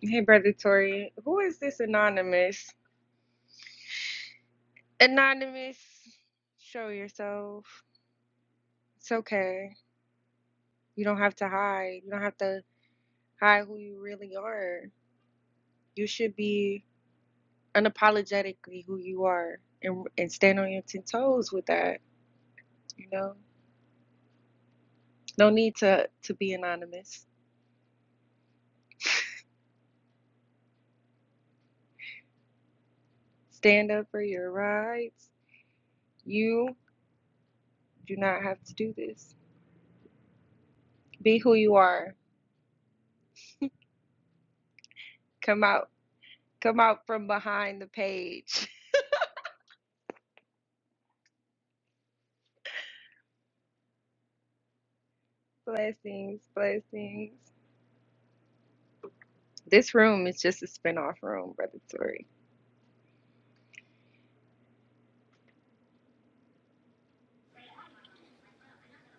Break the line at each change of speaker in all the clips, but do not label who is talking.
Hey, Brother Tori, who is this anonymous? Anonymous, show yourself. It's okay. You don't have to hide. You don't have to hide who you really are. You should be unapologetically who you are and and stand on your ten toes with that, you know? No need to to be anonymous. Stand up for your rights. You do not have to do this. Be who you are. Come out. Come out from behind the page. Blessings, blessings. This room is just a spinoff room, Brother Tori.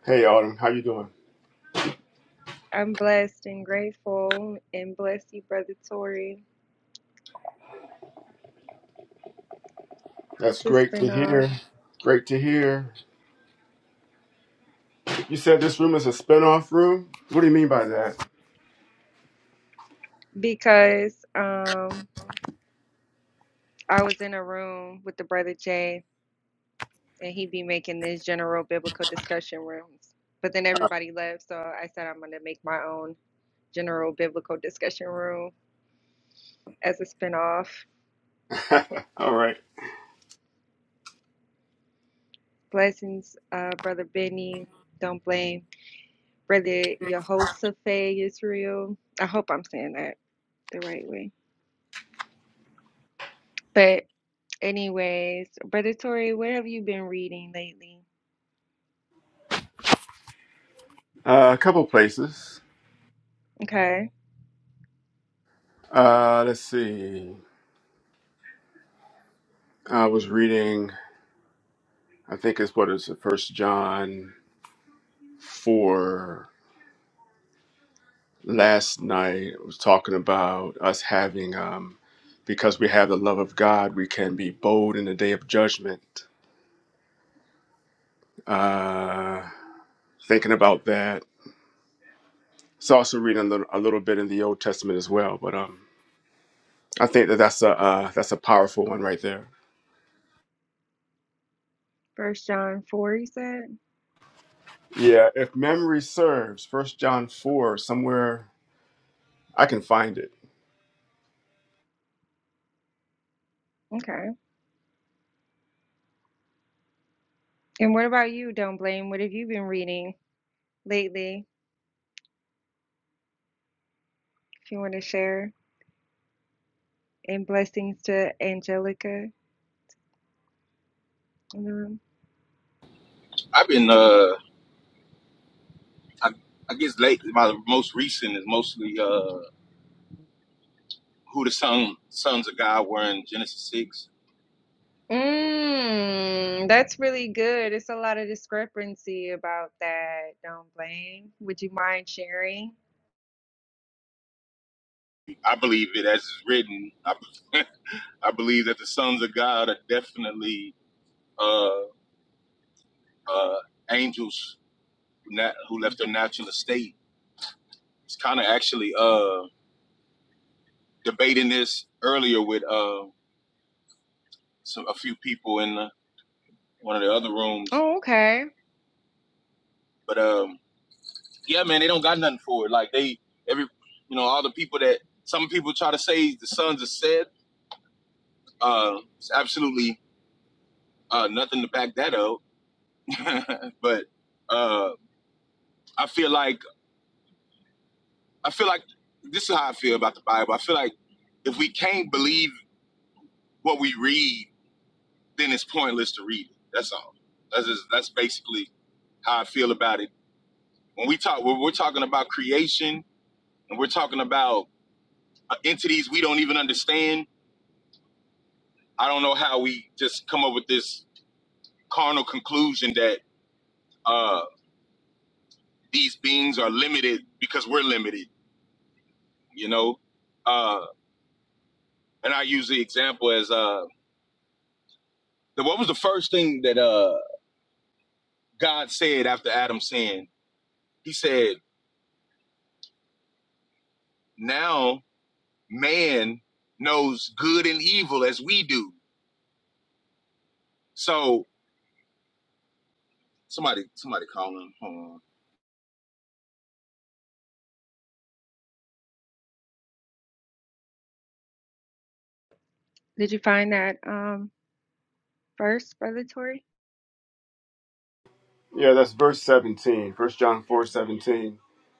Hey Autumn, how you doing?
I'm blessed and grateful and bless you, Brother Tori.
That's
It's a
great to
spinoff
hear. Great to hear. You said this room is a spinoff room? What do you mean by that?
because um I was in a room with the Brother Jay and he'd be making these general biblical discussion rooms. But then everybody left, so I said I'm gonna make my own general biblical discussion room as a spinoff.
All right.
Blessings, uh, Brother Benny. Don't blame. Brother Yehoshaphat Israel. I hope I'm saying that the right way. But anyways, Brother Tori, what have you been reading lately?
Uh, a couple places.
Okay.
Uh, let's see. I was reading, I think it's what is it, First John 4 last night. It was talking about us having, um, because we have the love of God, we can be bold in the day of judgment. Uh, thinking about that It's also reading a little, a little bit in the Old Testament as well, but um, I think that that's a uh, that's a powerful one right there.
First John 4, you said?
Yeah, if memory serves, First John four somewhere I can find it.
Okay. And what about you, Don't Blame? What have you been reading lately? If you want to share. And blessings to Angelica in the room.
I've been uh I, I guess late my most recent is mostly uh who the son sons of God were in Genesis six.
Mmm, that's really good. It's a lot of discrepancy about that. Don't blame. Would you mind sharing?
I believe it as it's written. I, I believe that the sons of God are definitely uh uh angels who na who left their natural estate. It's kind of actually uh debating this earlier with uh some, a few people in uh one of the other rooms,
Oh, okay.
but um yeah, man, they don't got nothing for it. Like they every you know, all the people that some people try to say the sons are said. uh it's absolutely uh nothing to back that up. but uh I feel like I feel like this is how I feel about the Bible. I feel like if we can't believe what we read, then it's pointless to read it. That's all. That's just, that's basically how I feel about it. When we talk when we're talking about creation and we're talking about uh, entities we don't even understand I don't know how we just come up with this carnal conclusion that uh, these beings are limited because we're limited, you know. Uh, and I use the example as uh, what was the first thing that uh, God said after Adam sinned? He said, "Now man knows good and evil as we do." So somebody, somebody call him. Hold on.
Did you find that um first, Brother Tori?
Yeah, that's verse seventeen. First John four seventeen.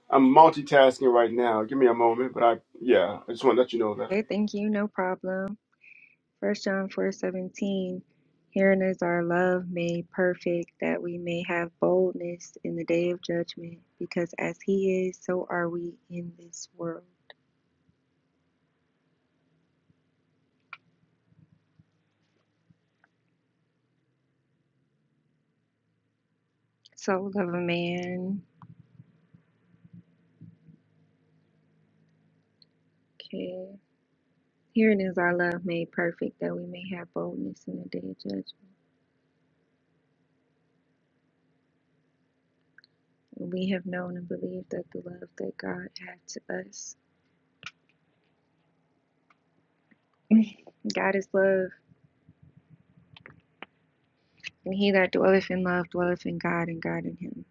I'm multitasking right now. Give me a moment, but I yeah, I just want to let you know that.
Okay, thank you, no problem. First John four seventeen. Herein is our love made perfect, that we may have boldness in the day of judgment, because as he is, so are we in this world. Soul of a man. Okay. Herein is our love made perfect, that we may have boldness in the day of judgment. And we have known and believed that the love that God had to us. God is love. And he that dwelleth in love dwelleth in God and God in him.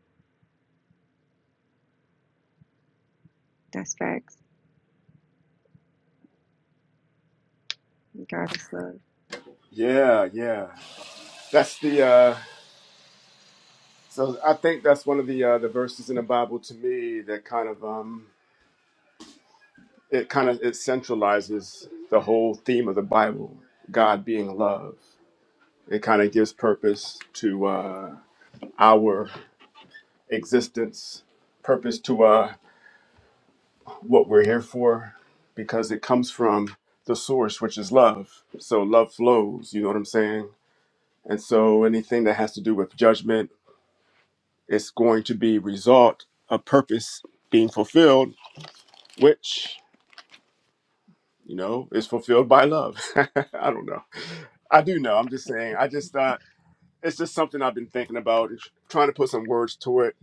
That's facts. God is love.
Yeah, yeah, that's the. uh So I think that's one of the uh, the verses in the Bible to me that kind of um it kind of it centralizes the whole theme of the Bible, God being love. It kind of gives purpose to uh, our existence, purpose to uh, what we're here for, because it comes from the source, which is love. So love flows. You know what I'm saying? And so anything that has to do with judgment is going to be result of purpose being fulfilled, which you know is fulfilled by love i don't know i do know i'm just saying i just thought it's just something i've been thinking about it's trying to put some words to it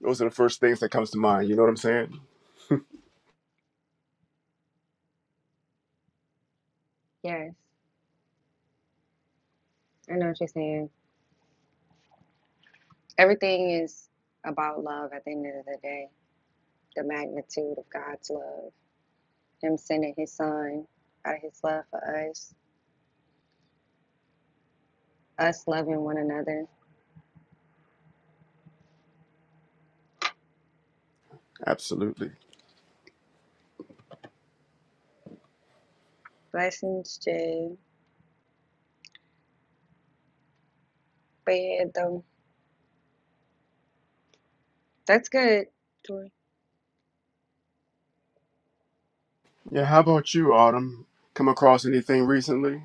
those are the first things that comes to mind you know what i'm saying
Yes, I know what you're saying. Everything is about love at the end of the day. The magnitude of God's love, Him sending His Son out of His love for us, us loving one another.
absolutely
Blessings, Jay. But yeah, though, that's good, Tori.
yeah how about you autumn come across anything recently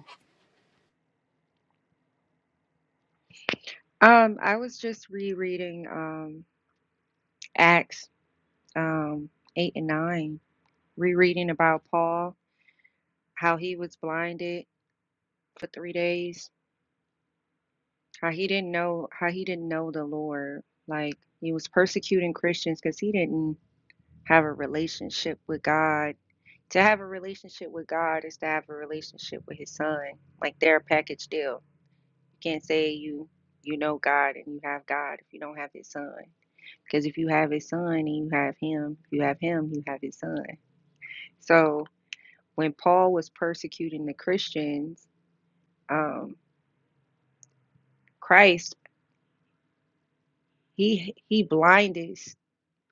Um, I was just rereading um Acts um eight and nine, rereading about Paul, how he was blinded for three days how he didn't know how he didn't know the lord like he was persecuting christians because he didn't have a relationship with god to have a relationship with god is to have a relationship with his son like they're a package deal you can't say you you know god and you have god if you don't have his son because if you have his son and you have him if you have him you have his son so when paul was persecuting the christians um christ he he blinded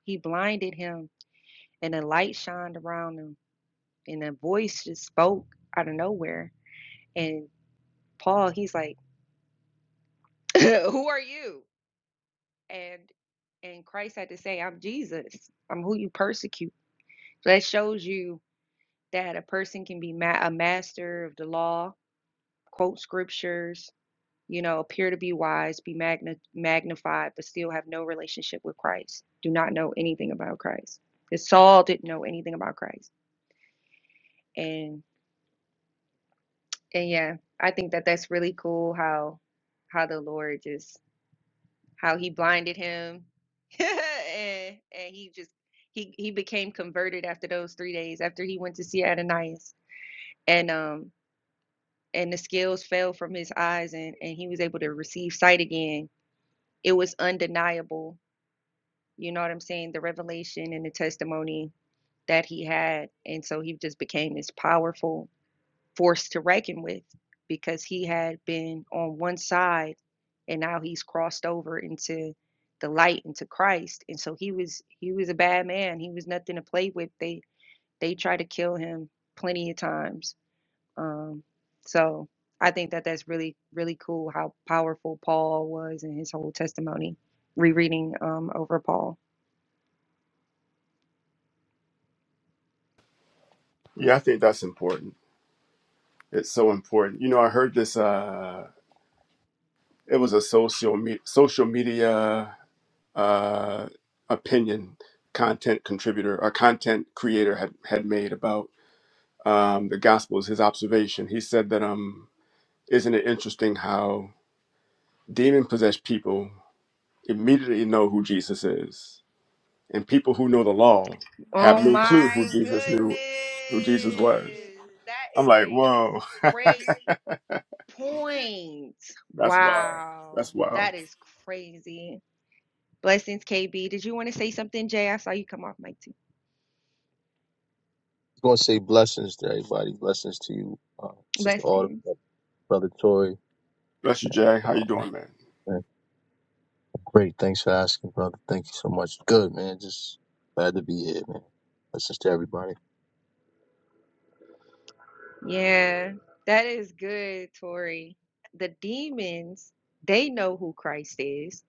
He blinded him, and a light shined around him, and a voice just spoke out of nowhere. And Paul, he's like, "Who are you?" And and Christ had to say, "I'm Jesus. I'm who you persecute." So that shows you that a person can be ma- a master of the law, quote scriptures, you know, appear to be wise, be magna- magnified, but still have no relationship with Christ. Do not know anything about Christ. Because Saul didn't know anything about Christ. And And yeah, I think that that's really cool how how the Lord just how he blinded him and and he just he he became converted after those 3 days after he went to see Ananias and um and the scales fell from his eyes and and he was able to receive sight again. It was undeniable. You know what I'm saying? The revelation and the testimony that he had and so he just became this powerful forced to reckon with because he had been on one side and now he's crossed over into the light into Christ and so he was he was a bad man he was nothing to play with they they tried to kill him plenty of times um so I think that that's really really cool how powerful Paul was in his whole testimony rereading um over Paul
yeah i think that's important it's so important you know i heard this uh it was a social me- social media uh opinion content contributor or content creator had had made about um, the Gospels, his observation. He said that, um, isn't it interesting how demon possessed people immediately know who Jesus is, and people who know the law have
Oh
no clue who
my
Jesus
goodness.
knew, who Jesus was.
That
I'm
is
like,
a
whoa,
great points.
that's wild.
Wow.
That's wild.
That is crazy. Blessings, KB. Did you want to say something, Jay? I saw you come off mic too.
just going to say blessings to everybody. Blessings to you, uh, Sister Autumn,
Blessings.
Brother Tori,
Bless you,
and
Jay. How you
um,
doing, man?
man, great. Thanks for asking, brother. Thank you so much. Good man. Just glad to be here, man. Blessings to everybody.
Yeah. That is good, Tori. The demons, they know who Christ is.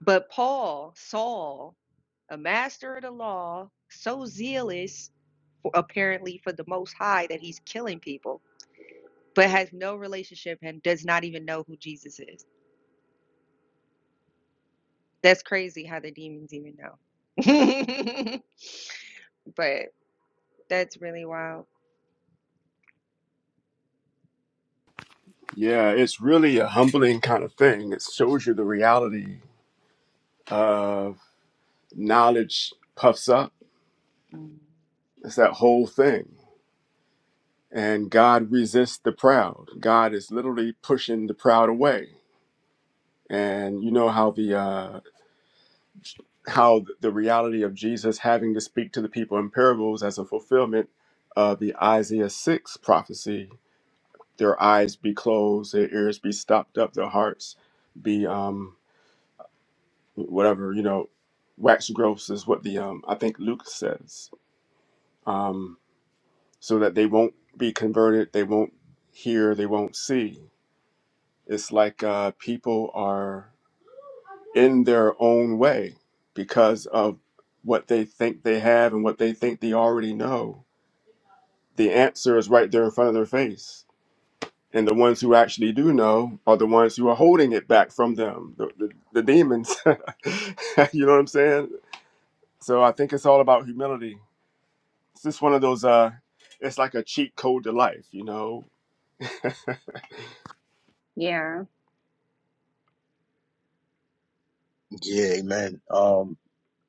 But Paul, Saul, a master of the law, so zealous for, apparently for the most high that he's killing people, but has no relationship and does not even know who Jesus is. That's crazy how the demons even know. but that's really wild.
Yeah, it's really a humbling kind of thing. It shows you the reality of knowledge puffs up.
Mm.
It's that whole thing. and God resists the proud. God is literally pushing the proud away. And you know how the uh, how the reality of Jesus having to speak to the people in parables as a fulfillment of the Isaiah six prophecy. Their eyes be closed, their ears be stopped up, their hearts be um, whatever you know, wax gross is what the um, I think Luke says. Um, so that they won't be converted, they won't hear, they won't see It's like uh, people are in their own way because of what they think they have and what they think they already know. The answer is right there in front of their face. And the ones who actually do know are the ones who are holding it back from them, the, the, the demons. you know what I'm saying? So I think it's all about humility. It's just one of those, uh, it's like a cheat code to life, you know?
Yeah.
Yeah, amen. Um,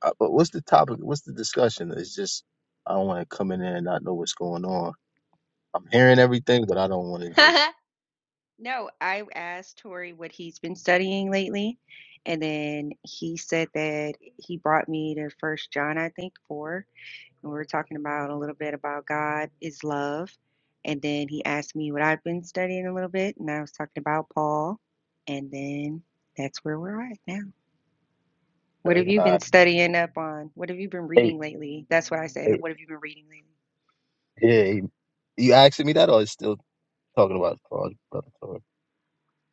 uh, but what's the topic? What's the discussion? It's just I don't want to come in there and not know what's going on. I'm hearing everything, but I don't want to just.
no, I asked Tori what he's been studying lately, and then he said that he brought me to First John, I think, four, and we were talking about a little bit about God is love, and then he asked me what I've been studying a little bit, and I was talking about Paul, and then that's where we're at now. What have
Okay,
you
all
been
right.
studying up on? What have you been
Hey,
reading lately? That's what I said.
hey,
What have you been reading lately?
yeah, hey, you asking me that, or is still talking about fraud, brother Tori?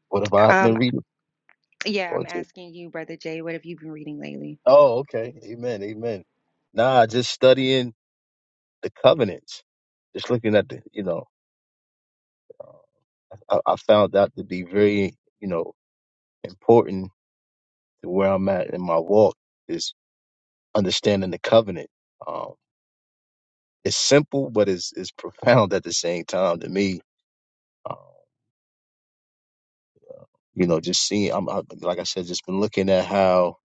What have I been
Um,
reading?
yeah, I'm asking you, Brother Jay, what have you been reading lately?
Oh, okay. Amen. Amen. Nah, just studying the covenants, just looking at the, you know, uh, I, I found that to be very, you know, important to where I'm at in my walk is understanding the covenant. Um, it's simple, but it's, it's profound at the same time to me. Um, you know, just seeing, I'm, I, like I said, just been looking at how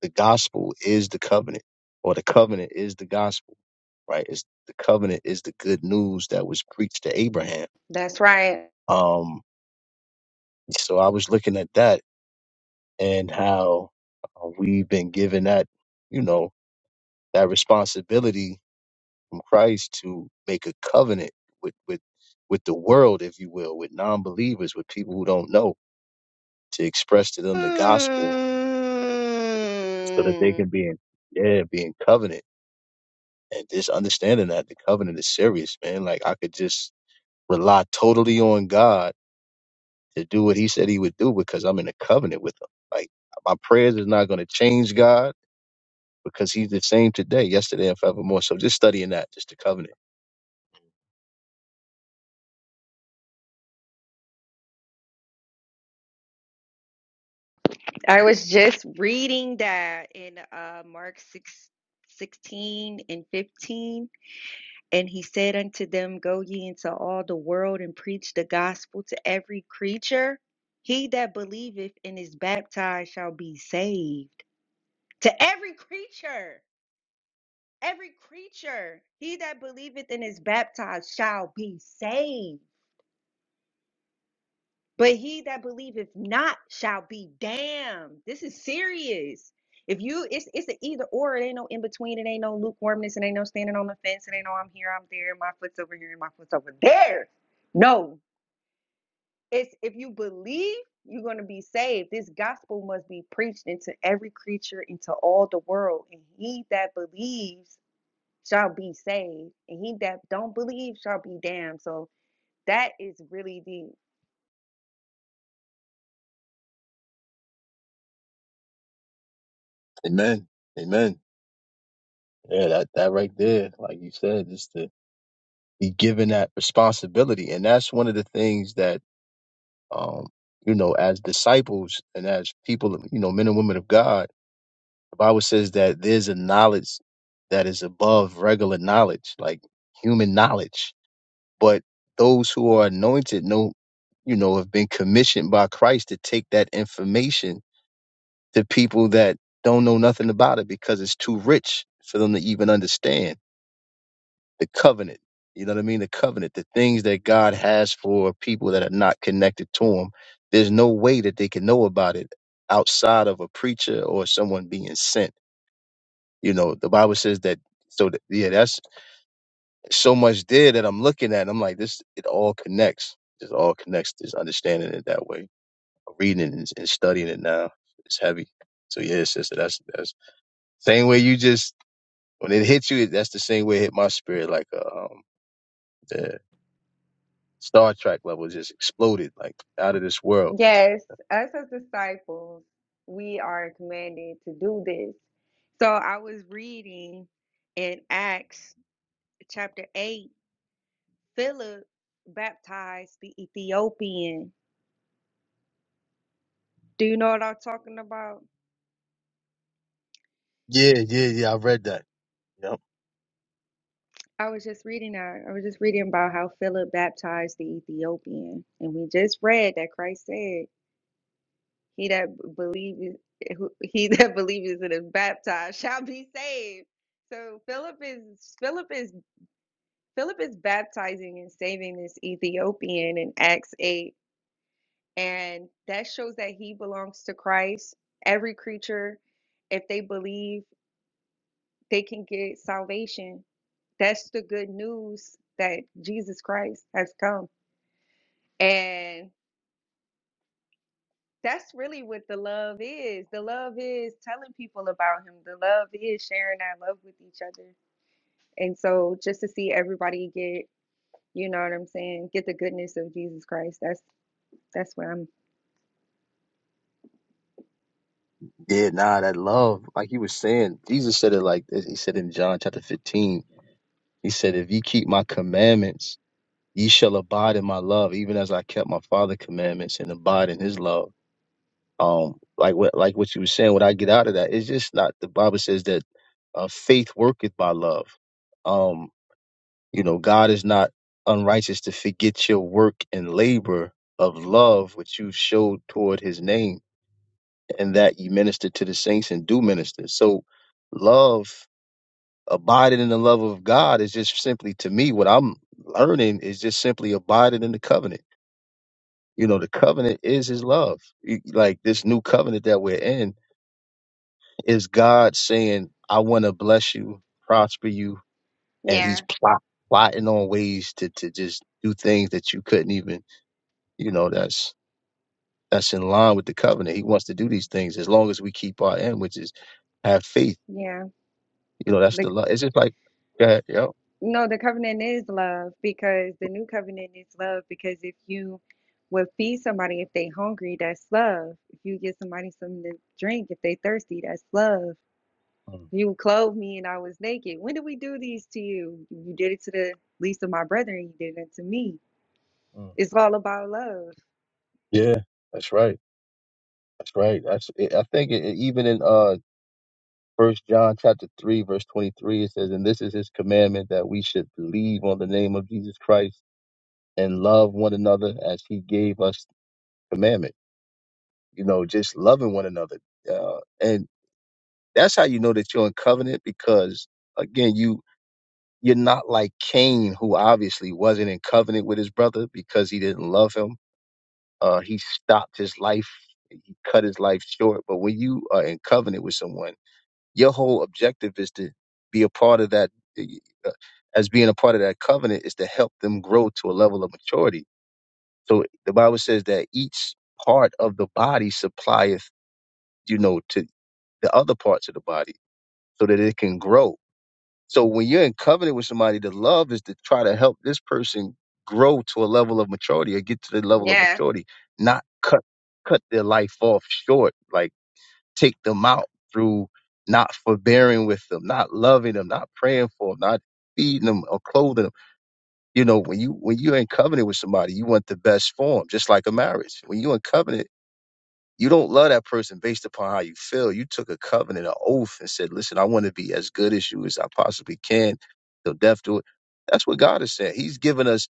the gospel is the covenant or the covenant is the gospel, right? It's the covenant is the good news that was preached to Abraham.
That's right.
Um, So I was looking at that and how uh, we've been given that, you know, that responsibility from Christ to make a covenant with with with the world, if you will, with non-believers, with people who don't know, to express to them the gospel so that they
Mm.
can be in yeah, be in covenant. And just understanding that the covenant is serious, man. Like I could just rely totally on God to do what he said he would do because I'm in a covenant with him. Like my prayers is not going to change God because he's the same today, yesterday, and forevermore. So just studying that, just the covenant.
I was just reading that in uh, Mark 6 16 and 15. And he said unto them, Go ye into all the world and preach the gospel to every creature. He that believeth and is baptized shall be saved to every creature every creature he that believeth and is baptized shall be saved but he that believeth not shall be damned this is serious if you it's it's an either or it ain't no in between it ain't no lukewarmness it ain't no standing on the fence it ain't no i'm here i'm there my foot's over here and my foot's over there no it's if you believe you're going to be saved this gospel must be preached into every creature into all the world and he that believes shall be saved, and he that don't believe shall be damned. So that is really deep.
Amen. Amen. Yeah, that, that right there, like you said, just to be given that responsibility. And that's one of the things that, um, you know, as disciples and as people, you know, men and women of God, the Bible says that there's a knowledge that is above regular knowledge, like human knowledge. But those who are anointed know, you know, have been commissioned by Christ to take that information to people that don't know nothing about it because it's too rich for them to even understand the covenant. You know what I mean? The covenant, the things that God has for people that are not connected to Him. There's no way that they can know about it outside of a preacher or someone being sent. You know, the Bible says that. So that, yeah, that's so much there that I'm looking at. I'm like, this. It all connects. It all connects. Just understanding it that way, reading it and, and studying it now. It's heavy. So yeah, sister, that's that's same way you just When it hit you, that's the same way it hit my spirit. Like uh, um, the Star Trek level just exploded, like out of this world.
Yes, us as disciples, we are commanded to do this. So I was reading in Acts chapter 8, Philip baptized the Ethiopian. Do you know what I'm talking about?
Yeah, yeah, yeah. I read that. Yep.
I was just reading that. I was just reading about how Philip baptized the Ethiopian. And we just read that Christ said He that believes, eh, who- he that believes and is baptized shall be saved. So Philip is Philip is Philip is baptizing and saving this Ethiopian in Acts eight, and that shows that he belongs to Christ. Every creature, if they believe, they can get salvation. That's the good news that Jesus Christ has come, and. that's really what the love is. The love is telling people about him. The love is sharing that love with each other. And so just to see everybody get, you know what I'm saying, get the goodness of Jesus Christ. That's that's what I'm
Yeah, nah, that love, like he was saying, Jesus said it like this. He said in John chapter 15, he said, If ye keep my commandments, ye shall abide in my love, even as I kept my Father's commandments and abide in his love. Um, like what like what you were saying, what I get out of that, it's just not the Bible says that uh, faith worketh by love. Um. You know, God is not unrighteous to forget your work and labor of love which you showed toward his name, and that you minister to the saints and do minister. So love abiding in the love of God is just simply to me what I'm learning is just simply abiding in the covenant. You know, the covenant is his love. Y- Like this new covenant that we're in is God saying, I want to bless you, prosper you, and he's
Yeah.
plotting plotting on ways to to just do things that you couldn't even you know that's that's in line with the covenant he wants to do these things as long as we keep our end which is have faith
yeah.
you know that's
The
the love it's just like go ahead yo
no, the covenant is love because the new covenant is love because if you would feed somebody if they hungry, that's love. If you give somebody something to drink, if they thirsty, that's love
Mm,
You clothed me and I was naked. When did we do these to you? You did it to the least of my brethren. You did it to me.
mm.
It's all about love.
yeah that's right that's right that's it, i think it, it- even in uh first john chapter 3 verse 23 it says and this is his commandment that we should believe on the name of jesus christ and love one another as he gave us commandment you know just loving one another uh, and that's how you know that you're in covenant because again, you You're not like Cain, who obviously wasn't in covenant with his brother because he didn't love him. Uh, he stopped his life, he cut his life short. But when you are in covenant with someone, your whole objective is to be a part of that. uh, As being a part of that covenant is to help them grow to a level of maturity. So the Bible says that each part of the body supplieth, you know, to the other parts of the body so that it can grow So when you're in covenant with somebody, the love is to try to help this person grow to a level of maturity or get to the level of
Yeah,
maturity, not cut cut their life off short, like take them out through not forbearing with them, not loving them, not praying for them, not feeding them or clothing them. You know, when you when you're in covenant with somebody, you want the best form, just like a marriage. When you're in covenant you don't love that person based upon how you feel. You took a covenant, an oath, and said, Listen, I want to be as good as you as I possibly can. Till death do it. That's what God is saying. He's given us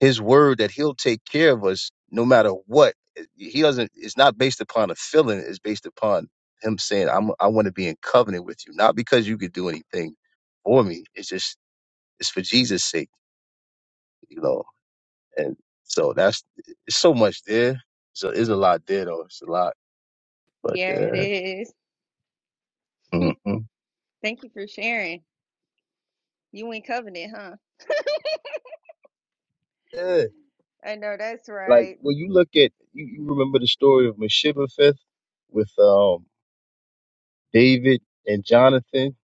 his word that he'll take care of us no matter what. Eh, He doesn't it's not based upon a feeling, it's based upon him saying, I'm I want to be in covenant with you. Not because you could do anything for me. It's just it's for Jesus' sake, you know. And so that's it's so much there. So there's a lot there though. It's a lot. But
yeah, it
yeah.
is.
Mm-hmm.
Thank you for sharing. You in covenant, huh?
Yeah.
I know that's
Like
right.
when you look at you, you remember the story of Meshibbetheth with um David and Jonathan.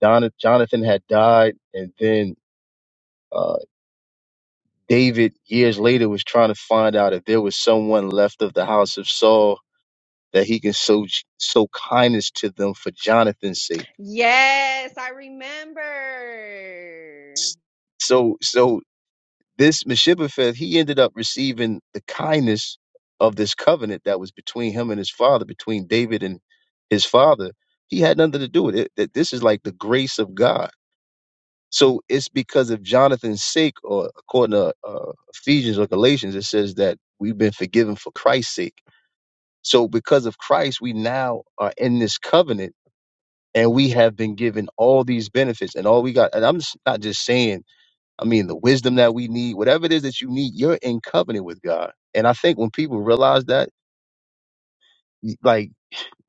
Don, Jonathan had died and then uh David years later was trying to find out if there was someone left of the house of Saul that he can show show kindness to them for Jonathan's sake.
Yes, I remember.
So so This Meshibbetheth, he ended up receiving the kindness of this covenant that was between him and his father, between David and his father. He had nothing to do with it. That this is like the grace of God. So it's because of Jonathan's sake, or according to uh, Ephesians or Galatians, it says that we've been forgiven for Christ's sake. So because of Christ, we now are in this covenant and we have been given all these benefits and all we got. And I'm s- not just saying I mean, the wisdom that we need, whatever it is that you need, you're in covenant with God. And I think when people realize that, like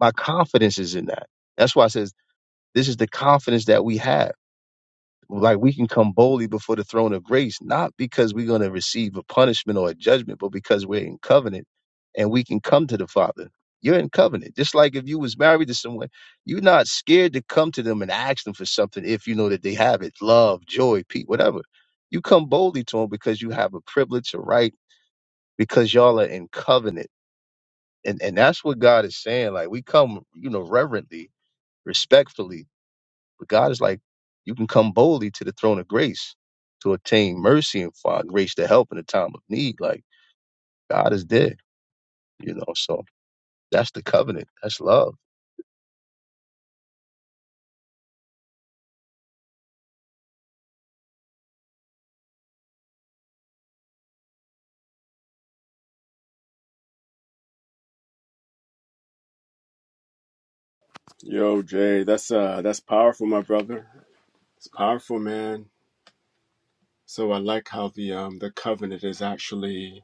my confidence is in that. That's why it says this is the confidence that we have like we can come boldly before the throne of grace, not because we're going to receive a punishment or a judgment, but because we're in covenant and we can come to the Father. You're in covenant. Just like if you was married to someone, you're not scared to come to them and ask them for something if you know that they have it. Love, joy, peace, whatever. You come boldly to them because you have a privilege, a right, because y'all are in covenant. And and that's what God is saying. Like we come, you know, reverently, respectfully, but God is like, you can come boldly to the throne of grace to obtain mercy and find grace to help in a time of need. Like God is there, you know. So that's the covenant. That's love.
Yo, Jay, that's uh, that's powerful, my brother. It's powerful, man. So I like how the um, the covenant is actually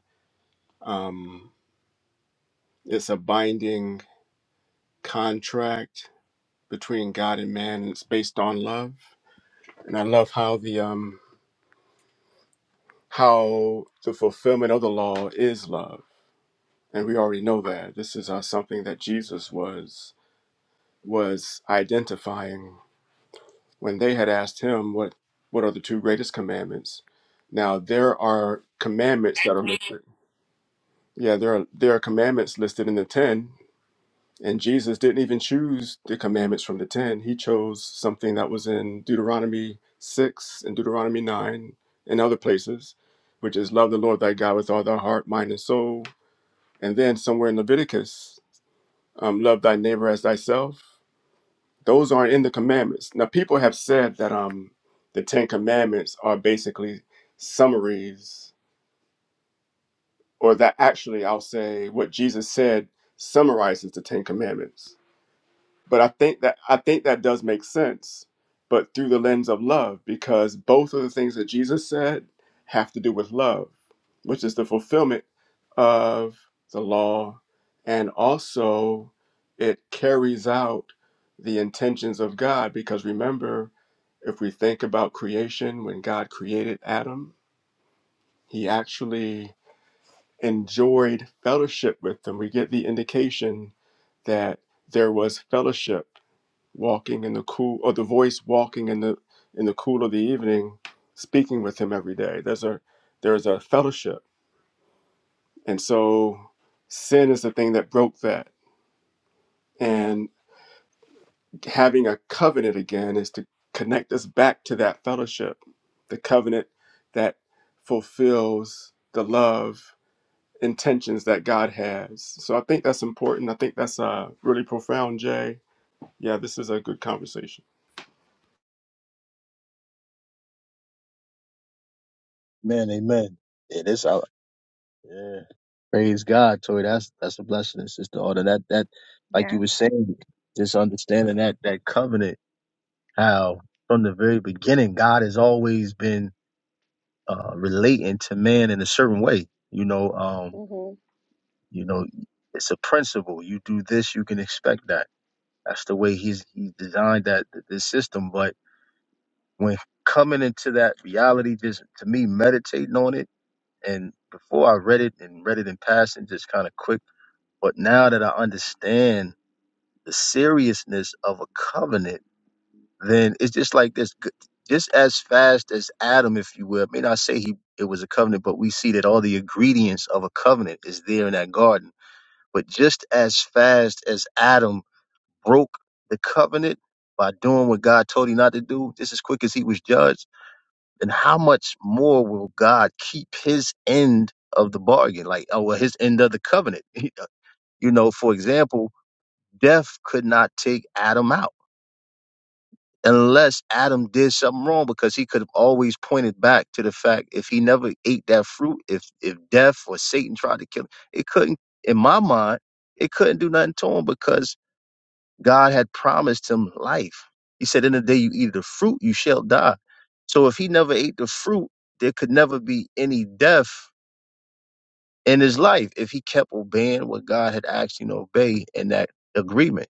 um, it's a binding contract between God and man, and it's based on love. And I love how the um, how the fulfillment of the law is love, and we already know that this is uh, something that Jesus was was identifying when they had asked him what what are the two greatest commandments. Now there are commandments that are listed. Yeah, there are there are commandments listed in the ten, And Jesus didn't even choose the commandments from the 10. He chose something that was in Deuteronomy 6 and Deuteronomy 9 and other places, which is love the Lord thy God with all thy heart, mind, and soul. And then somewhere in Leviticus, um, love thy neighbor as thyself. Those aren't in the commandments. Now, people have said that um, the 10 commandments are basically summaries, or that actually, I'll say, what Jesus said summarizes the 10 commandments but I think that I think that does make sense, but through the lens of love, because both of the things that Jesus said have to do with love, which is the fulfillment of the law, and also it carries out the intentions of God. Because remember, if we think about creation, when God created Adam, he actually enjoyed fellowship with them. We get the indication that there was fellowship walking in the cool or the voice walking in the in the cool of the evening speaking with him every day there's a there's a fellowship and so sin is the thing that broke that and having a covenant again is to connect us back to that fellowship the covenant that fulfills the love intentions that god has so i think that's important i think that's uh, really profound jay yeah this is a good conversation
Amen, amen. Yeah, this I yeah. Praise God, Toy. That's that's a blessing, sister. Order that that like you
Yeah.
were saying, just understanding that that covenant, how from the very beginning God has always been uh relating to man in a certain way. You know, um
hmm
You know, it's a principle. You do this, you can expect that. That's the way he's he designed that this system. But when coming into that reality, just to me, meditating on it, and before I read it and read it in passing, just kind of quick. But now that I understand the seriousness of a covenant, then it's just like this. g- Just as fast as Adam, if you will, I mean, I say he it was a covenant, but we see that all the ingredients of a covenant is there in that garden But just as fast as Adam broke the covenant by doing what God told him not to do, just as quick as he was judged, then how much more will God keep his end of the bargain, like oh, well, his end of the covenant? you know, for example, death could not take Adam out unless Adam did something wrong because he could have always pointed back to the fact if he never ate that fruit, if if death or Satan tried to kill him, it couldn't in my mind, it couldn't do nothing to him because God had promised him life. He said, In the day you eat of the fruit, you shall die. So if he never ate the fruit, there could never be any death in his life if he kept obeying what God had asked him to obey in that agreement.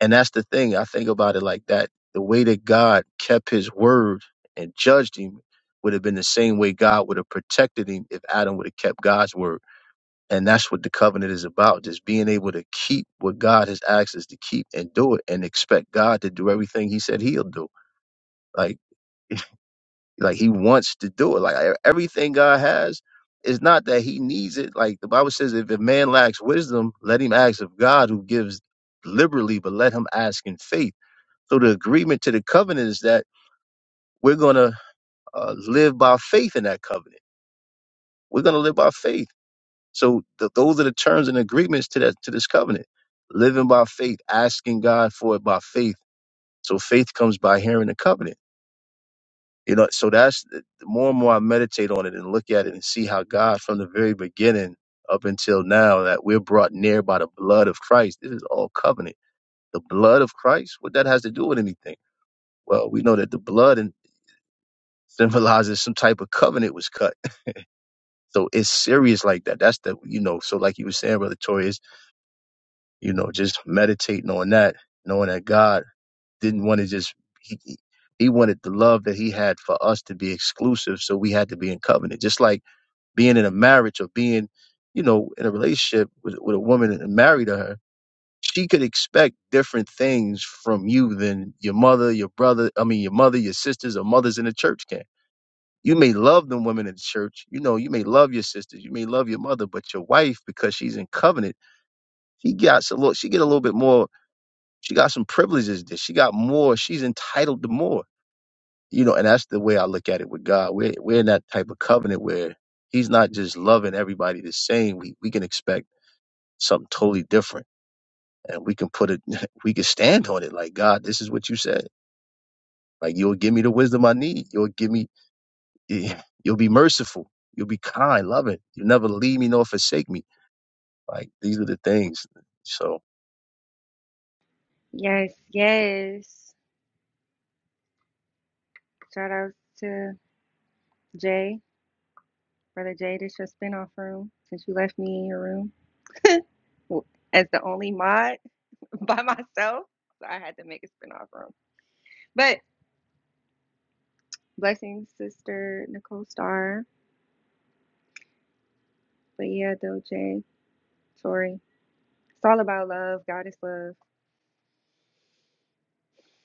And that's the thing. I think about it like that. The way that God kept his word and judged him would have been the same way God would have protected him if Adam would have kept God's word. And that's what the covenant is about. Just being able to keep what God has asked us to keep and do it and expect God to do everything he said he'll do. Like, like he wants to do it. Like e- everything God has is not that he needs it. Like the Bible says, if a man lacks wisdom, let him ask of God who gives liberally, but let him ask in faith. So the agreement to the covenant is that we're going to uh, live by faith in that covenant. We're going to live by faith So th- those are the terms and agreements to that to this covenant. Living by faith, asking God for it by faith. So faith comes by hearing the covenant. You know, so that's the the more and more I meditate on it and look at it and see how God, from the very beginning up until now, that we're brought near by the blood of Christ. This is all covenant. The blood of Christ. What that has to do with anything? Well, we know that the blood and symbolizes some type of covenant was cut. So it's serious like that. That's the you know. So like you were saying, brother Tori, you know, just meditating on that, knowing that God didn't want to just he, he he wanted the love that he had for us to be exclusive, so we had to be in covenant. Just like being in a marriage or being, you know, in a relationship with, with a woman and married to her, she could expect different things from you than your mother, your brother, I mean your mother, your sisters, or mothers in the church can. You may love the women in the church, you know, you may love your sisters, you may love your mother, but your wife, because she's in covenant, she gets a little she get a little bit more she got some privileges that she got more. She's entitled to more. You know, and that's the way I look at it with God. We're we're in that type of covenant where He's not just loving everybody the same. We we can expect something totally different. And we can put it we can stand on it like God, this is what you said. Like you'll give me the wisdom I need. You'll give me eh, you'll be merciful. You'll be kind, loving. You'll never leave me nor forsake me. Like these are the things. So
Yes, yes. Shout out to Jay, brother Jay. This your spinoff room since you left me in your room as the only mod. by myself. So I had to make a spinoff room. But blessings, sister Nicole Starr. But yeah, Doje, Tori. It's all about love. God is love.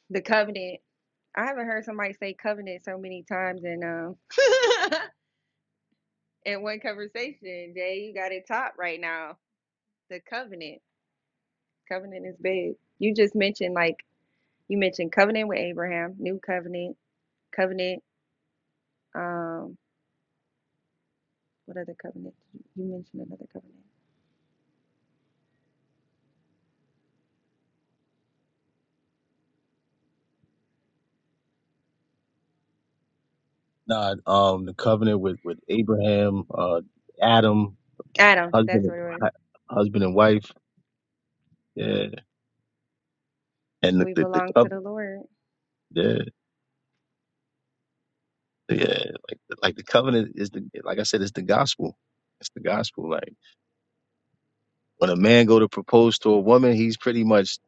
The covenant. I haven't heard somebody say covenant so many times in um in one conversation. Jay, you got it top right now. The covenant. Covenant is big. You just mentioned like you mentioned covenant with Abraham, new covenant, covenant, um, what other covenant? you mentioned another covenant.
nah, um the covenant with, with Abraham, uh Adam.
Adam,
husband
that's
and
what it was.
hu- husband and wife. Yeah, and the
We
the, the
belong to the
covenant.
Lord.
Yeah, yeah, like like the covenant is the like I said, it's the gospel. It's the gospel. Like when a man go to propose to a woman, he's pretty much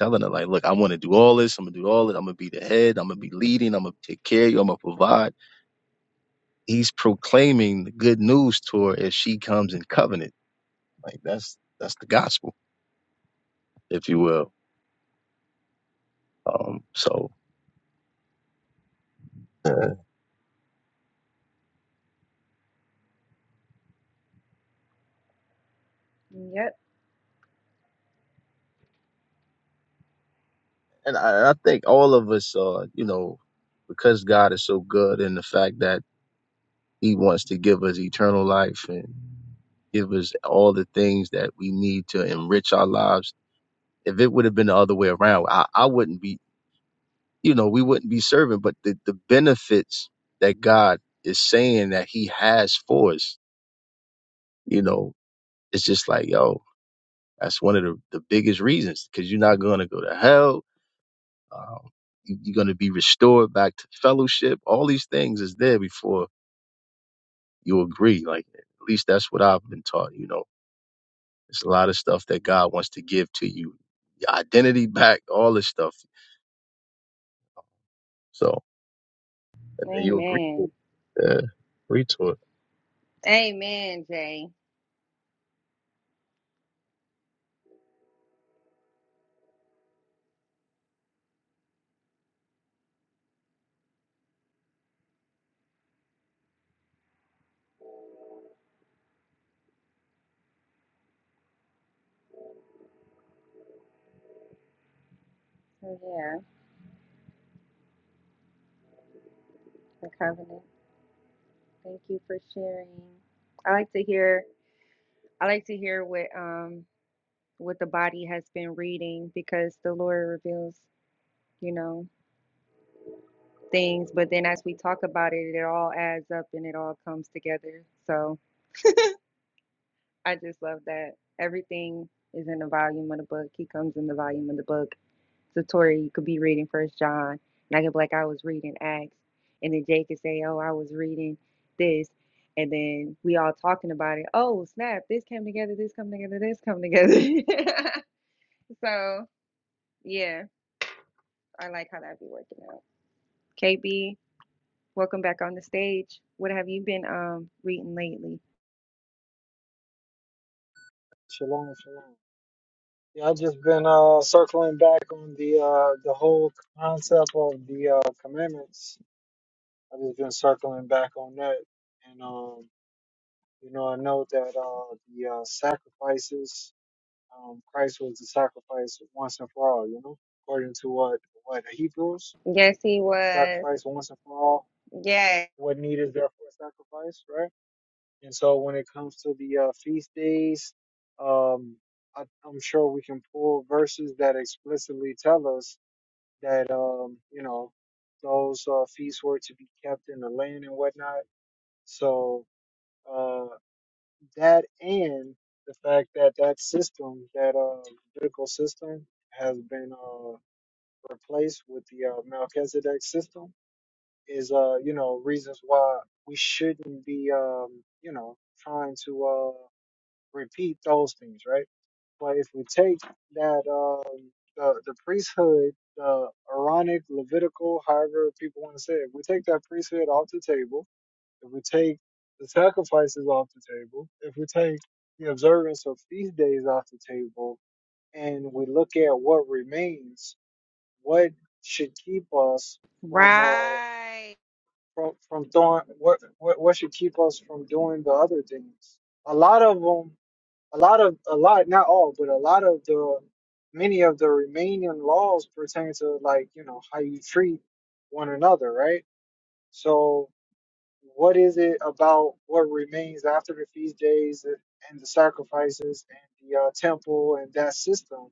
telling her like, look, I want to do all this. I'm gonna do all this. I'm gonna be the head. I'm gonna be leading. I'm gonna take care of you. I'm gonna provide. He's proclaiming the good news to her if she comes in covenant. Like that's that's the gospel, if you will. Um, so. yeah.
Yep.
and I, I think all of us are, you know, because God is so good and the fact that He wants to give us eternal life and give us all the things that we need to enrich our lives. If it would have been the other way around, I, I wouldn't be, you know, we wouldn't be serving. But the, the benefits that God is saying that He has for us, you know, it's just like, yo, that's one of the, the biggest reasons because you're not going to go to hell Um, you- are going to be restored back to fellowship. All these things is there before you agree. Like, at least that's what I've been taught. You know, it's a lot of stuff that God wants to give to you, your identity back, all this stuff. So, and then you agree to it.
Amen.
Yeah, agree to it.
Amen, Jay. Oh yeah, the covenant. Thank you for sharing. I like to hear I like to hear what um what the body has been reading because the Lord reveals, you know, things, but then as we talk about it, it all adds up and it all comes together. So I just love that. Everything is in the volume of the book. He comes in the volume of the book. So Tori, you could be reading First John, and I could be like, I was reading Acts, and then Jake could say, Oh, I was reading this, and then we all talking about it. Oh, snap! This came together. This come together. This come together. so yeah, I like how that be working out. KB, welcome back on the stage. What have you been um reading lately?
Shalom, shalom. Yeah, I've just been uh, circling back on the uh, the whole concept of the uh, commandments. I've just been circling back on that, and um, you know, I know that uh, the uh, sacrifices, um, Christ was the sacrifice once and for all. You know, according to what what Hebrews
Yes, he was.
sacrifice once and for all.
Yes,
What need is there for a sacrifice, right? And so when it comes to the uh, feast days, um, I, I'm sure we can pull verses that explicitly tell us that, um, you know, those uh, feasts were to be kept in the land and whatnot. So uh, that and the fact that that system, that uh, biblical system, has been uh, replaced with the uh, Melchizedek system is, uh, you know, reasons why we shouldn't be, um, you know, trying to. uh, repeat those things, right? But if we take that um the the priesthood, the Aaronic, Levitical, however people want to say it, if we take that priesthood off the table, if we take the sacrifices off the table, if we take the observance of feast days off the table, and we look at what remains, what should keep us from uh
right.
from from doing what what what should keep us from doing the other things? A lot of them a lot of a lot not all but a lot of the many of the remaining laws pertain to like you know how you treat one another right so what is it about what remains after the feast days and the sacrifices and the uh, temple and that system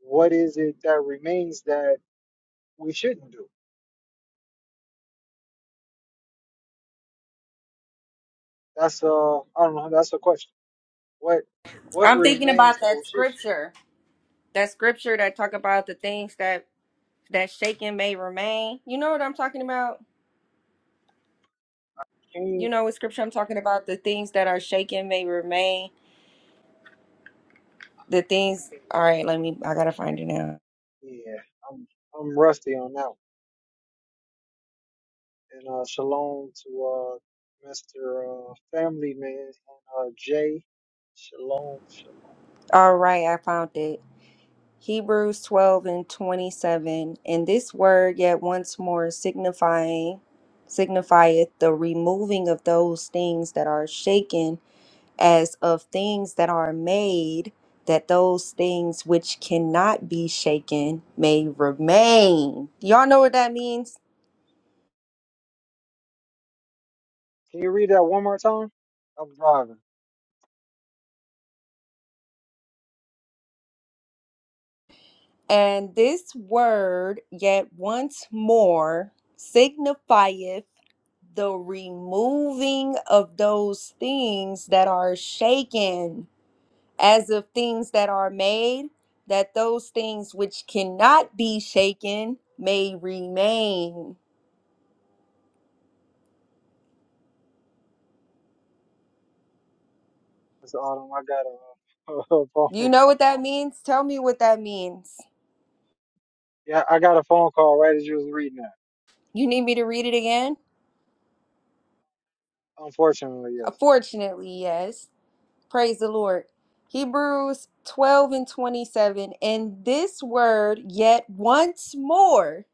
what is it that remains that we shouldn't do that's uh i don't know that's a question what what
I'm thinking
remains
about
that we
that
should
scripture. That scripture that talk about the things that that shaken may remain. You know what I'm talking about?
can,
You know what scripture I'm talking about? The things that are shaken may remain. The things.
can
All right, let me. I gotta find it now.
yeah i'm i'm rusty on that one And uh, shalom to uh, Mr. Uh, family Man and uh, Jay. Shalom, shalom.
All right, I found it. Hebrews 12 and 27. And this word yet once more signifying signifieth the removing of those things that are shaken as of things that are made that those things which cannot be shaken may remain. Y'all know what that means?
Can you read that one more time? I'm driving.
And this word, yet once more, signifieth the removing of those things that are shaken, as of things that are made, that those things which cannot be shaken may remain.
It's autumn. I got a, a phone
You know what that
call.
means? Tell me what that means.
Yeah, I got a phone call right as you was reading that.
You need me to read it again?
Unfortunately, yes.
Fortunately, yes. Praise the Lord. Hebrews 12 and 27. And this word, yet once more,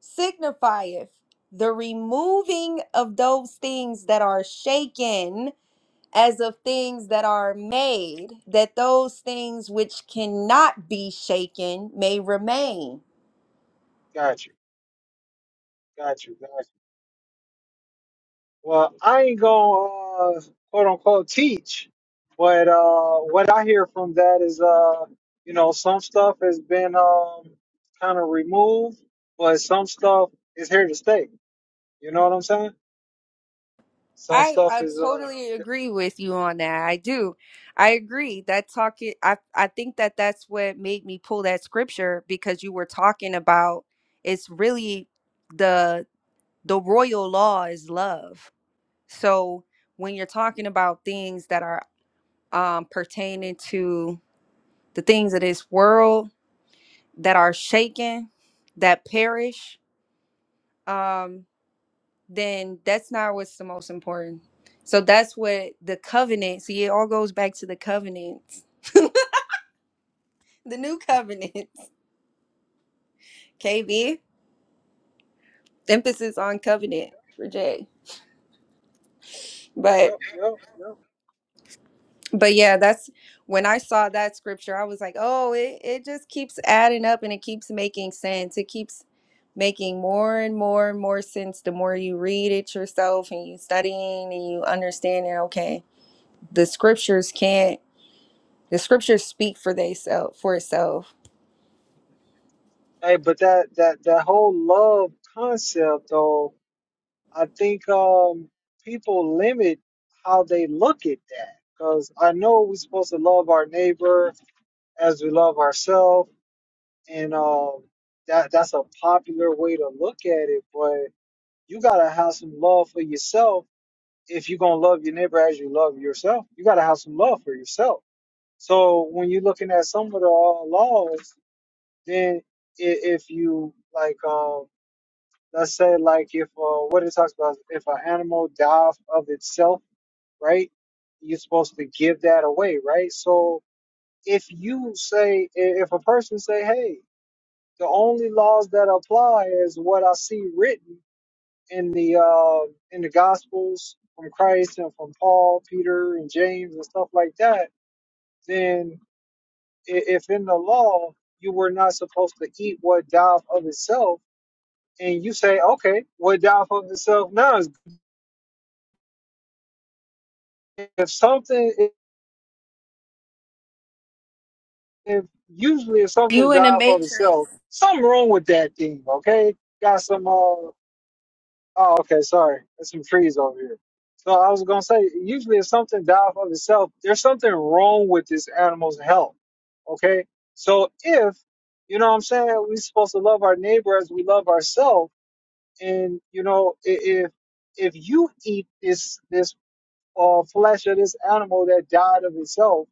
signifieth the removing of those things that are shaken as of things that are made, that those things which cannot be shaken may remain
Got you. Got you. Got you. Well, I ain't gonna uh, quote unquote teach, but uh, what I hear from that is, uh, you know, some stuff has been um, kind of removed, but some stuff is here to stay. You know what I'm saying? Some
I
stuff
I
is, uh,
totally agree with you on that. I do. I agree that talking. I I think that that's what made me pull that scripture because you were talking about it's really the the royal law is love. So when you're talking about things that are um pertaining to the things of this world that are shaken, that perish, um, then that's not what's the most important. So that's what the covenant. See, it all goes back to the covenants, the new covenants. KB emphasis on covenant for Jay. But
yep, yep, yep.
but yeah, that's when I saw that scripture, I was like, oh, it it just keeps adding up and it keeps making sense. It keeps making more and more and more sense the more you read it yourself and you studying and you understanding. Okay, the scriptures can't. The scriptures speak for they self for itself.
Hey, but that that that whole love concept, though, I think um, people limit how they look at that because I know we're supposed to love our neighbor as we love ourselves and um, that that's a popular way to look at it. But you gotta have some love for yourself if you're gonna love your neighbor as you love yourself. You gotta have some love for yourself. So when you're looking at some of the uh, laws, then i- if you like, um, let's say like if uh, what it talks about, if an animal dies of itself, right? You're supposed to give that away, right? So if you say, i- if a person say, hey The only laws that apply is what I see written in the uh, in the Gospels from Christ and from Paul, Peter, and James and stuff like that. Then, i- if in the law you were not supposed to eat what died of itself, and you say, okay, what died of itself now is if something, if, if usually if something
You in the
died of
matrix.
itself, something wrong with that thing, okay? Got some. uh, Oh, okay. Sorry, there's some trees over here. So I was gonna say, usually if something dies of itself, there's something wrong with this animal's health. Okay. So if you know what I'm saying, we're supposed to love our neighbor as we love ourselves. And you know, i- if if you eat this this uh, flesh of this animal that died of itself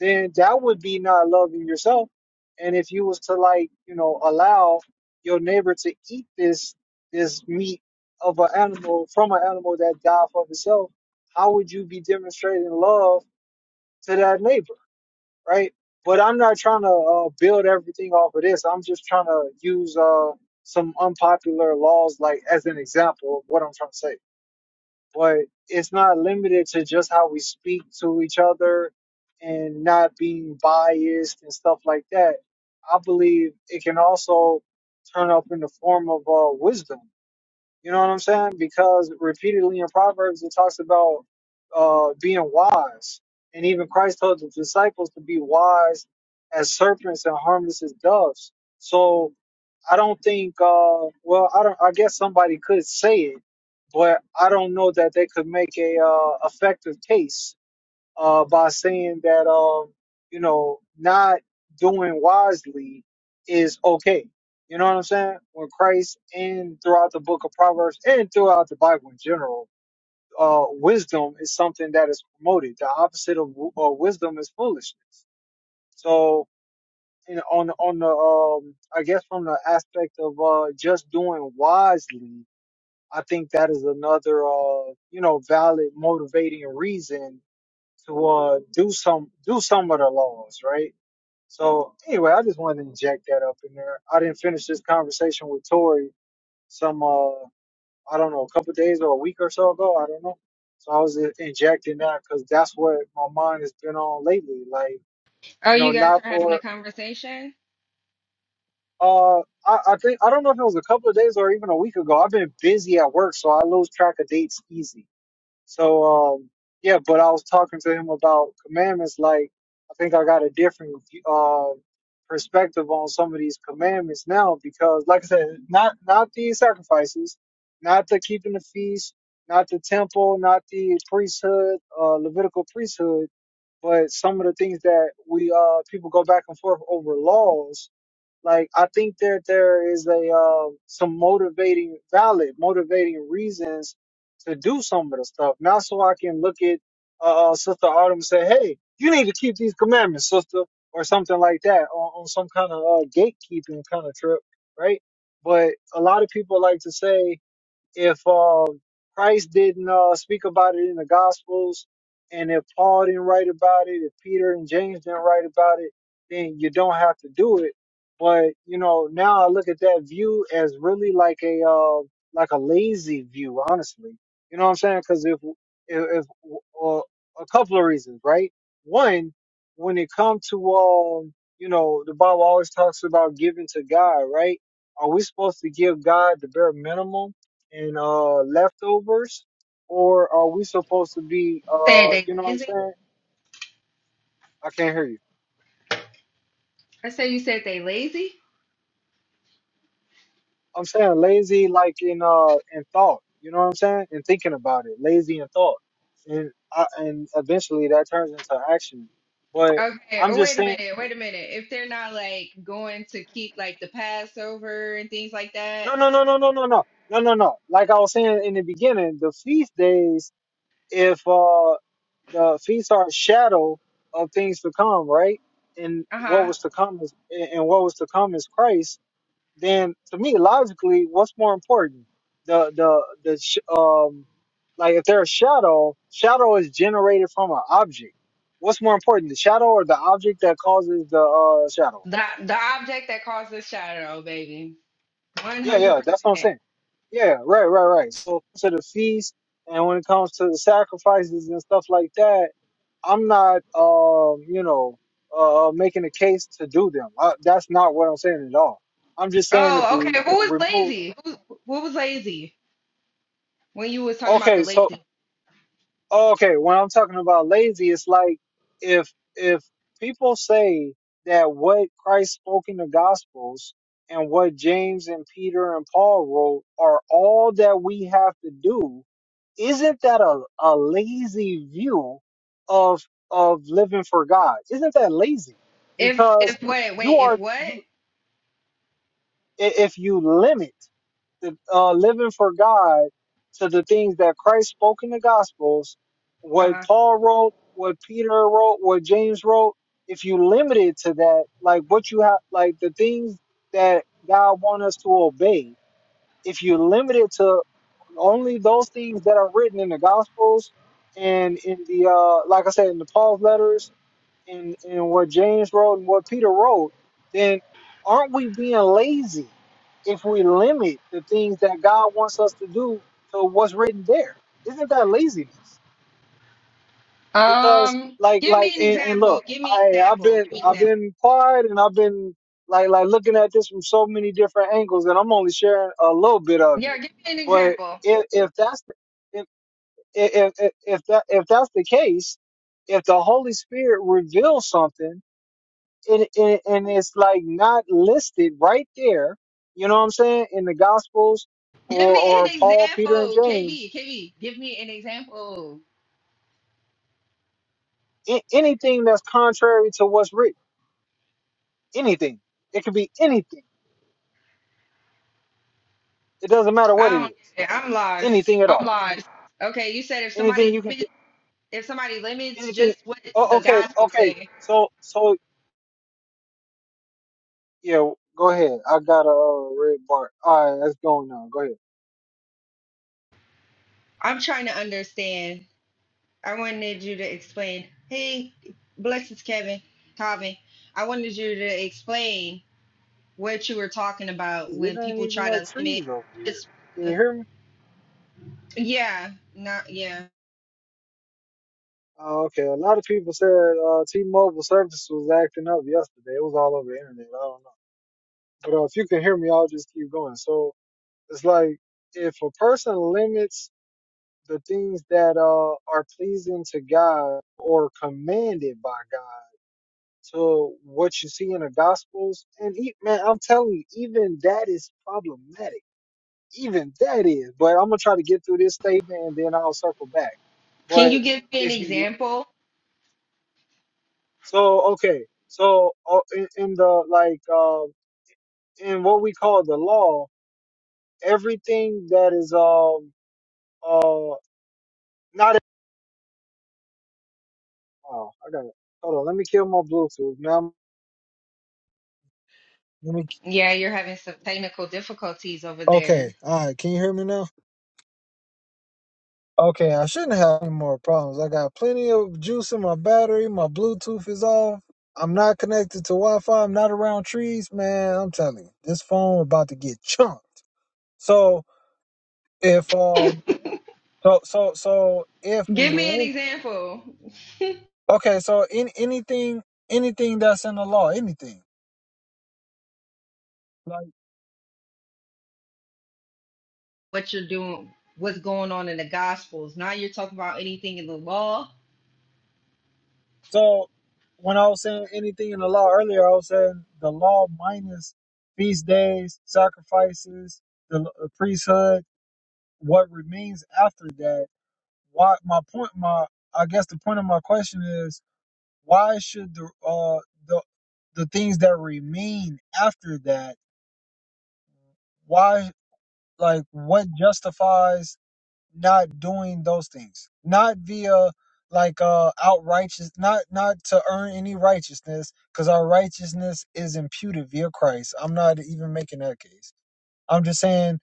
then that would be not loving yourself. And if you was to like, you know, allow your neighbor to eat this this meat of an animal from an animal that died for itself, how would you be demonstrating love to that neighbor, right? But I'm not trying to uh, build everything off of this. I'm just trying to use uh, some unpopular laws, like as an example of what I'm trying to say but it's not limited to just how we speak to each other and not being biased and stuff like that. I believe it can also turn up in the form of uh, wisdom. You know what I'm saying? Because repeatedly in Proverbs it talks about uh, being wise, and even Christ told the disciples to be wise as serpents and harmless as doves. So I don't think. Uh, well, I don't. I guess somebody could say it, but I don't know that they could make a uh, effective case uh, by saying that um, you know not doing wisely is okay. You know what I'm saying? When Christ and throughout the Book of Proverbs and throughout the Bible in general, uh, wisdom is something that is promoted. The opposite of w- uh, wisdom is foolishness. So you know, on on the um, I guess from the aspect of uh, just doing wisely, I think that is another uh, you know, valid motivating reason to uh do some do some of the laws, right? So anyway, I just wanted to inject that up in there. I didn't finish this conversation with Tori some uh, I don't know, a couple days or a week or so ago. I don't know. So I was in- injecting that because that's what my mind has been on lately. Like,
Oh,
you know,
you guys
not
are having
for
a conversation?
Uh, I, I think I don't know if it was a couple of days or even a week ago. I've been busy at work, so I lose track of dates easy. So um, yeah, but I was talking to him about commandments. Like I think I got a different uh perspective on some of these commandments now because, like I said, not not the sacrifices, not the keeping the feast, not the temple, not the priesthood, uh, Levitical priesthood, but some of the things that we uh people go back and forth over laws like I think that there is a um, some motivating, valid motivating reasons to do some of the stuff. Not so I can look at uh, uh, Sister Autumn and say, "Hey, you need to keep these commandments, sister," or something like that, on, on some kind of uh, gatekeeping kind of trip, right? But a lot of people like to say, if uh, Christ didn't uh, speak about it in the Gospels, and if Paul didn't write about it, if Peter and James didn't write about it, then you don't have to do it. But you know, now I look at that view as really like a uh, like a lazy view, honestly. You know what I'm saying? Because if if, if uh, a couple of reasons, right? One, when it comes to um, you know, the Bible always talks about giving to God, right? Are we supposed to give God the bare minimum? and uh leftovers or are we supposed to be
Said
uh
they
you know what I'm
lazy?
saying? I can't hear you.
I said you said they lazy?
I'm saying lazy like in uh in thought, you know what I'm saying? And thinking about it, lazy in thought. And I, and eventually that turns into action. But
Okay.
I'm
Oh,
just
wait a
saying
minute. Wait a minute. If they're not like going to keep like the Passover and things like that,
no no no no no no no no no no. Like I was saying in the beginning, the feast days if uh the feasts are a shadow of things to come, right? And
uh
what
huh.
was to come is and and what was to come is Christ then to me logically what's more important the the the sh- um like if there's a shadow shadow is generated from an object what's more important the shadow or the object that causes the uh shadow
The the object that causes shadow, baby. One
yeah
hundred
yeah that's what i'm
percent.
saying yeah right right right so to the feast and when it comes to the sacrifices and stuff like that i'm not um you know uh making a case to do them I, that's not what i'm saying at all i'm just saying if
Oh,
we
okay. Who was
remove
lazy? Who who was lazy when you was talking about
okay
the
so.
lazy?
Okay, when I'm talking about lazy, it's like if if people say that what Christ spoke in the Gospels and what James and Peter and Paul wrote are all that we have to do, isn't that a, a lazy view of of living for God? Isn't that lazy?
If
Because
if what?
you
Wait.
are
If what?
you i- if you limit the uh, living for God to the things that Christ spoke in the Gospels,
uh huh.
what Paul wrote, what Peter wrote, what James wrote, if you limit it to that, like what you have, like the things that God wants us to obey, if you limit it to only those things that are written in the Gospels and in the, uh, like I said, in the Paul's letters and, and what James wrote and what Peter wrote, then aren't we being lazy if we limit the things that God wants us to do to what's written there? Isn't that laziness? Because
Um,
like
give
like
me an
and, and
example.
look,
Give me an
I I've
example.
been
Give me an
I've
example.
been quiet and I've been like like looking at this from so many different angles and I'm only sharing a little bit of
Yeah,
it.
give me an
But
example.
if if that's the- if if if, if that if that's the case, if the Holy Spirit reveals something and, and, and it's like not listed right there you know what i'm saying in the gospels
Give
or
me an
or paul peter and
example.
james
KB, KB, give me an example.
a- anything that's contrary to what's written anything it could be anything it doesn't matter what it
I don't
is
get it. I'm lost.
anything at
I'm
all
lost. Okay, you said if
anything
somebody
you can th-
limits, if somebody limits
anything
just what
oh,
the
okay
gospel
okay
say,
so so yeah go ahead i got a uh, red bar all right that's going on go ahead
I'm trying to understand. I wanted you to explain. Hey, blessings, Kevin, Calvin. I wanted you to explain what you were talking about
it
when
ain't
people
even
try
no
to limit
trees over here
just.
can you hear me
Yeah, not yeah.
Oh, okay. A lot of people said uh, T-Mobile service was acting up yesterday. It was all over the internet. I don't know. But uh, if you can hear me, I'll just keep going. So it's like if a person limits the things that uh, are pleasing to God or commanded by God to what you see in the Gospels, and e- man, I'm telling you, even that is problematic. Even that is. But I'm gonna try to get through this statement and then I'll circle back.
Can
But
you give me an
if you
example?
So okay, so uh, in, in the like uh, in what we call the law, everything that is um uh not oh I got it. Hold on, let me kill my Bluetooth, man. Let me.
Yeah, you're having some technical difficulties over
Okay,
there.
all right. Can you hear me now? Okay, I shouldn't have any more problems. I got plenty of juice in my battery. My Bluetooth is off. I'm not connected to Wi-Fi. I'm not around trees, man. I'm telling you, this phone about to get chunked. So if um, so so so if we
Give me
link
an example.
Okay, so in anything anything that's in the law, anything. Like
What you're doing, what's going on in the Gospels. Now you're talking about anything in the law.
so when I was saying anything in the law earlier, I was saying the law minus feast days, sacrifices, the l- uh, priesthood, what remains after that. Why my point my I guess the point of my question is why should the uh the the things that remain after that, why like what justifies not doing those things not via like uh out outrighteous not not to earn any righteousness because our righteousness is imputed via christ i'm not even making that case i'm just saying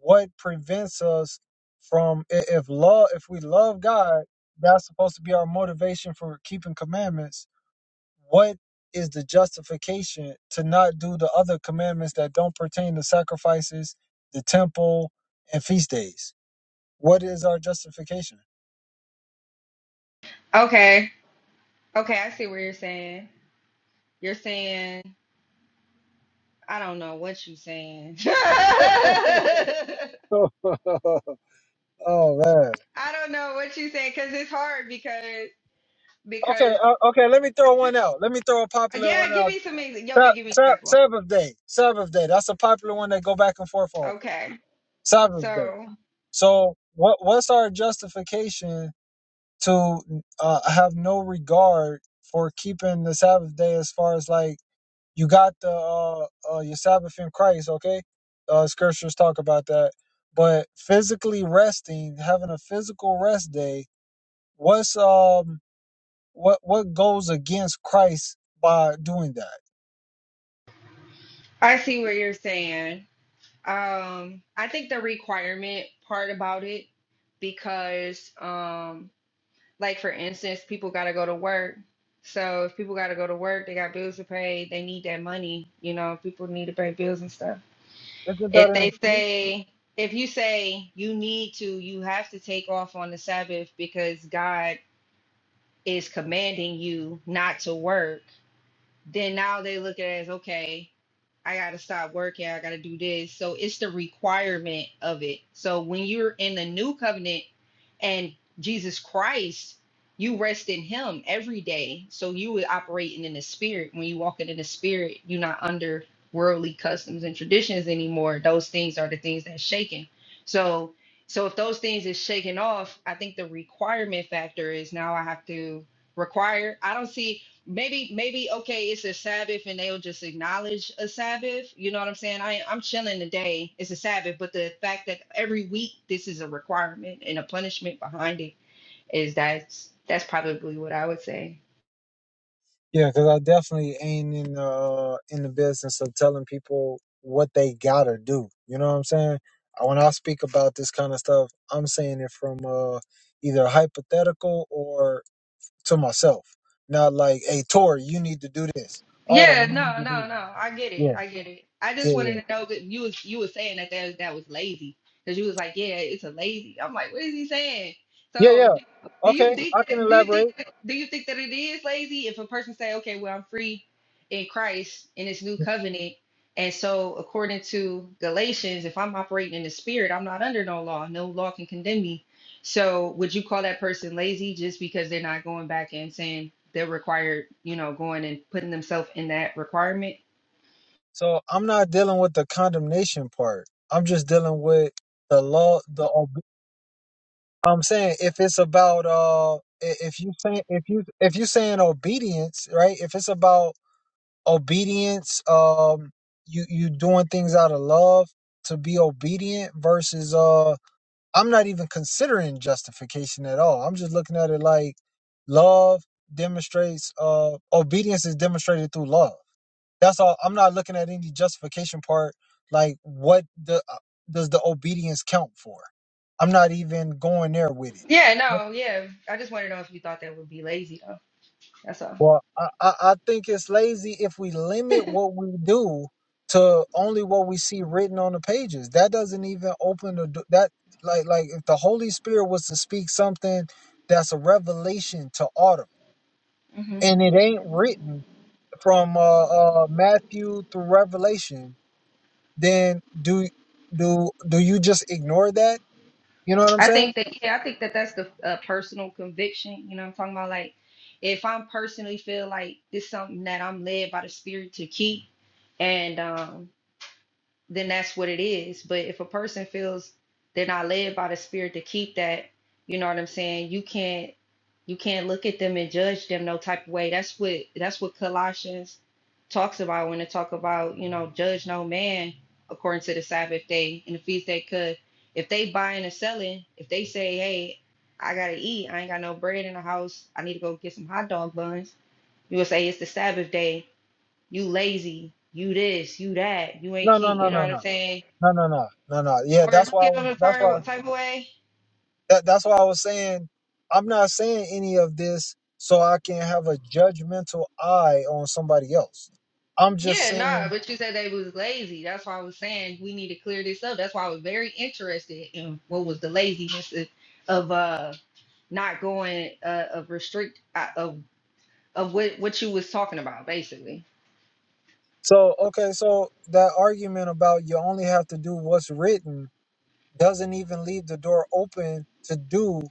what prevents us from i- if love if we love god that's supposed to be our motivation for keeping commandments what is the justification to not do the other commandments that don't pertain to sacrifices the temple and feast days what is our justification?
Okay, okay, I see what you're saying. You're saying, I don't know what you're saying.
oh man.
I don't know what you're saying because it's hard because,
Okay,
because,
uh, okay. Let me throw one out. Let me throw a popular
yeah,
one
give
out.
me some, ex- y'all
Sa-
can give me an
sa-
example.
Sabbath day. Sabbath day. That's a popular one they go back and forth over.
Okay,
Sabbath day.
so.
So what? What's our justification to uh, have no regard for keeping the Sabbath day as far as like You got the uh, uh your Sabbath in Christ, okay? Uh, scriptures talk about that. But physically resting, having a physical rest day, what's um what what goes against Christ by doing that?
I see what you're saying. Um, I think the requirement part about it, because um, like for instance, people gotta go to work. So if people gotta go to work, they got bills to pay, they need that money, you know, people need to pay bills and stuff.
Isn't that
If
an
they
excuse?
say if you say you need to, you have to take off on the Sabbath because God is commanding you not to work then now they look at it as okay i gotta stop working i gotta do this so it's the requirement of it so when you're in the new covenant and jesus christ you rest in him every day so you would operating in the spirit when you walking in the spirit you're not under worldly customs and traditions anymore those things are the things that's shaken so so if those things is shaken off i think the requirement factor is now i have to require i don't see maybe maybe okay it's a sabbath and they'll just acknowledge a sabbath you know what i'm saying i i'm chilling today it's a sabbath but the fact that every week this is a requirement and a punishment behind it is that's that's probably what i would say
Yeah, because I definitely ain't in the uh, in the business of telling people what they gotta do. You know what I'm saying? Uh, When I speak about this kind of stuff, I'm saying it from uh, either hypothetical or to myself. Not like, hey, Tori, you need to do this.
Yeah,
Autumn, you need
no,
to do.
no,
this.
no. I get it.
Yeah,
I get it. I
yeah,
just wanted to know that you was you was saying that that, that was lazy because you was like, yeah, it's a lazy. I'm like, what is he saying?
yeah, yeah.
So,
yeah.
d- do
Okay,
you think
I can
that, do you think
elaborate.
that, do you think that it is lazy if a person say, okay, well, I'm free in Christ in this new covenant, and so according to Galatians, if I'm operating in the Spirit, I'm not under no law. No law can condemn me. So would you call that person lazy just because they're not going back and saying they're required, you know, going and putting themselves in that requirement?
So I'm not dealing with the condemnation part. I'm just dealing with the law. The ob- I'm saying if it's about uh, i- if you saying if you if you saying obedience, right? If it's about obedience, um, you you doing things out of love to be obedient versus uh I'm not even considering justification at all. I'm just looking at it like love demonstrates uh obedience is demonstrated through love. That's all. I'm not looking at any justification part like what the uh, does the obedience count for? I'm not even going there with it.
Yeah, no, yeah. I just wanted to know if you thought that would be lazy though. That's all.
Well, I, I, I think it's lazy if we limit what we do to only what we see written on the pages. That doesn't even open the do- that like like if the Holy Spirit was to speak something that's a revelation to Autumn
hmm
and it ain't written from uh, uh Matthew through Revelation, then do do do you just ignore that? You know what I'm
I
saying?
think that yeah, I think that that's the uh, personal conviction. You know, what I'm talking about like if I'm personally feel like this something that I'm led by the spirit to keep, and um then that's what it is. But if a person feels they're not led by the spirit to keep that, you know what I'm saying? You can't you can't look at them and judge them no type of way. That's what that's what Colossians talks about when it talk about, you know, judge no man according to the Sabbath day and the feast day could if they buying and selling, if they say, Hey, I gotta eat, I ain't got no bread in the house, I need to go get some hot dog buns, you would say it's the Sabbath day you lazy, you this, you that, you ain't
No, no,
keep,
no,
you know
no,
what I'm
no.
saying?
No, no, no, no, no. Yeah,
Or
that's why
look
I
at them
was.
in a
That's why.
certain type of way.
That that's why I was saying I'm not saying any of this so I can have a judgmental eye on somebody else. I'm just
Yeah, nah,
saying
but you said they was lazy. That's why I was saying we need to clear this up. That's why I was very interested in what was the laziness of, of uh not going uh of restrict uh, of of what what you was talking about basically.
so okay, so that argument about you only have to do what's written doesn't even leave the door open to do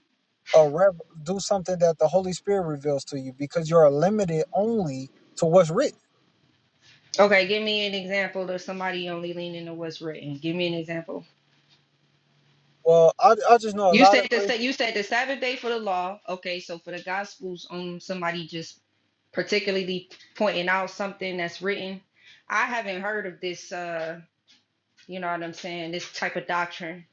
a rev- do something that the Holy Spirit reveals to you because you're limited only to what's written.
Okay, give me an example of somebody only leaning to what's written. Give me an example.
Well, I I just know a
You
lot
said
of
the sa-
Christians.
you said the Sabbath day for the law. Okay, so for the Gospels, um, somebody just particularly pointing out something that's written. I haven't heard of this. Uh, you know what I'm saying? This type of doctrine.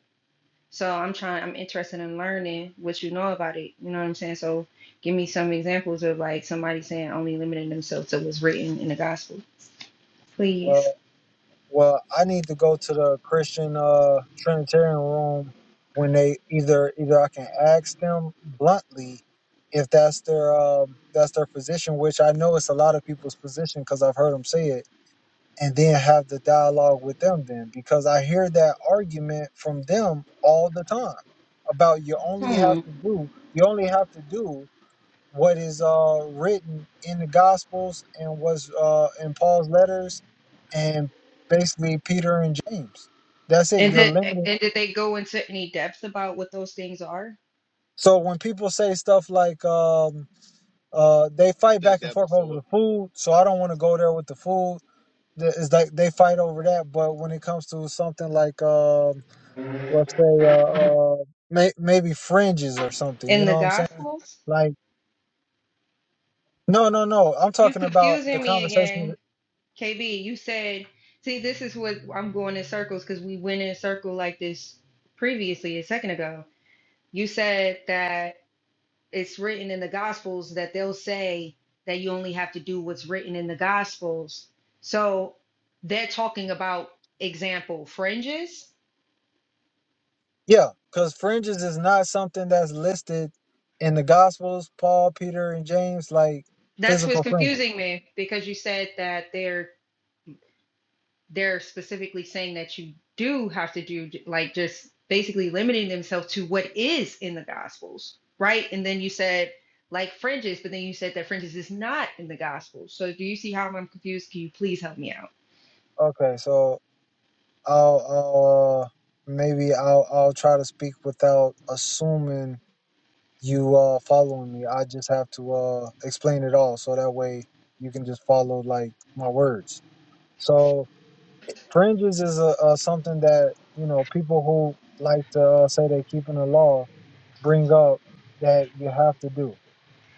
So I'm trying. I'm interested in learning what you know about it. You know what I'm saying? So give me some examples of like somebody saying only limiting themselves to what's written in the Gospel, please.
Well, I need to go to the Christian uh Trinitarian room when they either either I can ask them bluntly if that's their um that's their position, which I know it's a lot of people's position because I've heard them say it, and then have the dialogue with them then because I hear that argument from them all the time about you only have
Hmm.
to do you only have to do what is uh, written in the Gospels and what's uh, in Paul's letters, and basically Peter and James. That's it.
And
You're
did
limited.
and did they go into any depth about what those things are
So when people say stuff like um, uh, they fight
Said
back and
that
forth over
before.
the food, so I don't want to go there with the food. Th- It's like they fight over that, but when it comes to something like um, let's say uh, uh, may- maybe fringes or something, you
in
know
the
what I'm saying?
Gospels?
Like no, no, no. I'm
You
talking about the
confusing me
conversation.
again, KB. You said, see, this is what I'm going in circles because we went in a circle like this previously a second ago. You said that it's written in the Gospels that they'll say that you only have to do what's written in the Gospels. So they're talking about example fringes.
Yeah, because fringes is not something that's listed in the Gospels, Paul, Peter, and James, like
That's what's
physical fringes.
confusing me because you said that they're they're specifically saying that you do have to do like just basically limiting themselves to what is in the gospels right and then you said like fringes but then you said that fringes is not in the gospels so do you see how i'm confused can you please help me out
Okay, so I'll, I'll uh, maybe I'll, I'll try to speak without assuming you uh following me. I just have to uh explain it all, so that way you can just follow like my words. So fringes is a, a something that you know people who like to uh, say they keeping the law bring up that you have to do.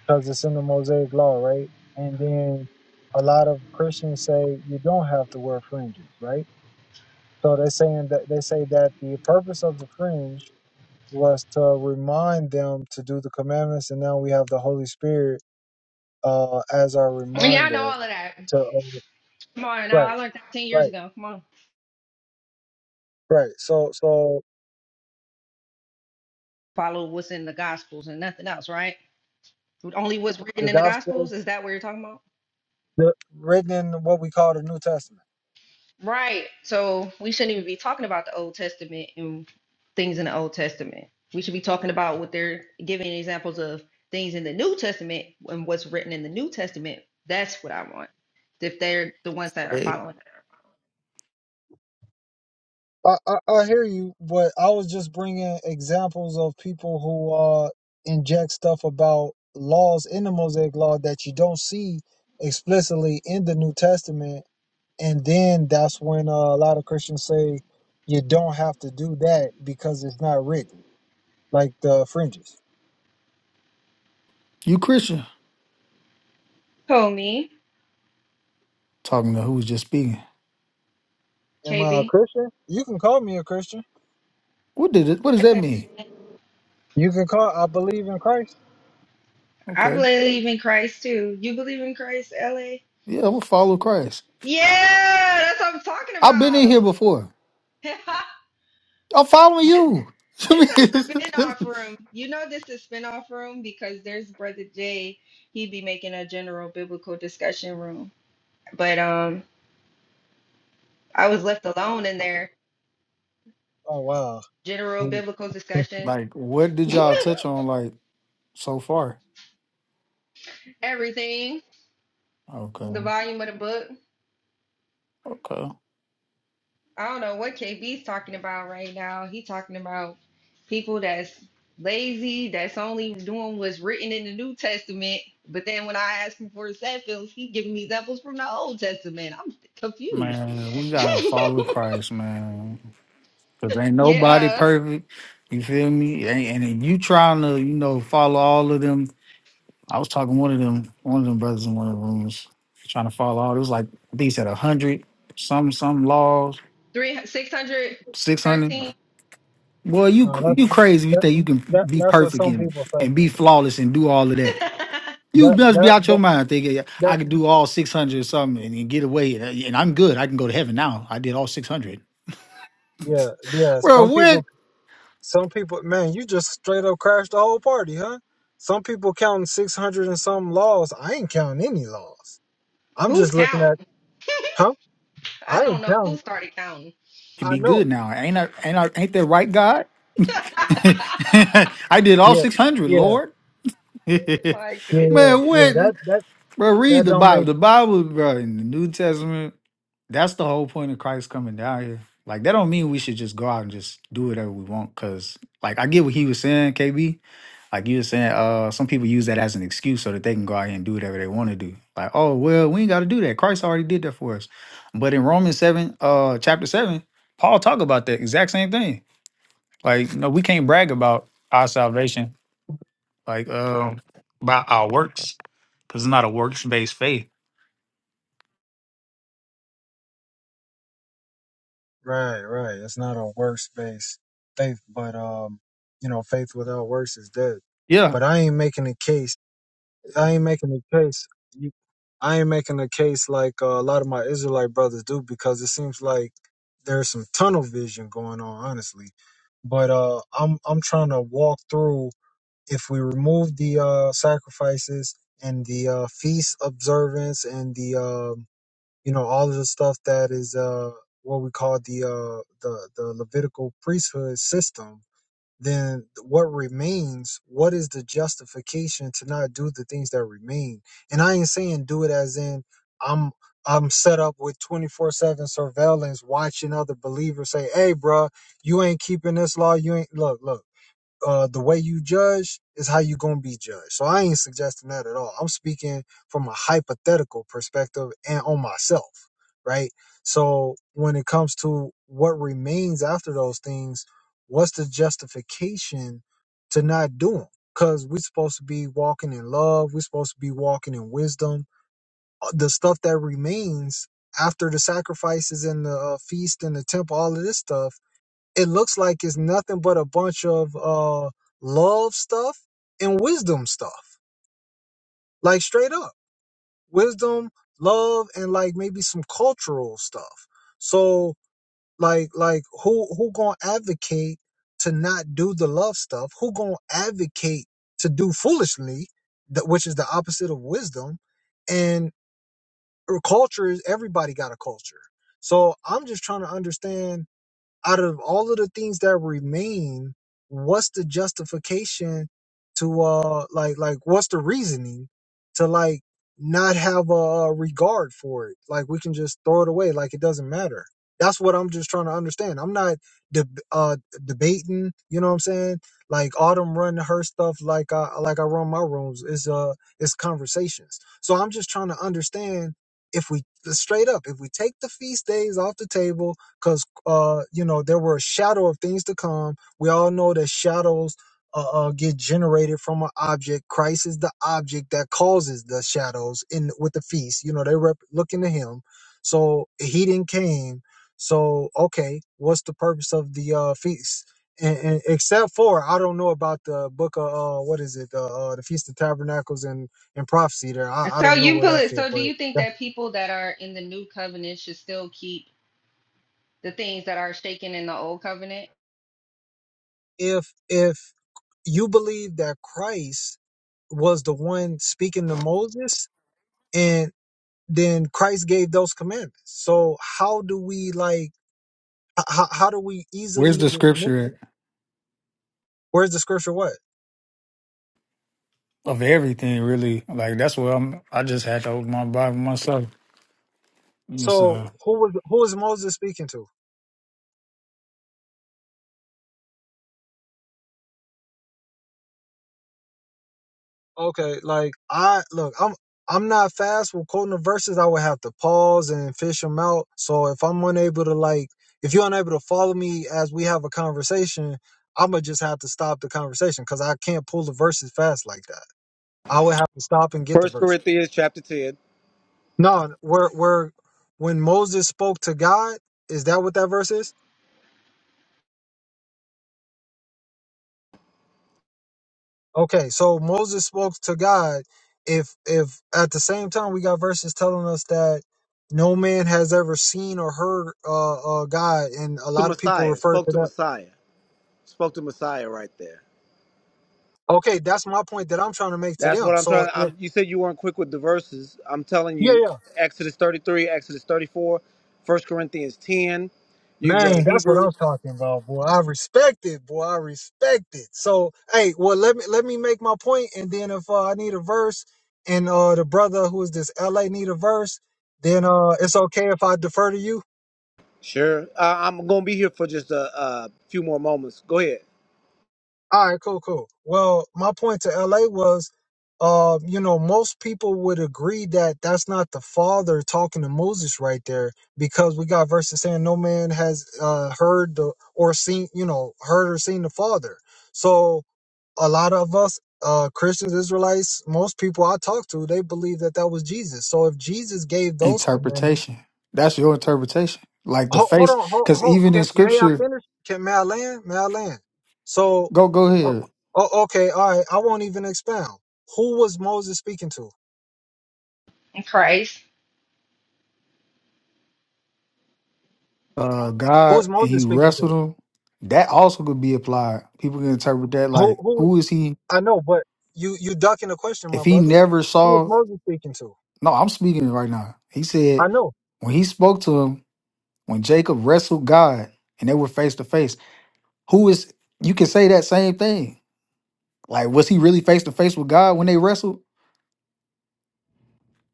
because it's in the Mosaic law, right? And then a lot of Christians say you don't have to wear fringes, right? So they're saying that they say that the purpose of the fringe was to remind them to do the commandments, and now we have the Holy Spirit uh, as our
yeah i know
reminder
all of that
to uh,
come on now
right,
i learned that 10 years
right,
ago come on
right. So, so
follow what's in the gospels and nothing else right only what's written
the
in the
gospel
gospels is that what you're talking about
the, written in what we call the New Testament.
Right. So we shouldn't even be talking about the Old Testament and things in the Old Testament. We should be talking about what they're giving examples of things in the New Testament and what's written in the New Testament. That's what I want. If they're the ones that are
Hey,
following.
I, I, I hear you, but I was just bringing examples of people who uh inject stuff about laws in the Mosaic Law that you don't see explicitly in the New Testament, and then that's when uh, a lot of Christians say you don't have to do that because it's not written, like the fringes.
You Christian
Call me,
talking to who was just speaking?
Am I a
KB.
Christian? You can call me a Christian.
What did it? What does that
Blessings.
mean?
You can call. I believe in Christ.
I
Okay,
believe in Christ too. You believe in Christ, LA?
yeah, I'm gonna follow Christ.
Yeah, that's what I'm talking
I've been in here
about.
before. I'm following
This
you. I
This is a spin-off
mean,
room. You know this is spin-off room because there's Brother Jay. He'd be making a general biblical discussion room. But um I was left alone in there.
Oh wow.
General
He-
biblical discussion.
like, what did y'all touch on? Like so far?
Everything. The
Okay,
volume of the book.
okay,
I don't know what KB's talking about right now. He talking about people that's lazy, that's only doing what's written in the New Testament. But then when I ask him for examples, he giving me examples from the Old Testament. I'm confused.
man, we gotta follow Christ, man, because ain't nobody
yeah,
perfect. You feel me? And, and if you trying to, you know, follow all of them I was talking to one of them, one of them brothers in one of the rooms, trying to follow all. It was like I think he said a hundred, some some laws,
three six hundred
six hundred.
thirteen.
Boy, you
No, that,
you crazy if you
that
think you can
that
be
that's what
perfect
some
and,
people say.
and be flawless and do all of that. You
That
must be
that
out your
that.
mind thinking "Yeah,
that
I could do all six hundred or something and, and get away and I'm good. I can go to heaven now. I did all six hundred.
Yeah, yeah.
Well,
Some
what?
people, some people, man, you just straight up crashed the whole party, huh? Some people counting 600 and some laws. I ain't counting any laws. I'm
Who's
just looking at,
counting?
huh?
I
I
don't
ain't
know who
counting.
started counting.
To
I
be
know.
good now. Ain't I ain't I ain't that right, God? I did all
Yeah,
six hundred,
yeah,
Lord. Man,
My
yeah,
goodness.
yeah, yeah.
what?
That, that,
Bro, read
that
the
don't
Bible.
make.
The Bible, bro, in the New Testament, that's the whole point of Christ coming down here. Like, that don't mean we should just go out and just do whatever we want. Cause, like, I get what he was saying, KB. Like, you were saying, uh, some people use that as an excuse so that they can go out here and do whatever they want to do. Like, oh, well, we ain't got to do that. Christ already did that for us. But in Romans 7, uh, chapter 7, Paul talk about that exact same thing. Like, no, we can't brag about our salvation, like, um, by our works, because it's not a works based faith.
Right, right. It's not a works based faith, but, um, you know, faith without works is dead.
Yeah.
But I ain't making a case I ain't making a case. You, I ain't making a case like uh, a lot of my Israelite brothers do because it seems like there's some tunnel vision going on, honestly. But uh, I'm I'm trying to walk through if we remove the uh, sacrifices and the uh, feast observance and the um you know all of the stuff that is uh, what we call the uh, the the Levitical priesthood system then what remains, what is the justification to not do the things that remain? And I ain't saying do it as in I'm I'm set up with 24/7 surveillance watching other believers say, "Hey, bro, you ain't keeping this law. You ain't look, look uh, the way you judge is how you're going to be judged. So I ain't suggesting that at all. I'm speaking from a hypothetical perspective and on myself, right? So when it comes to what remains after those things, what's the justification to not do them? Because we're supposed to be walking in love, we're supposed to be walking in wisdom. Uh, The stuff that remains after the sacrifices and the uh, feast and the temple, all of this stuff it looks like it's nothing but a bunch of uh love stuff and wisdom stuff like straight up wisdom love and like maybe some cultural stuff so like like who who gonna advocate to not do the love stuff who gonna advocate to do foolishly that which is the opposite of wisdom and uh, culture is everybody got a culture so i'm just trying to understand out of all of the things that remain, what's the justification to uh like like what's the reasoning to like not have a, a regard for it? Like we can just throw it away, like it doesn't matter. That's what I'm just trying to understand. I'm not deb uh, debating. You know what I'm saying? Like Autumn run her stuff like I like I run my rooms. It's uh it's conversations. So I'm just trying to understand if we straight up if we take the feast days off the table because uh, you know there were a shadow of things to come. We all know that shadows uh, uh, get generated from an object. Christ is the object that causes the shadows in with the feast. You know they rep- looking to Him, so He didn't came. So okay, what's the purpose of the uh, feast? And, and except for I don't know about the book of uh, what is it? Uh, uh, the Feast of Tabernacles and and prophecy. There, I, I
So
don't know
you
where that
believe,
fit,
so do
but
you think that people that are in the new covenant should still keep the things that are shaken in the old covenant?
if if you believe that Christ was the one speaking to Moses, and then Christ gave those commandments. So how do we like? How, how do we
Where's
easily
the
dismiss?
scripture
Where's the scripture? What?
of everything, really? Like that's what I'm. I just had to open my Bible myself. You know what I'm
So
saying?
who was who is Moses speaking to? Okay, like I look, I'm I'm not fast with quoting the verses. I would have to pause and fish them out. So if I'm unable to like, if you're unable to follow me as we have a conversation, I'ma just have to stop the conversation because I can't pull the verses fast like that. I would have to stop and get the
First
verse.
Corinthians chapter ten
No, where where when Moses spoke to God, is that what that verse is? Okay, so Moses spoke to God. If if at the same time we got verses telling us that no man has ever seen or heard uh, uh God, and a
to
lot of people
Messiah.
refer
Spoke
to
to
that.
Messiah. Spoke to Messiah right there.
Okay, that's my point that I'm trying to make to
That's
them.
what I'm
So
trying.
if
I'm, you said you weren't quick with the verses. I'm telling
yeah,
you,
yeah,
Exodus 33, Exodus 34, First Corinthians 10. You can go to
man, that's what
Hebrews.
I'm talking about, boy. I respect it, boy. I respect it. So hey, well let me let me make my point, and then if uh, I need a verse, and uh the brother who is this LA need a verse, then uh it's okay if I defer to you.
Sure. I, I'm gonna be here for just a, a few more moments. Go ahead.
All right, cool, cool. Well, my point to LA was, uh, you know, most people would agree that that's not the father talking to Moses right there, because we got verses saying no man has uh, heard the, or seen, you know, heard or seen the father. So a lot of us, uh, Christians, Israelites, most people I talk to, they believe that that was Jesus. So if Jesus gave those commandments
Interpretation. That's your interpretation. Like the
Hold, hold
face,
on, hold,
because
hold.
even in
Can, may I
scripture,
finish? Can may I land? May I land? So,
go go
oh,
ahead.
oh, okay, all right. I won't even expound. Who was Moses speaking to?
Christ.
Uh,
Who
God
was
and He
Moses speaking
wrestled
to?
him. That also could be applied. People can interpret that
Who?
like,
Who?
who is He?
I know, but you you ducking the question,
If
my
He
brother.
never
Who was
saw,
Moses speaking to?
no, I'm speaking right now. He said
I know.
when He spoke to him, when Jacob wrestled God and they were face to face, who is? You can say that same thing Like, was he really face to face with God when they wrestled?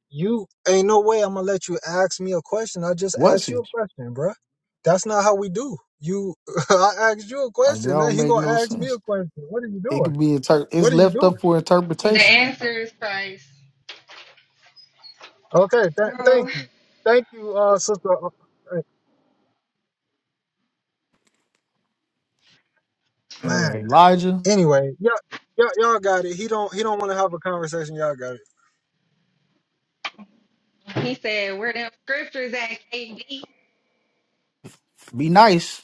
You ain't no way I'm gonna let you ask me a question. I just
Was
asked
he?
you a question, bruh. That's not how we do. You, I asked you a
Like, that
question. Now
don't
you
make
gonna
no
ask me a
sense.
question. What are you
It
doing?
could be inter- it's
What are you
left
doing?
up for
The
interpretation.
answer is Christ.
Okay, th-
So
thank you, thank you, uh, sister. uh, uh,
And with
Man,
Elijah,
anyway, y'all, y'all, y'all got it. He don't, he don't want to have a conversation. Y'all got it.
he said, where them scriptures at, KB?
be nice.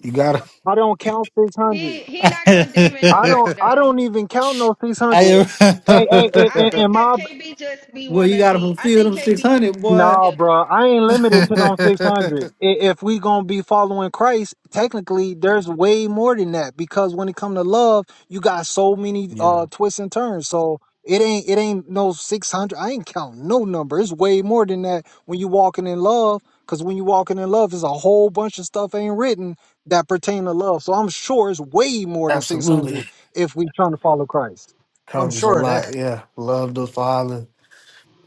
You gotta.
I don't count six hundred.
He he not condemning
I
nobody
don't, I
though.
don't even count no six hundred.
Hey,
Hey, hey, hey,
I
in,
think
in
that
my
KB just be
well, you
wanna
gotta
be. I
fulfill
think
them six
KB
hundred, boy.
No,
just do.
bro, I ain't limited to them 600. If we gonna be following Christ, technically, there's way more than that because when it come to love, you got so many uh
yeah,
twists and turns. So it ain't it ain't no 600. I ain't counting no number. It's way more than that when you walking in love. Cause when you walking in love, there's a whole bunch of stuff ain't written that pertain to love. So I'm sure it's way more than
absolutely
600 if we trying to follow Christ. I'm
covers a
sure of
lot.
that.
Yeah, love the Father.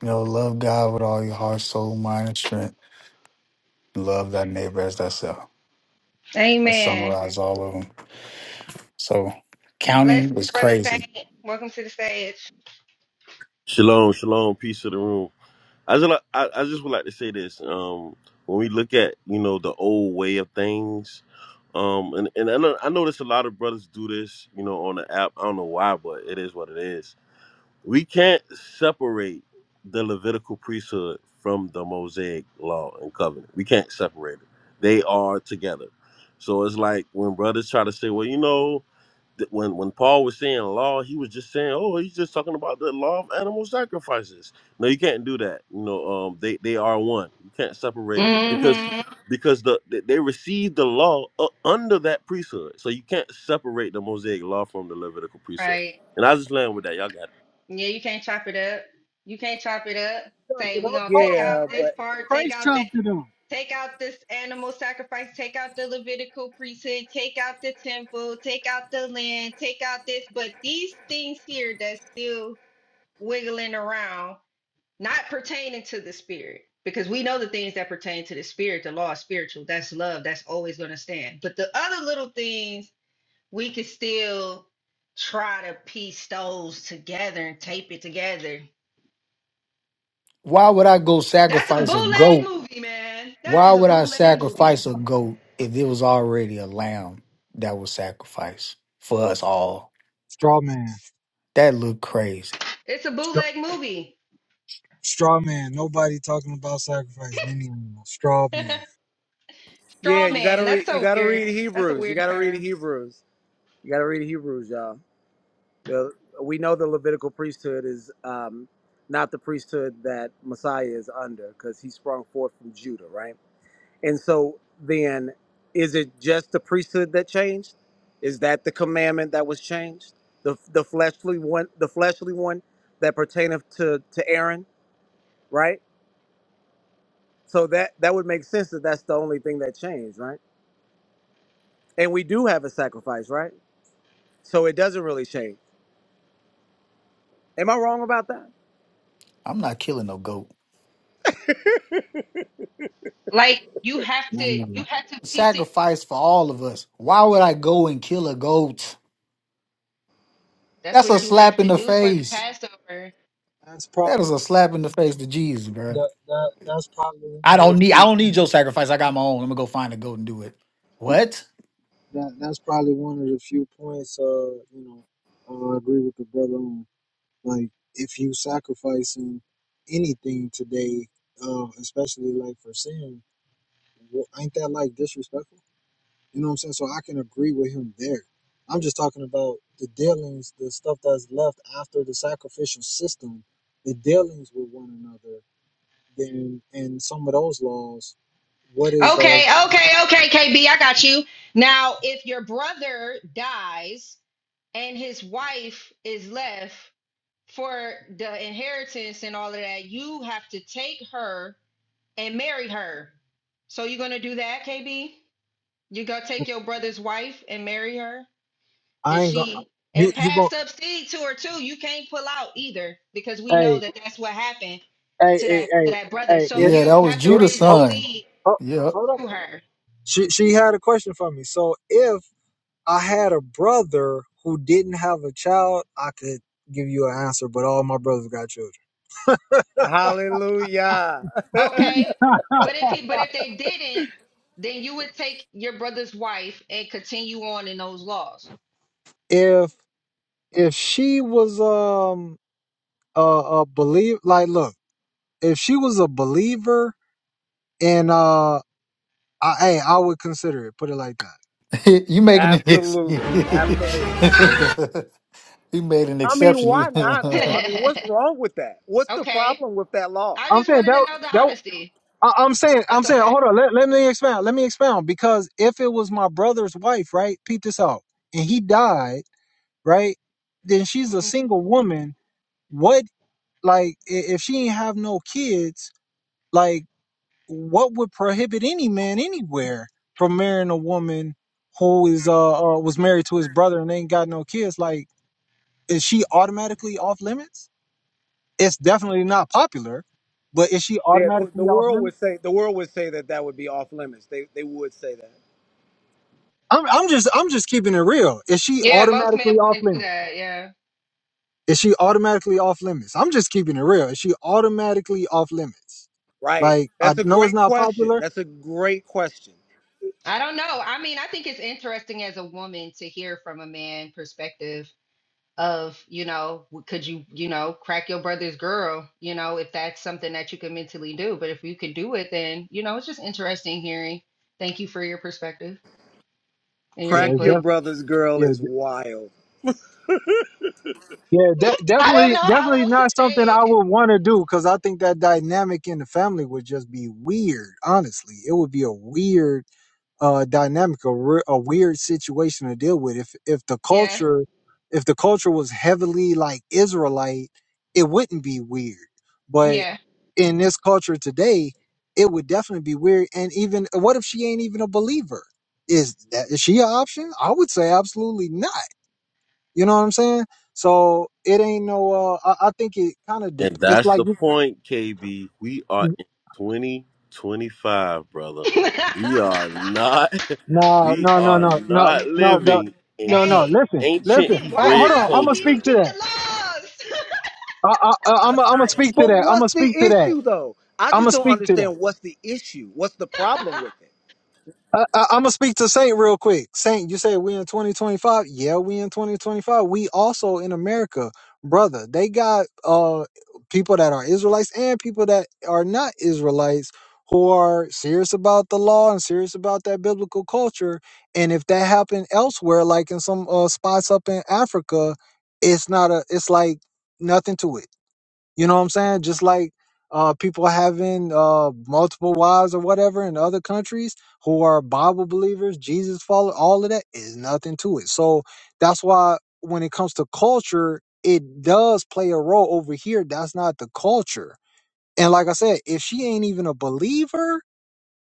You know, love God with all your heart, soul, mind, and strength. Love that neighbor as thyself. I
Amen.
summarize all of them. So
Bless
counting was
brother
crazy.
Saint. Welcome to the stage.
Shalom, shalom, peace of the room. I just like, I, I just would like to say this. Um, when we look at you know the old way of things, um, and and I, know, I notice a lot of brothers do this, you know, on the app. I don't know why, but it is what it is. We can't separate the Levitical priesthood from the Mosaic law and covenant. We can't separate it. They are together. So it's like when brothers try to say, well, you know that when when Paul was saying law, he was just saying, "Oh, he's just talking about the law of animal sacrifices." No, you can't do that. You know, um, they they are one. You can't separate because
Mm-hmm.
because the they they received the law u- under that priesthood, so you can't separate the Mosaic law from the Levitical priesthood.
Right.
And I just land with that. Y'all got it.
Yeah, you can't chop it up. You can't chop it up.
Chopped
Say
it
we're
up.
gonna
Hold
take
on,
Yeah,
out
Christ,
this
but
part, take
Christ
out that,
chopped it up.
take out this animal sacrifice, take out the Levitical priesthood, take out the temple, take out the land, take out this. But these things here that's still wiggling around, not pertaining to the spirit. Because we know the things that pertain to the spirit, the law is spiritual. That's love. That's always gonna stand. But the other little things we can still try to piece those together and tape it together
Why would I go
That's a
sacrifice a
bootleg
goat?
movie, man. That
Why
is a
would I
bootleg movie.
sacrifice a goat if it was already a lamb that was sacrificed for us all?
Straw man.
That looked crazy.
It's a
Stra-
bootleg movie.
straw man. Nobody talking about sacrificing any animal. Straw man.
yeah,
Straw
you gotta
man.
read.
That's
You
so
gotta read
weird. That's a
Hebrews. You
weird
gotta read
term.
Hebrews. You gotta read Hebrews, y'all. The, we know the Levitical priesthood is um, not the priesthood that Messiah is under because he sprung forth from Judah, right? And so then, is it just the priesthood that changed? Is that the commandment that was changed? The, the fleshly one, the fleshly one that pertaineth to to Aaron, right? So that that would make sense that that's the only thing that changed, right? And we do have a sacrifice, right? So it doesn't really change. Am I wrong about that?
I'm not killing no goat.
Like you have to, you
Man,
have to piece it.
Sacrifice for all of us. Why would I go and kill a goat?
That's
That's a
what you have
slap in
to
the
do for the
face.
Passover.
That's probably
That is a slap in the face to Jesus, bro.
that, that that's probably
I
one of the
don't need I
few
don't need
points
your sacrifice. I got my own. I'm gonna go find a goat and do it. What?
that that's probably one of the few points uh you know uh, I agree with the brother on like if you sacrificing anything today uh especially like for sin wh- ain't that like disrespectful You know what I'm saying? So I can agree with him there. I'm just talking about the dealings, the stuff that's left after the sacrificial system, the dealings with one another. Then and some of those laws, what is the?
Okay, okay, okay, KB, I got you. Now, if your brother dies and his wife is left for the inheritance and all of that, you have to take her and marry her. So you're gonna do that, KB? You gonna take your brother's wife and marry her?
I
Is
ain't gonna.
she
You
and
you gonna?
pass up seed to her too? You can't pull out either because we know
Hey
that that's what happened
hey
to
hey
that to
hey
that brother.
hey.
So
It
Yeah,
you
that was
have to
it.
Judah's
raise up
Oh,
son.
seed
oh,
Yep.
hold up.
to her.
She she had a question for me. So if I had a brother who didn't have a child, I could give you an answer. But all my brothers got children.
Hallelujah.
Okay, but if he but if they didn't, then you would take your brother's wife and continue on in those laws.
If if she was um a, a believe like look if she was a believer and uh I, hey I would consider it put it like that
you making an ex- you
Absolutely, absolutely.
made an
I mean,
exception.
why not though? I mean, what's
okay,
wrong with that? What's the problem
I
with that law?
I'm
just
saying
wanted to
that
know the
that
honesty.
I, I'm saying I'm
That's
saying
okay.
hold on let, let me expound let me expound because if it was my brother's wife right peep this out and he died right then she's a
Mhm.
single woman what like i- if she ain't have no kids like what would prohibit any man anywhere from marrying a woman who is uh, uh was married to his brother and ain't got no kids? Like, is she automatically off limits? It's definitely not popular, but is she
Yeah, the,
automatically
the
off
world would
limits?
say the world would say that that would be off limits. They they would say that,
I'm I'm just I'm just keeping it real. Is she
Yeah, most men
automatically off
wouldn't do
limits?
that.
Is she automatically off limits? I'm just keeping it real. Is she automatically off limits?
right?
Like I
That's a
know it's
great
not
question.
popular.
That's a great question.
I don't know. I mean, I think it's interesting as a woman to hear from a man perspective of, you know, w- could you, you know, crack your brother's girl, you know, if that's something that you can mentally do. But if you can do it, then, you know, it's just interesting hearing. Thank you for your perspective and your
Yeah,
Crack
it's
your
input.
brother's girl
definitely.
is wild.
Yeah, de-
I don't
definitely,
know how
definitely
else to
not something
say
I
it.
would want to do because I think that dynamic in the family would just be weird. Honestly, it would be a weird uh, dynamic, a, re- a weird situation to deal with. If if the
Yeah.
culture, if the culture was heavily like Israelite, it wouldn't be weird. But
Yeah.
in this culture today, it would definitely be weird. And even what if she ain't even a believer? Is that is she an option? I would say absolutely not. You know what I'm saying? So it ain't no. Uh, I, I think it kind of. Dep-
And
it's
that's
like
the
you-
point, KB. We are in 2025, brother. We are not.
no,
We
no, no,
are
no, no,
not
no, no,
living in
no,
he-
no.
hey,
Listen,
we
listen.
ancient
Oh,
why
hold
Hebraic
on.
not? We
I'm gonna
need to
speak
culture.
to
keep the
that.
laws.
I, I, I'm, I'm gonna speak to
But
that. I'm
what's
gonna
the
speak to that.
issue though? I
I'm
just
gonna
don't
speak to that.
understand what's the issue. What's the problem with it?
I, I, I'm gonna speak to Saint real quick. Saint, you say we in 2025? Yeah, we in 2025. We also in America, brother. They got uh people that are Israelites and people that are not Israelites who are serious about the law and serious about that biblical culture. And if that happened elsewhere, like in some uh spots up in Africa, it's not a. It's like nothing to it you know what I'm saying? Just like uh, people having uh, multiple wives or whatever in other countries who are Bible believers, Jesus followers, all of that is nothing to it. So that's why when it comes to culture, it does play a role over here. That's not the culture. And like I said, if she ain't even a believer,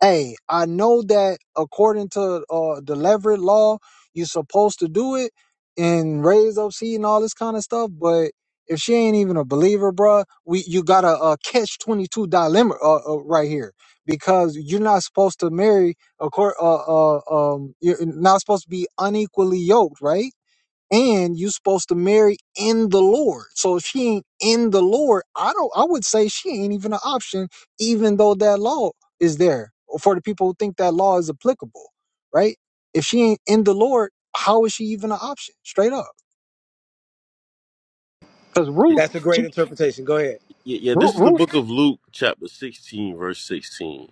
Hey, I know that according to uh, the Leverett law, you're supposed to do it and raise up seed and all this kind of stuff. But if she ain't even a believer, bruh, we you got a, uh catch twenty two dilemma uh, uh, right here because you're not supposed to marry. According, uh, uh, um, you're not supposed to be unequally yoked, right? and you're supposed to marry in the Lord. So if she ain't in the Lord, I don't. I would say she ain't even an option, even though that law is there for the people who think that law is applicable, right? If she ain't in the Lord, how is she even an option? Straight up, because
Y-
Ruth,
That's a great
she
interpretation. Go ahead.
y- Yeah,
Ruth,
this is the
Ruth.
book of Luke, chapter 16, verse 16.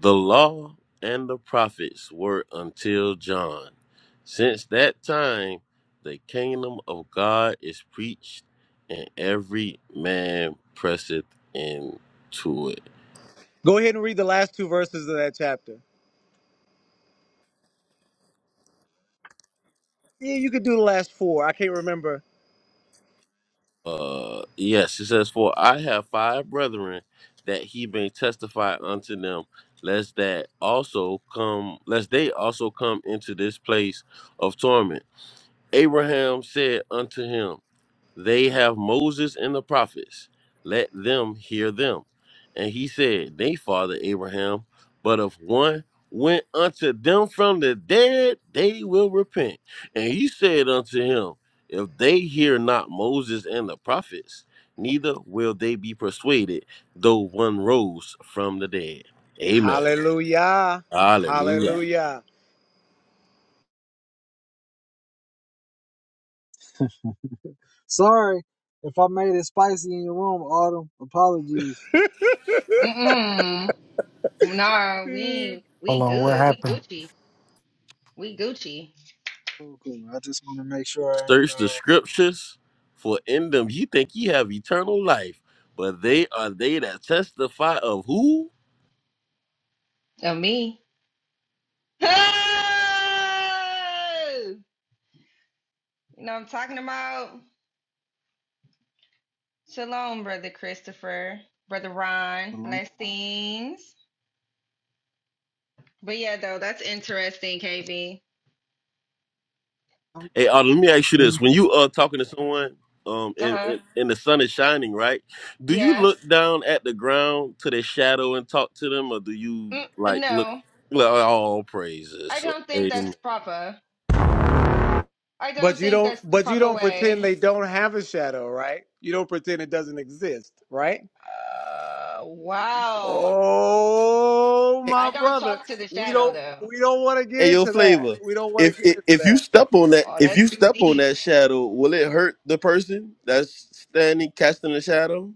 The law and the prophets were until John. Since that time, the kingdom of God is preached, and every man presseth into it.
Go ahead and read the last two verses of that chapter. Yeah, you could do the last four. I can't remember.
Uh, yes, it says, For I have five brethren that he may testify unto them, lest that also come, lest they also come into this place of torment. Abraham said unto him, they have Moses and the prophets. Let them hear them. And he said, They father Abraham, but if one went unto them from the dead, they will repent. And he said unto him, If they hear not Moses and the prophets, neither will they be persuaded, though one rose from the dead. Amen.
Hallelujah.
Hallelujah.
Hallelujah.
Sorry if I made it spicy in your room, Autumn. Apologies.
Mm-mm. Nah, we ain't-
Hold
we
on, what
good. We
happened?
Gucci. We Gucci.
Cool, cool. I just want to make sure I ain't
Search the
uh.
scriptures, for in them ye think ye have eternal life, but they are they that testify of who?
Of me. Oh! you know what I'm talking about? Shalom, brother Christopher, brother Ron,
Shalom.
blessings. But yeah, though that's interesting, KB.
Hey, uh, let me ask you this: When you are talking to someone, um,
Uh
and,
huh.
and and the sun is shining, right? Do you
Yeah.
look down at the ground to their shadow and talk to them, or do you
Mm,
like look?
no,
Well, all
I
praises,
don't think
amen.
that's proper. I
But
don't
you
think
don't
that's the
but you
proper
don't pretend
way.
they don't have a shadow, right? You don't pretend it doesn't exist, right?
Uh, wow.
Oh,
Hey,
I
my
don't
brother.
talk to the
We
shadow
don't
though.
we don't want to get
hey, your
into that.
flavor.
We don't want to
If,
get
if
into
if you
that.
step on that,
Oh,
if
that's
you
too
step
deep.
on that shadow, will it hurt the person that's standing casting the shadow?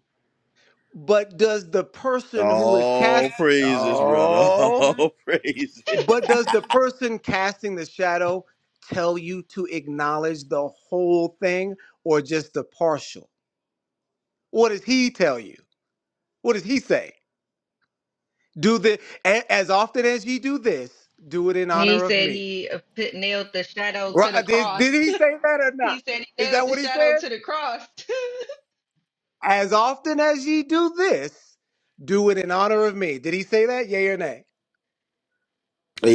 But does the person who is
All
cast
praises, brother.
Oh,
All praises.
but does the person casting the shadow tell you to acknowledge the whole thing or just the partial? What does he tell you? What does he say? Do the a- as often as ye do this, do it in
He
honor of
said
me.
he uh, put, nailed the shadow to the
Right? Did, did
cross.
he say that or not?
he said he
Is
nailed
that
the
what he
shadow
said?
to the cross.
As often as ye do this, do it in honor of me. Did he say that? Yea or nay?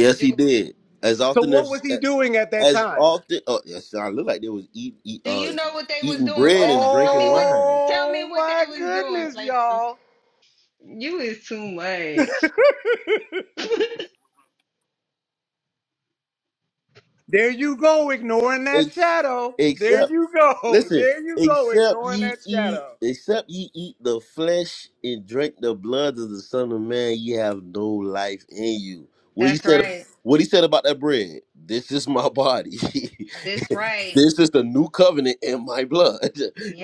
do
he did. As
So
often
what
as
was he doing at that
as
time?
often. Oh, yes, I look like they was eat, eat
Do
uh
you know what they was
eating
doing,
bread
Flavor?
and
Tell
drinking
me what
wine.
Tell me
Oh
what they
my
was doing,
goodness,
Flavor.
y'all.
You is too much.
There you go, ignoring that
Ex-
shadow. There
except
you go.
Listen,
There you go,
except
ignoring
ye
that
eat,
shadow.
except ye eat the flesh and drink the blood of the Son of Man, ye have no life in you. What he
That's
said,
right.
what he said about that bread. This is my body.
That's right.
this is the new covenant in my blood.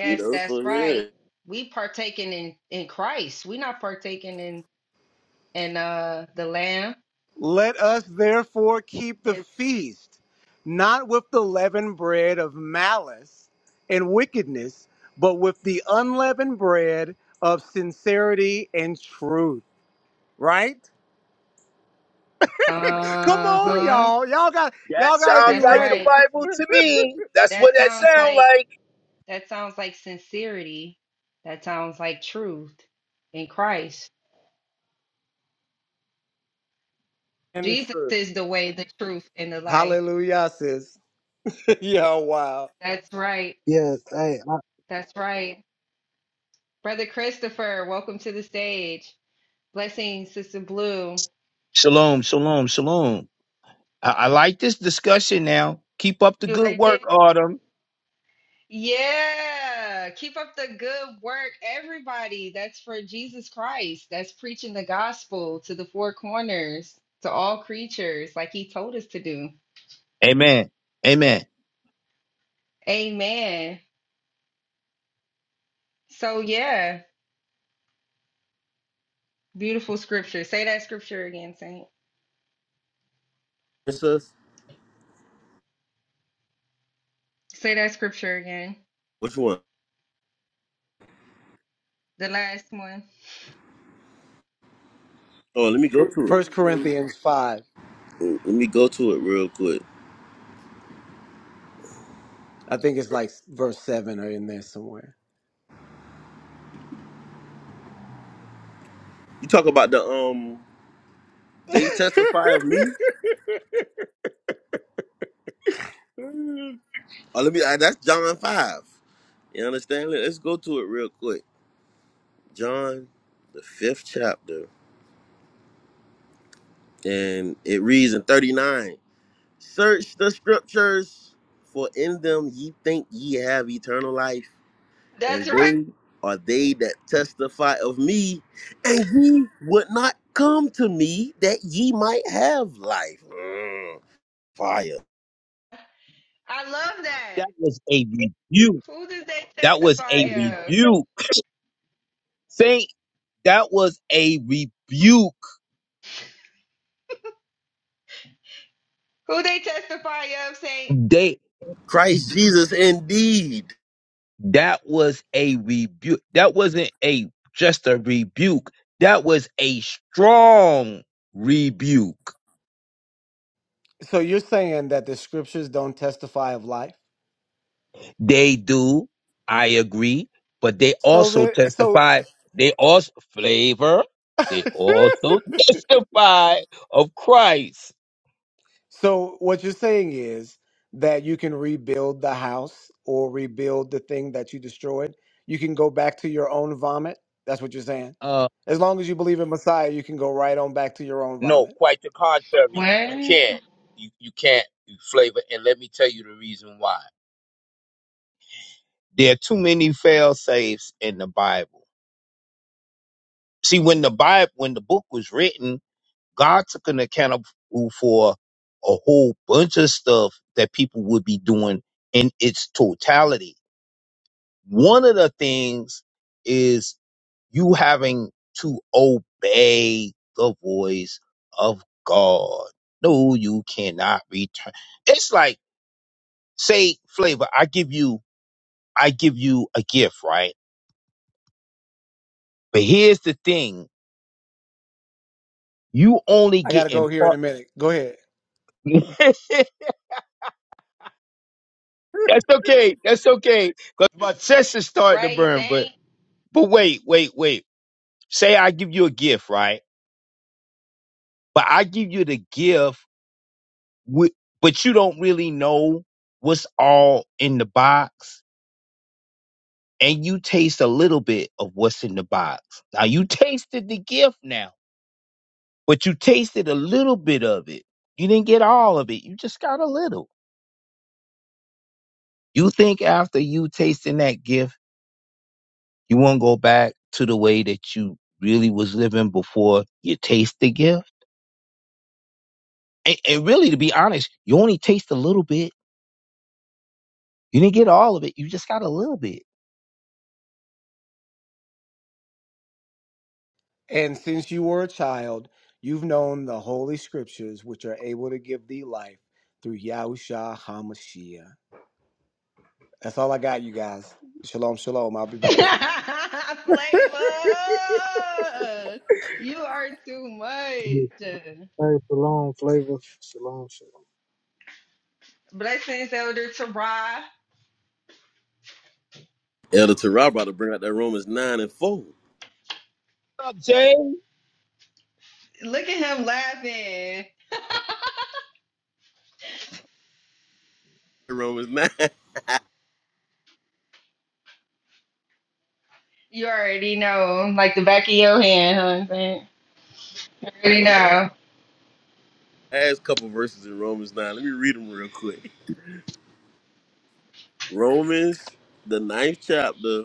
You know, so
that's
yeah.
right. We partaking in in Christ. We not partaking in in uh the Lamb.
Let us therefore keep the feast, not with the leavened bread of malice and wickedness, but with the unleavened bread of sincerity and truth. Right? Come
Uh
on,
huh.
y'all. Y'all got
That
y'all gotta be
sounds
That's
like the
ready.
right.
Bible to me. That's what
That
that
sounds
sounds
like.
like.
That sounds like sincerity. That sounds like truth in Christ.
And it's
Jesus
true.
is the way, the truth, and the life.
Hallelujah, sis. yeah, wow.
That's right.
Yeah. Hey. I,
That's right. Brother Christopher, welcome to the stage. Blessings, Sister Blue.
Shalom, shalom, shalom. I, I like this discussion now. Keep up the
You
good
like
work,
it?
Autumn.
Yeah. Keep up the good work, everybody. That's for Jesus Christ. That's preaching the gospel to the four corners, to all creatures, like he told us to do.
Amen. Amen.
Amen. So, yeah. Beautiful scripture. Say that scripture again, Saint.
It's us.
Say that scripture again.
Which one?
The last one.
Oh, let me go to
First
it.
Corinthians five.
Let me go to it real quick.
I think it's like verse seven or in there somewhere.
You talk about the um, they testify of me. Oh, let me. uh, That's John five. You understand? Let- Let's go to it real quick. John, the fifth chapter, and it reads in 39 Search the scriptures, for in them ye think ye have eternal life, and
That's right.
they are they that testify of me, and ye would not come to me that ye might have life. Mm, fire.
I love that.
That was a rebuke.
Who does they
That was
testify
a
of?
rebuke. Saint, that was a rebuke.
Who they testify of, Saint?
They
Christ Jesus, indeed.
that was a rebuke. That wasn't a just a rebuke. That was a strong rebuke.
so you're saying that the scriptures don't testify of life?
They do. I agree. But they
So
also
there, so
testify. They also flavor. They also testify of Christ.
so what you're saying is that you can rebuild the house or rebuild the thing that you destroyed. You can go back to your own vomit. That's what you're saying.
Uh,
As long as you believe in Messiah, you can go right on back to your own
no,
vomit.
quite the contrary. You can't.
What?
You you can't flavor. And let me tell you the reason why. There are too many fail safes in the Bible. See, when the Bible, when the book was written, God took an account of- for a whole bunch of stuff that people would be doing in its totality One of the things is you having to obey the voice of God. No, you cannot return. It's like, say, flavor, I give you, I give you a gift, right? But here's the thing. You only
I gotta
get in
go here in
part.
a minute. Go ahead.
That's okay. That's okay. Cause my chest is starting to
Right,
burn, but,
Saint.
but wait, wait, wait. Say I give you a gift, right? But I give you the gift wi- but you don't really know what's all in the box and you taste a little bit of what's in the box now you tasted the gift now but you tasted a little bit of it you didn't get all of it you just got a little you think after you tasting that gift you won't go back to the way that you really was living before you taste the gift and, and really to be honest you only taste a little bit you didn't get all of it you just got a little bit
And since you were a child, you've known the holy scriptures, which are able to give thee life through Yahusha HaMashiach. That's all I got, you guys. Shalom, shalom. I'll be back.
Flavor. You are too
hey.
much.
Shalom. Flavor. Shalom. Shalom.
Blessings, Elder Tara.
Elder Terrell about to bring out that Romans 9 and 4.
What's up jay
Look at him laughing.
Romans 9.
You already know, like the back of your hand, huh? Saint? You already know.
Last couple verses in Romans 9. Let me read them real quick. Romans, the ninth chapter,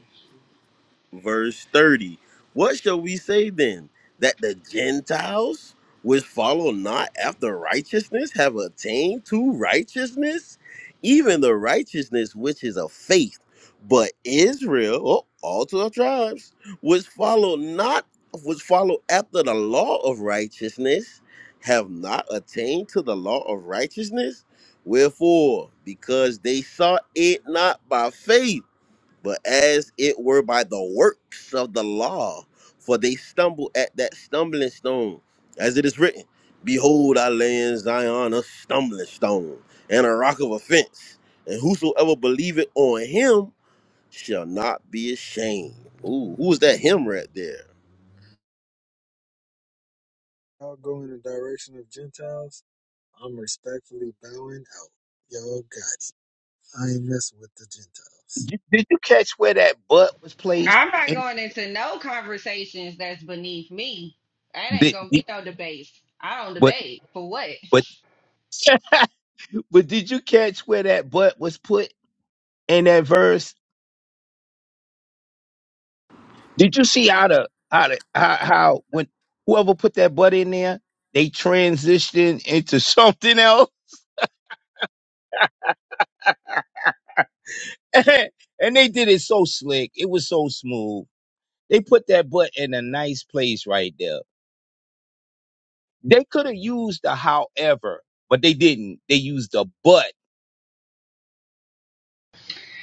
verse 30. What shall we say then? That the Gentiles, which follow not after righteousness, have attained to righteousness? Even the righteousness which is of faith. But Israel, oh, all 12 tribes, which follow not, which follow after the law of righteousness, have not attained to the law of righteousness? Wherefore, because they sought it not by faith but as it were by the works of the law, for they stumble at that stumbling stone, as it is written, Behold, I lay in Zion a stumbling stone and a rock of offense, and whosoever believeth on him shall not be ashamed. Ooh, who's that him right there?
Y'all go in the direction of Gentiles. I'm respectfully bowing out. Y'all got. it. I ain't messing with the Gentiles.
Did you, did you catch where that butt was placed?
I'm not
And
going into no conversations that's beneath me. That ain't
did,
gonna be
did-
no debates. I don't
but
debate for what.
but but did you catch where that butt was put in that verse? Did you see how the how the, how, how when whoever put that butt in there, they transitioned into something else, and they did it so slick. It was so smooth. They put that butt in a nice place right there. They could have used the however, but they didn't. They used the butt.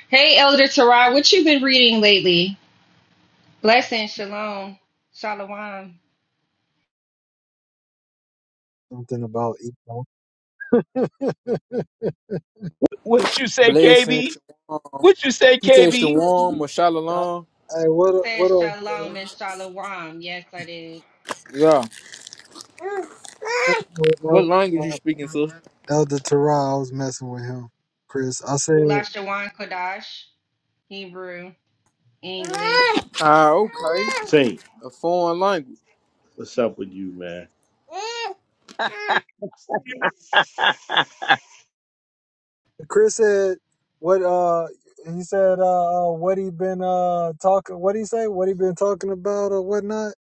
Hey, Elder Tarot, what you been reading lately? Blessing, shalom, shalom.
Something about equal.
What you say,
Blessing.
KB? What you say,
She said
KB?
Shalom or
I,
Shalom.
hey, what what
Says
else? bro?
shalom and shalom. Yes, I did.
Yeah.
Messing with
What
Elder
language you
Terrell.
speaking, sister?
Elder Terrell, I was messing with him. Chris, I said.
Lashawan Kodash, Hebrew, English.
Ah, okay.
Saint,
A foreign language.
what's up with you, man?
Chris said what? Uh, he said uh, uh, what he been uh talking? What he say? What he been talking about or whatnot?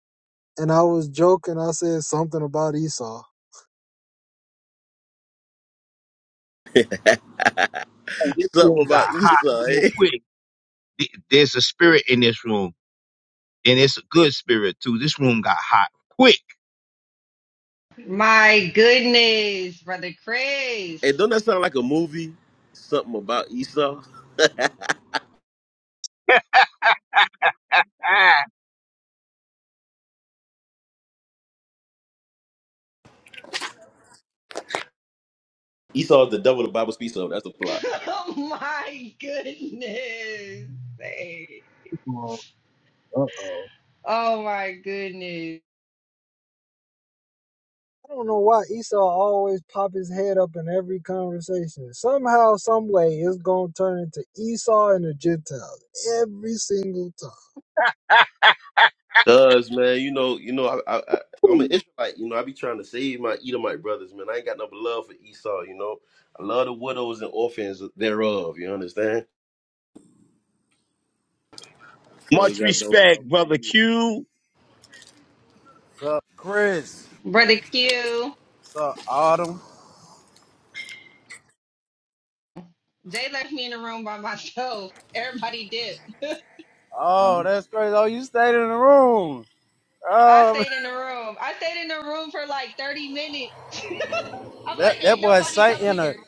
And I was joking. I said something about Esau.
Oh, this room
Something
got
about
hot
Esau,
real
eh?
quick. Th- There's a spirit in this room, and it's a good spirit too. This room got hot quick.
My goodness, brother
Hey,
Chris.
don't that sound like a movie? Something about Esau? Esau is the devil the Bible speaks of. That's the plot.
oh my goodness. Hey.
Uh oh.
Oh my goodness.
I don't know why Esau always pop his head up in every conversation. Somehow, some way, it's gonna turn into Esau and the Gentiles every single time.
Cause man, you know, you know, I, I, I I'm an Israelite. You know, I be trying to save my Edomite brothers, man. I ain't got no love for Esau. You know, I love the widows and orphans thereof. You understand?
Make sure they
Much
got no love
respect,
for
brother
you.
Q.
What's up, Chris?
Brother Q,
What's up, Autumn?
they left me in the room by myself. Everybody did.
Huh?
Oh,
Come
that's crazy. Oh, you stayed in the room.
I
Oh, man.
stayed in the room. I stayed in the room for like 30 minutes. I'm like,
that that
ain't
boy
nobody
Saint
coming
in a
here.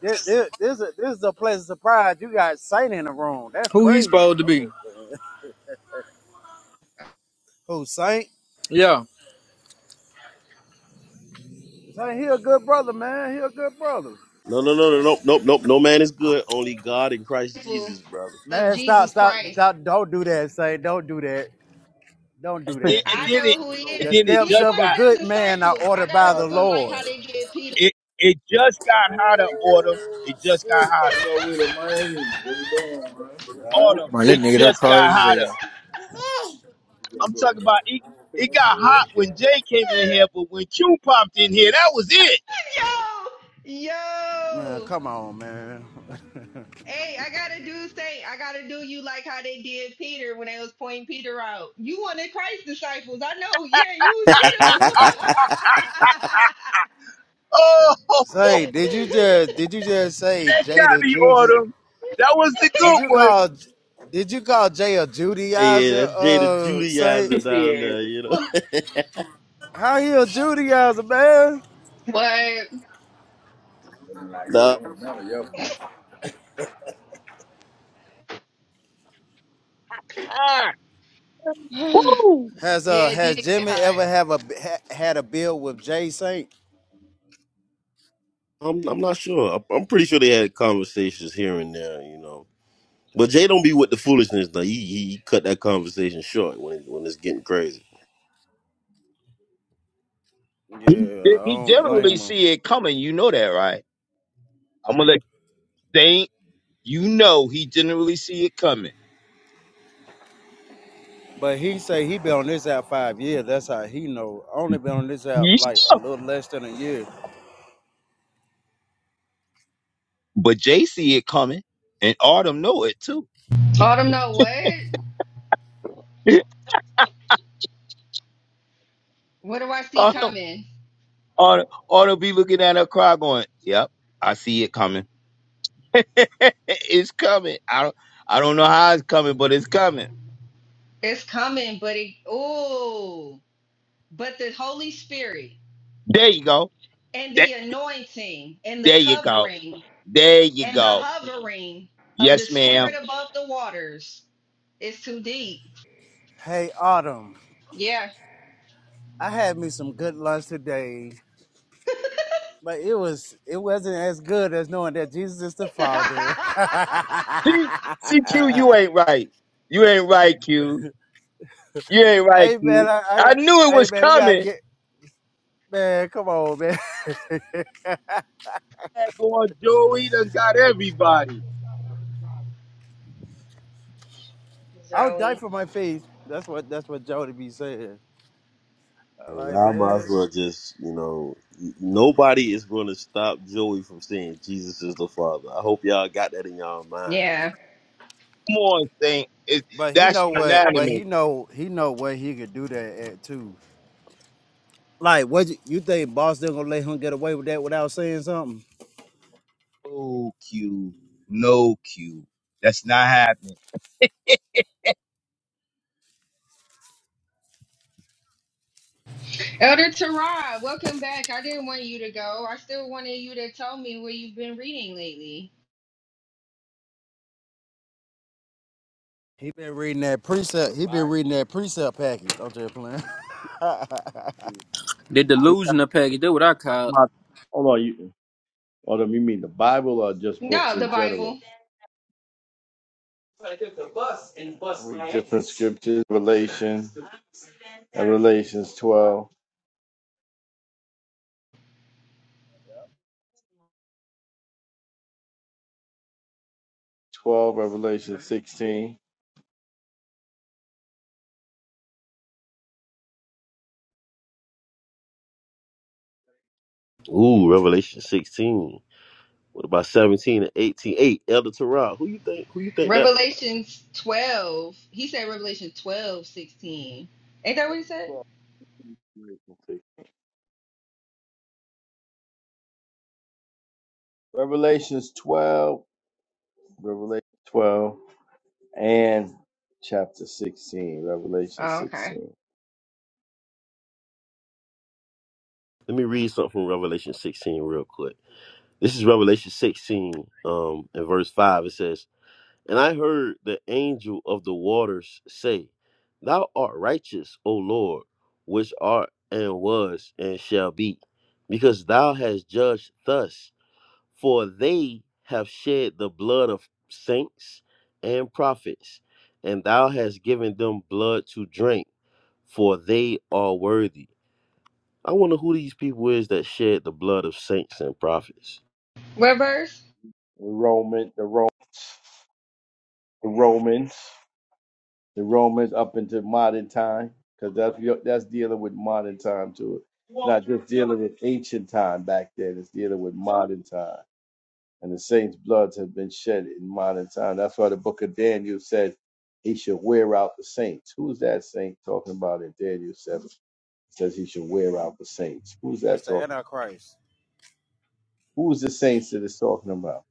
this this this, a, this is a pleasant surprise. You got Saint in the room. That's
Who he supposed
crazy.
to
I'm
be?
just playing. who Saint?
Yeah.
Saint, he a good brother, man. He a good brother.
No, no, no, no, no, no, no. No man is good. Only God in Christ
Disciple
Jesus, brother.
Of
Man, stop,
Jesus
stop,
Christ.
stop! Don't do that, Saint. Don't do that. Don't
And
do
then,
that.
and
I
This,
then it,
know who he
and
the
is.
then it
steps
He
just
of
one
a
of
got
them
good man are
disciples. I
ordered
gotta
by the
do him like how
Lord.
they did Peter.
it. It just got hotter, autumn. It just got hotter,
Man, what you doing, man?
autumn.
Alright. Man, that
It
nigga, that
just got
crazy as
hotter. I'm talking about it. It got hot when Jay came in here, but when Q popped in here, that was it.
yo,
Man,
yo.
come on, man.
Hey, I gotta do say I gotta do you like how they did Peter when they was pointing Peter out. You wanted Christ disciples. I know. Yeah, you was with
oh,
Say, did you just did you
him.
just say Jay
got
the
me,
Juju?
Autumn. That was the
Did
good
you
one.
call did you call Jay a
Hey, yeah,
Judaizer?
that's Jada
Uh, say
Judaizer down
hell.
there. You know,
how he a Judaizer, man?
what?
nah,
Ah, woo.
Has
yeah,
uh
it
has
did get
Jimmy
hot.
ever have a ha, had a bill with Jay Saint?
I'm I'm not sure. I'm, I'm pretty sure they had conversations here and there. You know, but Jay don't be with the foolishness. Though he he he cut that conversation short when it, when it's getting crazy.
He,
Yeah, I
he
don't
didn't
blame
really
him.
see it coming. You know that, right? I'm gonna let you think. You know he didn't really see it coming.
But he say he been on this app five years. That's how he know. I Only been on this app
Yeah.
like a little less than a year.
But Jay see it coming, and Autumn know it too.
Autumn, no what? What do I see
Autumn,
coming?
Autumn, Autumn be looking at her cry, going, "Yep, I see it coming. it's coming. I don't, I don't know how it's coming, but it's coming.
It's coming, but it oh, but the Holy Spirit
There you go.
and
That,
the anointing and the
there you go.
covering
There you
And the
go.
hovering of the
Yes, ma'am.
spirit above the waters is too deep.
Hey Autumn,
Yeah.
I had me some good lunch today. But it was it wasn't as good as knowing that Jesus is the Father. hey
See, see, Q, you ain't right. You ain't right, Q. You ain't right,
man,
Q.
I, I
I knew it
hey
was
man, we gotta
coming.
get man, come on, man.
That Going, Joey done got everybody.
I'll die
Zoe.
for my faith. That's what that's what Jody be saying. I
And
like
y'all might
man.
as well just, you know, nobody is going to stop Joey from saying Jesus is the Father. I hope y'all got that in y'all mind.
yeah.
Come on, Saint. It,
But he
that's
know what but
unanimous.
he know he know what he could do that at too. Like what you, you think boss they gonna let him get away with that without saying something?
No Q. No, Q. That's not happening.
Elder Tara, welcome back. I didn't want you to go. I still wanted you to tell me what you've been reading lately.
He been reading that precept he been reading that precept package. I'm just playing.
The delusional package. That what I call. it.
on. Hold on, you. Hold on, you mean the Bible or just books
No,
in
the Bible.
general? Read different scriptures, Revelation, Revelations twelve, twelve, Revelation 16.
Ooh, Revelation 16. What about 17 and 18? 8, Elder Terrell, who you think, who you think that?
Revelations 12. He said Revelation 12, 16. Ain't that what he said?
Revelations 12, Revelation 12, and chapter 16, Revelation
Oh, okay.
16.
Let me read something from Revelation 16 real quick. This is Revelation 16, um, in verse 5. It says, And I heard the angel of the waters say, Thou art righteous, O Lord, which art and was and shall be, because thou hast judged thus. For they have shed the blood of saints and prophets, and thou hast given them blood to drink, for they are worthy. I wonder who these people is that shed the blood of saints and prophets,
What verse?
The Roman, the Roman, the Romans. the Romans up into modern time, because that's that's dealing with modern time too. Not just dealing with ancient time back then. It's dealing with modern time, and the saints' bloods have been shed in modern time. That's why the Book of Daniel said he should wear out the saints. Who's that saint talking about in Daniel seven? It says he should wear out the saints. Who's
that's
that
the
talking?
Antichrist.
Who's the saints that it's talking about?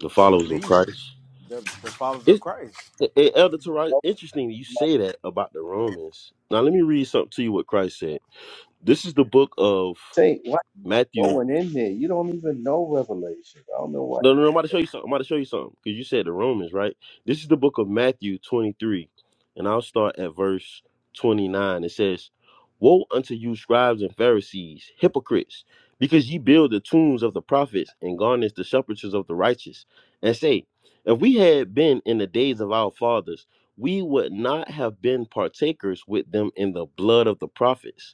the
the
followers of Christ.
believers, the, the followers
It,
of Christ.
Eh, eh, Elder Tarot, interesting you say that about the Romans. Now, let me read something to you what Christ said. This is the book of
Saint, what
Matthew
going in there? You don't even know Revelation. I don't know why.
No, no, no. I'm about to show you something. I'm about to show you something because you said the Romans, right? This is the book of Matthew 23, and I'll start at verse 29. It says, Woe unto you, scribes and Pharisees, hypocrites, because ye build the tombs of the prophets and garnish the sepulchres of the righteous, and say, If we had been in the days of our fathers, we would not have been partakers with them in the blood of the prophets.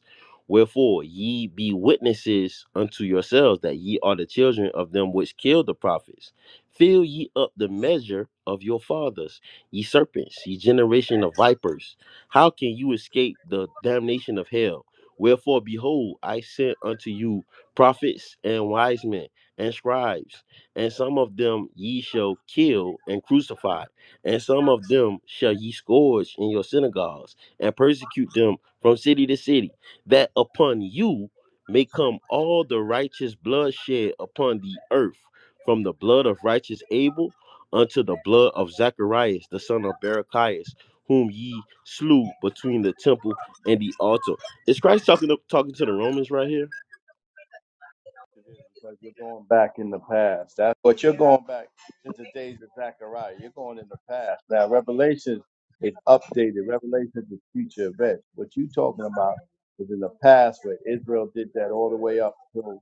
Wherefore ye be witnesses unto yourselves that ye are the children of them which killed the prophets. Fill ye up the measure of your fathers, ye serpents, ye generation of vipers. How can you escape the damnation of hell? Wherefore, behold, I sent unto you prophets and wise men and scribes, and some of them ye shall kill and crucify, and some of them shall ye scourge in your synagogues, and persecute them from city to city that upon you may come all the righteous blood shed upon the earth, from the blood of righteous Abel unto the blood of Zacharias, the son of Barachias, whom ye slew between the temple and the altar. Is Christ talking to, talking to the Romans right here?
It is because you're going back in the past. That's what you're going back to the days of Zechariah. You're going in the past. Now, Revelation is updated. Revelation is the future event. What you are talking about is in the past where Israel did that all the way up till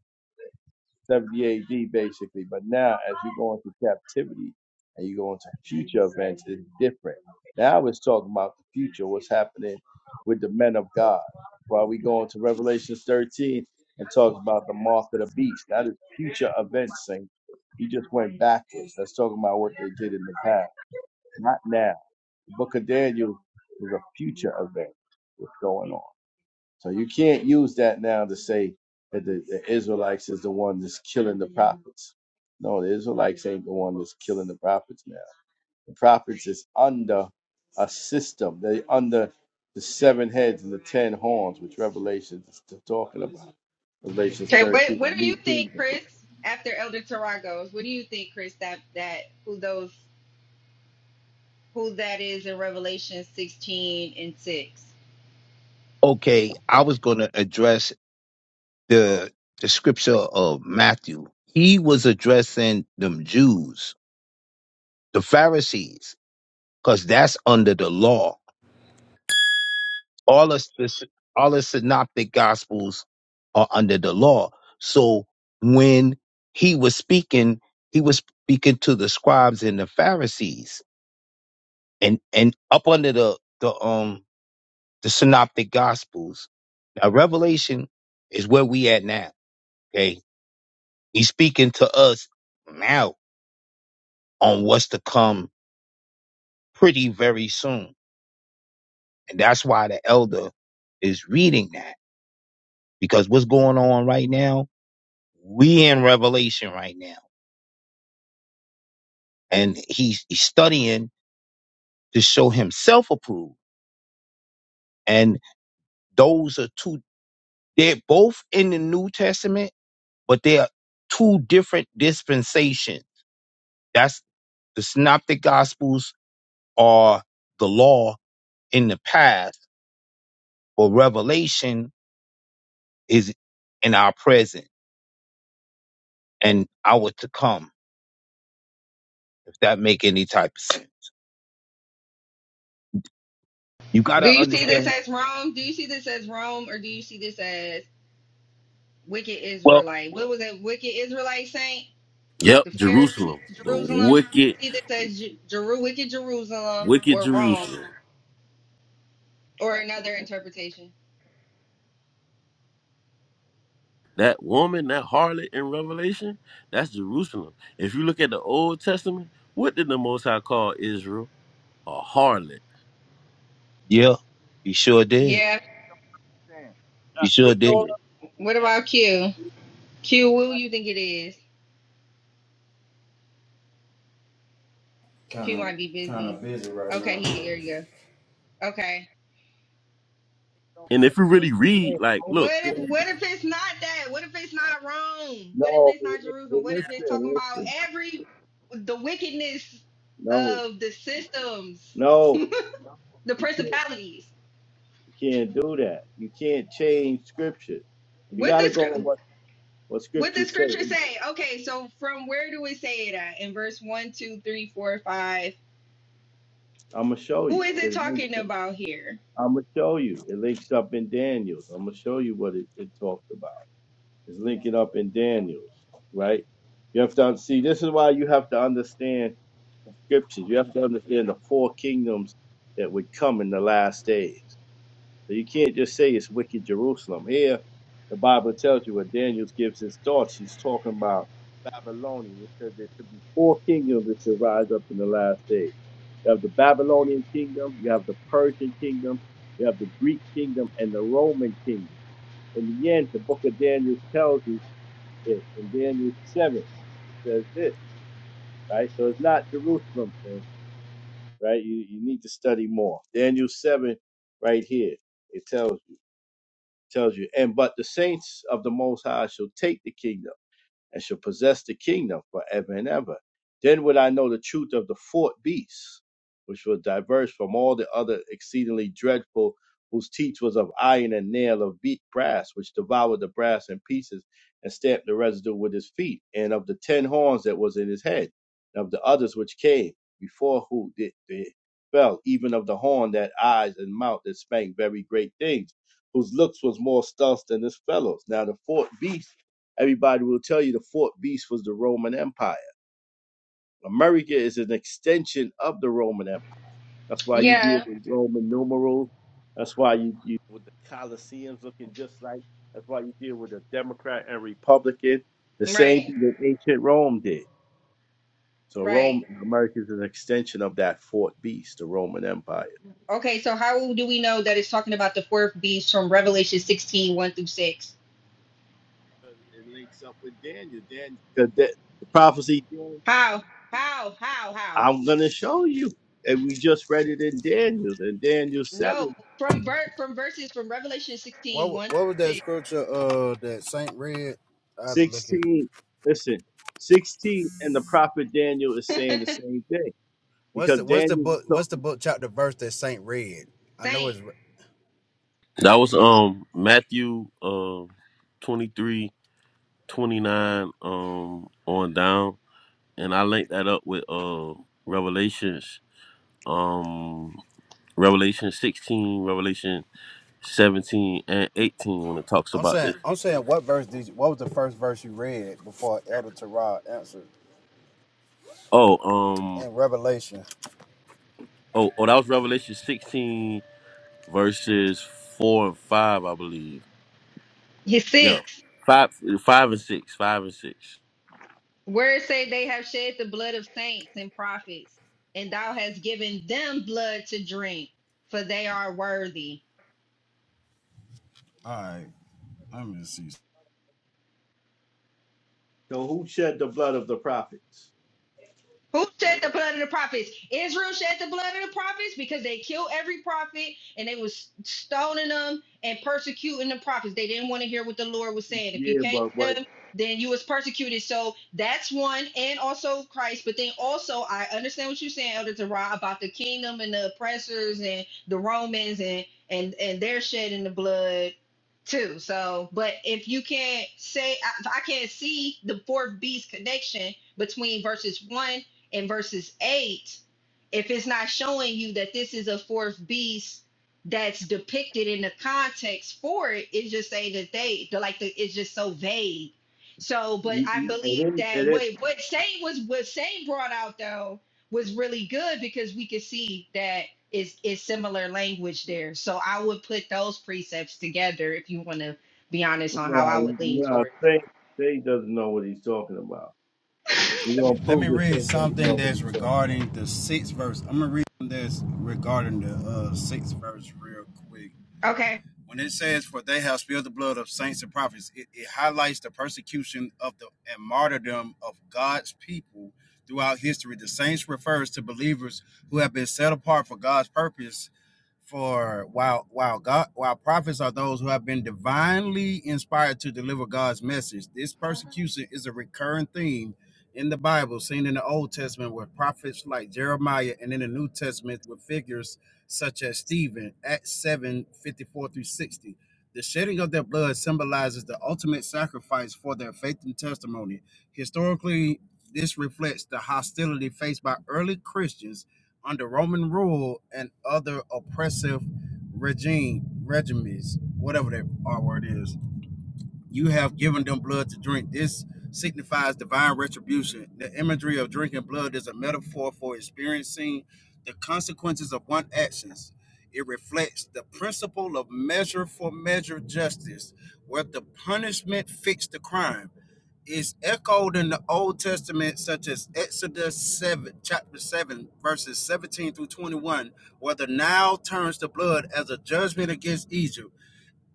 70 AD basically. But now, as you go into captivity and you go into future events, it's different. Now it's talking about the future, what's happening with the men of God. While we go into Revelation 13 and talk about the mark of the beast, that is future events. Saying you just went backwards. That's talking about what they did in the past, not now. The book of Daniel was a future event. What's going on? So you can't use that now to say that the, the Israelites is the one that's killing the prophets. No, the Israelites ain't the one that's killing the prophets now. The prophets is under a system. They under the seven heads and the ten horns, which Revelation is t- talking about. Revelation
Okay,
13,
what
the
what do
new
you think,
kingdom.
Chris? After Elder Torah goes, what do you think, Chris? That that who those who that is in Revelation sixteen and six?
Okay, I was going to address the the scripture of Matthew. He was addressing them Jews, the Pharisees, because that's under the law. all us all the synoptic gospels are under the law so when he was speaking he was speaking to the scribes and the pharisees and and up under the the um the synoptic gospels now revelation is where we at now okay he's speaking to us now on what's to come pretty very soon and that's why the elder is reading that because what's going on right now We in Revelation right now, and he's, he's studying to show himself approved. And those are two. They're both in the New Testament, but they are two different dispensations. That's the Synoptic Gospels are the law in the past, but Revelation is in our present and our to come. If that make any type of sense, you
Do
gotta
you see this
understand.
as Rome? Do you see this as Rome, or do you see this as wicked
Well,
Israelite? What was that wicked Israelite saint?
Yep,
The Pharisees,
Jerusalem, the
Jerusalem.
wicked,
Do you see this as Ju- Jeru, wicked Jerusalem,
wicked
or Rome,
Jerusalem.
or another interpretation?
That woman, that harlot in Revelation, that's Jerusalem. If you look at the Old Testament, what did the Most High call Israel? A harlot.
yeah, he sure did.
Yeah.
He
Now
sure
Satan,
did.
don't-
What
that's
about Q?
the-
Q, who you think it is?
Kind
Q
of,
might be
kind
busy.
of busy right
Okay,
now.
he there you go. Okay.
And if you really read,
that's
like, look,
What if
the-
what if it's not that? What if it's not Rome? What if
no,
it's not Jerusalem? What
listen,
if it's talking about
listen.
every the wickedness
No,
of the systems,
no.
the principalities?
Can't do that. You can't change scripture. You
What
got
the
to go
scr-
on what what
what the
scriptures say.
scripture say? Okay, so from where do we say it at? In verse one, two, three, four, five.
I'm gonna show
Who
you.
is it
It links.
talking about here?
I'm gonna show you. It links up in Daniel's. I'm gonna show you what it, it talked about. It's linking up in Daniel's, right? You have to un- see. This is why you have to understand scriptures. You have to understand the four kingdoms that would come in the last days. So you can't just say it's wicked Jerusalem. Here, the Bible tells you when Daniel gives his thoughts, he's talking about Babylonian. It says there should be four kingdoms that should rise up in the last days. You have the Babylonian kingdom, you have the Persian kingdom, you have the Greek kingdom, and the Roman kingdom. In the end, the book of Daniel tells you it. In Daniel 7, it says this, right? So it's not Jerusalem thing, right? You, you need to study more. Daniel 7, right here, it tells you. tells you, and but the saints of the Most High shall take the kingdom and shall possess the kingdom forever and ever. Then would I know the truth of the fourth beast, which was diverse from all the other exceedingly dreadful, whose teeth was of iron and nail of beat brass, which devoured the brass in pieces and stamped the residue with his feet, and of the ten horns that was in his head, and of the others which came before who did they fell, even of the horn that eyes and mouth that spake very great things, whose looks was more stealth than his fellows. Now the fourth beast Everybody will tell you the fourth beast was the Roman Empire. America is an extension of the Roman Empire. That's why you deal
Yeah.
with Roman numerals. That's why you, deal with the Colosseums looking just like. That's why you deal with a Democrat and Republican. The same
Right.
thing that ancient Rome did. So
Right.
Rome, America is an extension of that fourth beast, the Roman Empire.
Okay, so how do we know that it's talking about the fourth beast from Revelation sixteen one through 6?
It links up with Daniel. Daniel, the, the, the prophecy.
How? How? How? How?
I'm gonna show you, and we just read it in Daniel, in Daniel
No,
seven.
from ver- from verses from Revelation
What
sixteen one
what was that
1
scripture uh that Saint read? I had to look at
16 listen 16 and the prophet daniel is
through
saying the
6.
same thing
what's
because
the what's the
daniel was
book
told
what's the book chapter verse that Saint read? I know
Saint.
it's
that was um Matthew um 23, um on down, and I linked that up with uh Revelations um Revelation sixteen, Revelation seventeen and eighteen when it talks
I'm
about
saying
this.
I'm saying what verse did you, what was the first verse you read before Elder Terah answered
Oh um
in Revelation?
oh oh that was Revelation sixteen verses four and five, I believe.
His
Yeah,
six.
five five and six, five and six.
Words say they have shed the blood of saints and prophets, and thou hast given them blood to drink, for they are worthy.
All right, let me see.
so who shed the blood of the prophets
Who shed the blood of the prophets? Israel shed the blood of the prophets because they killed every prophet and they was stoning them and persecuting the prophets. They didn't want to hear what the Lord was saying. If you
yeah
came
but but
to them, then you was persecuted. So that's one, and also Christ. But then also, I understand what you're saying, Elder Tarah, about the kingdom and the oppressors and the Romans and and and they're shedding the blood too. So, but if you can't say, I, I can't see the fourth beast connection between verses one in verses 8 if it's not showing you that this is a fourth beast that's depicted in the context for it it's just saying that they the, like the, it's just so vague so but
you-
i
you- and
believe
then
that
and then
what what Shane was what Shane brought out though was really good because we could see that it's it's similar language there so i would put those precepts together if you want to be honest on how i
well,
would
you
lean
know
towards it
say say doesn't know what he's talking about we're
Let me
gonna
let
prove
me
that
read
Faith doesn't
something
know what he's
that's
talking about
regarding the sixth verse. I'm gonna read this regarding the uh sixth verse real quick.
okay
When it says, "For they have spilled the blood of saints and prophets," it, it highlights the persecution of the and martyrdom of God's people throughout history. The saints refers to believers who have been set apart for God's purpose. For while while God while prophets are those who have been divinely inspired to deliver God's message. This
All
persecution is a recurring theme in the Bible, seen in the Old Testament with prophets like Jeremiah, and in the New Testament with figures such as Stephen, Acts 7 54 through 60. The shedding of their blood symbolizes the ultimate sacrifice for their faith and testimony. Historically, this reflects the hostility faced by early Christians under Roman rule and other oppressive regime regimes, whatever that R word is. You have given them blood to drink. This signifies divine retribution. The imagery of drinking blood is a metaphor for experiencing the consequences of one's actions. It reflects the principle of measure for measure justice, where the punishment fits the crime. It's echoed in the Old Testament, such as Exodus 7, chapter 7, verses 17 through 21, where the Nile turns to blood as a judgment against Egypt.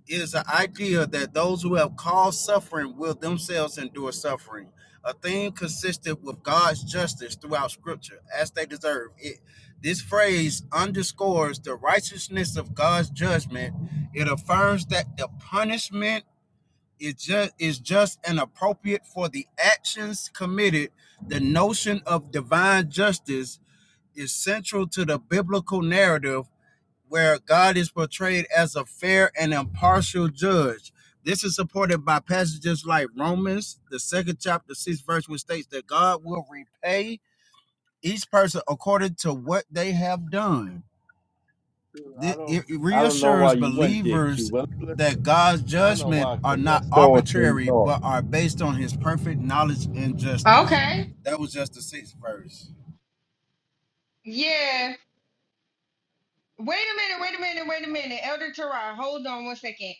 It is the idea that those who have caused suffering will themselves endure suffering, a theme consistent with God's justice throughout Scripture, as they deserve. It, this phrase underscores the righteousness of God's judgment. It affirms that the punishment is just is just and appropriate for the actions committed. The notion of divine justice is central to the biblical narrative where God is portrayed as a fair and impartial judge. This is supported by passages like Romans, the second chapter, six verse, which states that God will repay each person according to what they have done.
Dude, i don't
It it
i don't know why
reassures
you went there q
believers
well
that
listen
God's
i don't know
judgment
why
are
because
not
that's throwing things
arbitrary,
off
but are based on His perfect knowledge and justice.
okay
That was just the sixth verse.
yeah Wait a minute, wait a minute, wait a minute. Elder Terrell, hold on one second.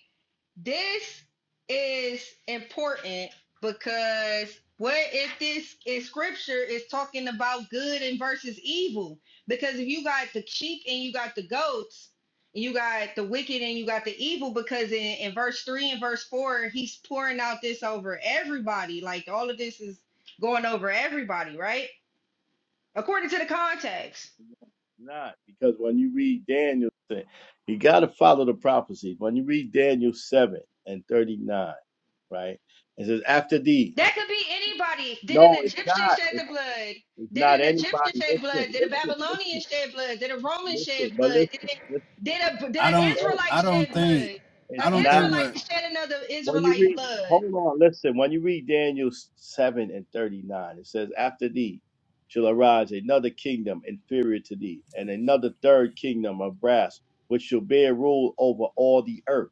This is important because what if this is scripture is talking about good and versus evil? Because if you got the sheep and you got the goats, and you got the wicked and you got the evil, because in, in verse 3 and verse 4, he's pouring out this over everybody. Like all of this is going over everybody, right? According to the context.
not because when you read Daniel, you got to follow the prophecy. When you read Daniel 7 and 39, right? It says, after thee.
That could be anybody. Did an
No, it's
Egyptian
not.
shed
It's,
the blood?
it's
Did
not
an
anybody.
Egyptian shed
Listen,
blood? Did a
listen,
Babylonian
listen,
shed blood? Did a Roman
listen,
shed
but
blood? Did
listen,
it,
listen.
did a did
I
an
don't,
No,
Israelite
I
shed
don't think,
blood? An
it's
I don't
not.
think what
Israelite shed another
When you
Israelite
read,
blood.
hold on, listen. When you read Daniel seven and thirty nine, it says, "After thee shall arise another kingdom inferior to thee, and another third kingdom of brass, which shall bear rule over all the earth."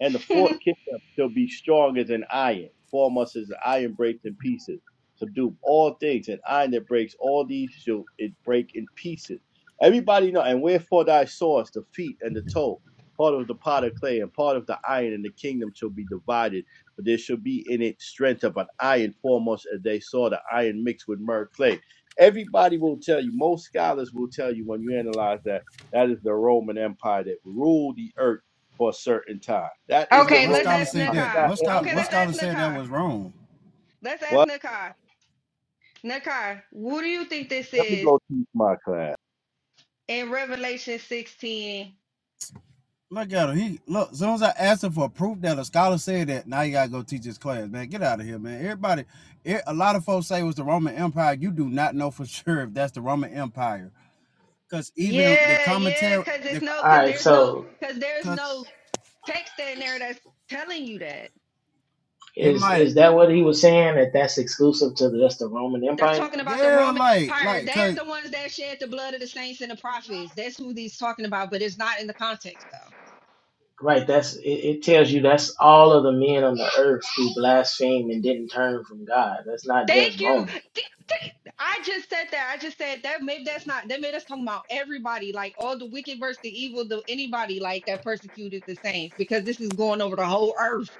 and the fourth kingdom shall be strong as an iron, form us as an iron breaks in pieces. Subdue all things, and iron that breaks all these shall it break in pieces. Everybody know, and wherefore thy source, the feet and the toe, part of the pot of clay, and part of the iron, and the kingdom shall be divided, but there shall be in it strength of an iron foremost as they saw the iron mixed with myrrh clay. Everybody will tell you, most scholars will tell you when you analyze that, that is the Roman Empire that ruled the earth for a certain time. That is
What
the
okay,
what
let's
Roman
scholar
ask
said
Empire. It's
that?
not
Nakai.
What scholar
Okay,
what
everybody.
let's ask
scholar said that
Nakai.
was wrong?
Let's ask
Well,
Nakai. Nakai, what do you think this
let me
is
go teach my class.
in Revelation 16?
Look at him. He look. As soon as I asked him for proof that a scholar said that, now you gotta go teach his class, man. Get out of here, man. Everybody, e, a lot of folks say it was the Roman Empire. You do not know for sure if that's the Roman Empire, cause even the
Yeah, yeah,
commentary,
because it's
the
no, because
right,
there's no,
so
because there's
cause
no text in there that's telling you that.
it
is
might,
is that what he was saying? That's the Roman
That's
fight,
talking about the
yeah,
Roman
like
Empire.
like
They are
cause
the ones that shed the blood of the saints and the prophets. That's who these talking about, but it's not in the context though.
right? That's it, it. Tells you that's all of the men on the earth who blasphemed and didn't turn from God. That's not just
Thank you.
Rome.
Th- th- I just said that. I just said that. Maybe that's not. That made us talking about everybody, like all the wicked versus the evil, the anybody like that persecuted the saints, because this is going over the whole earth.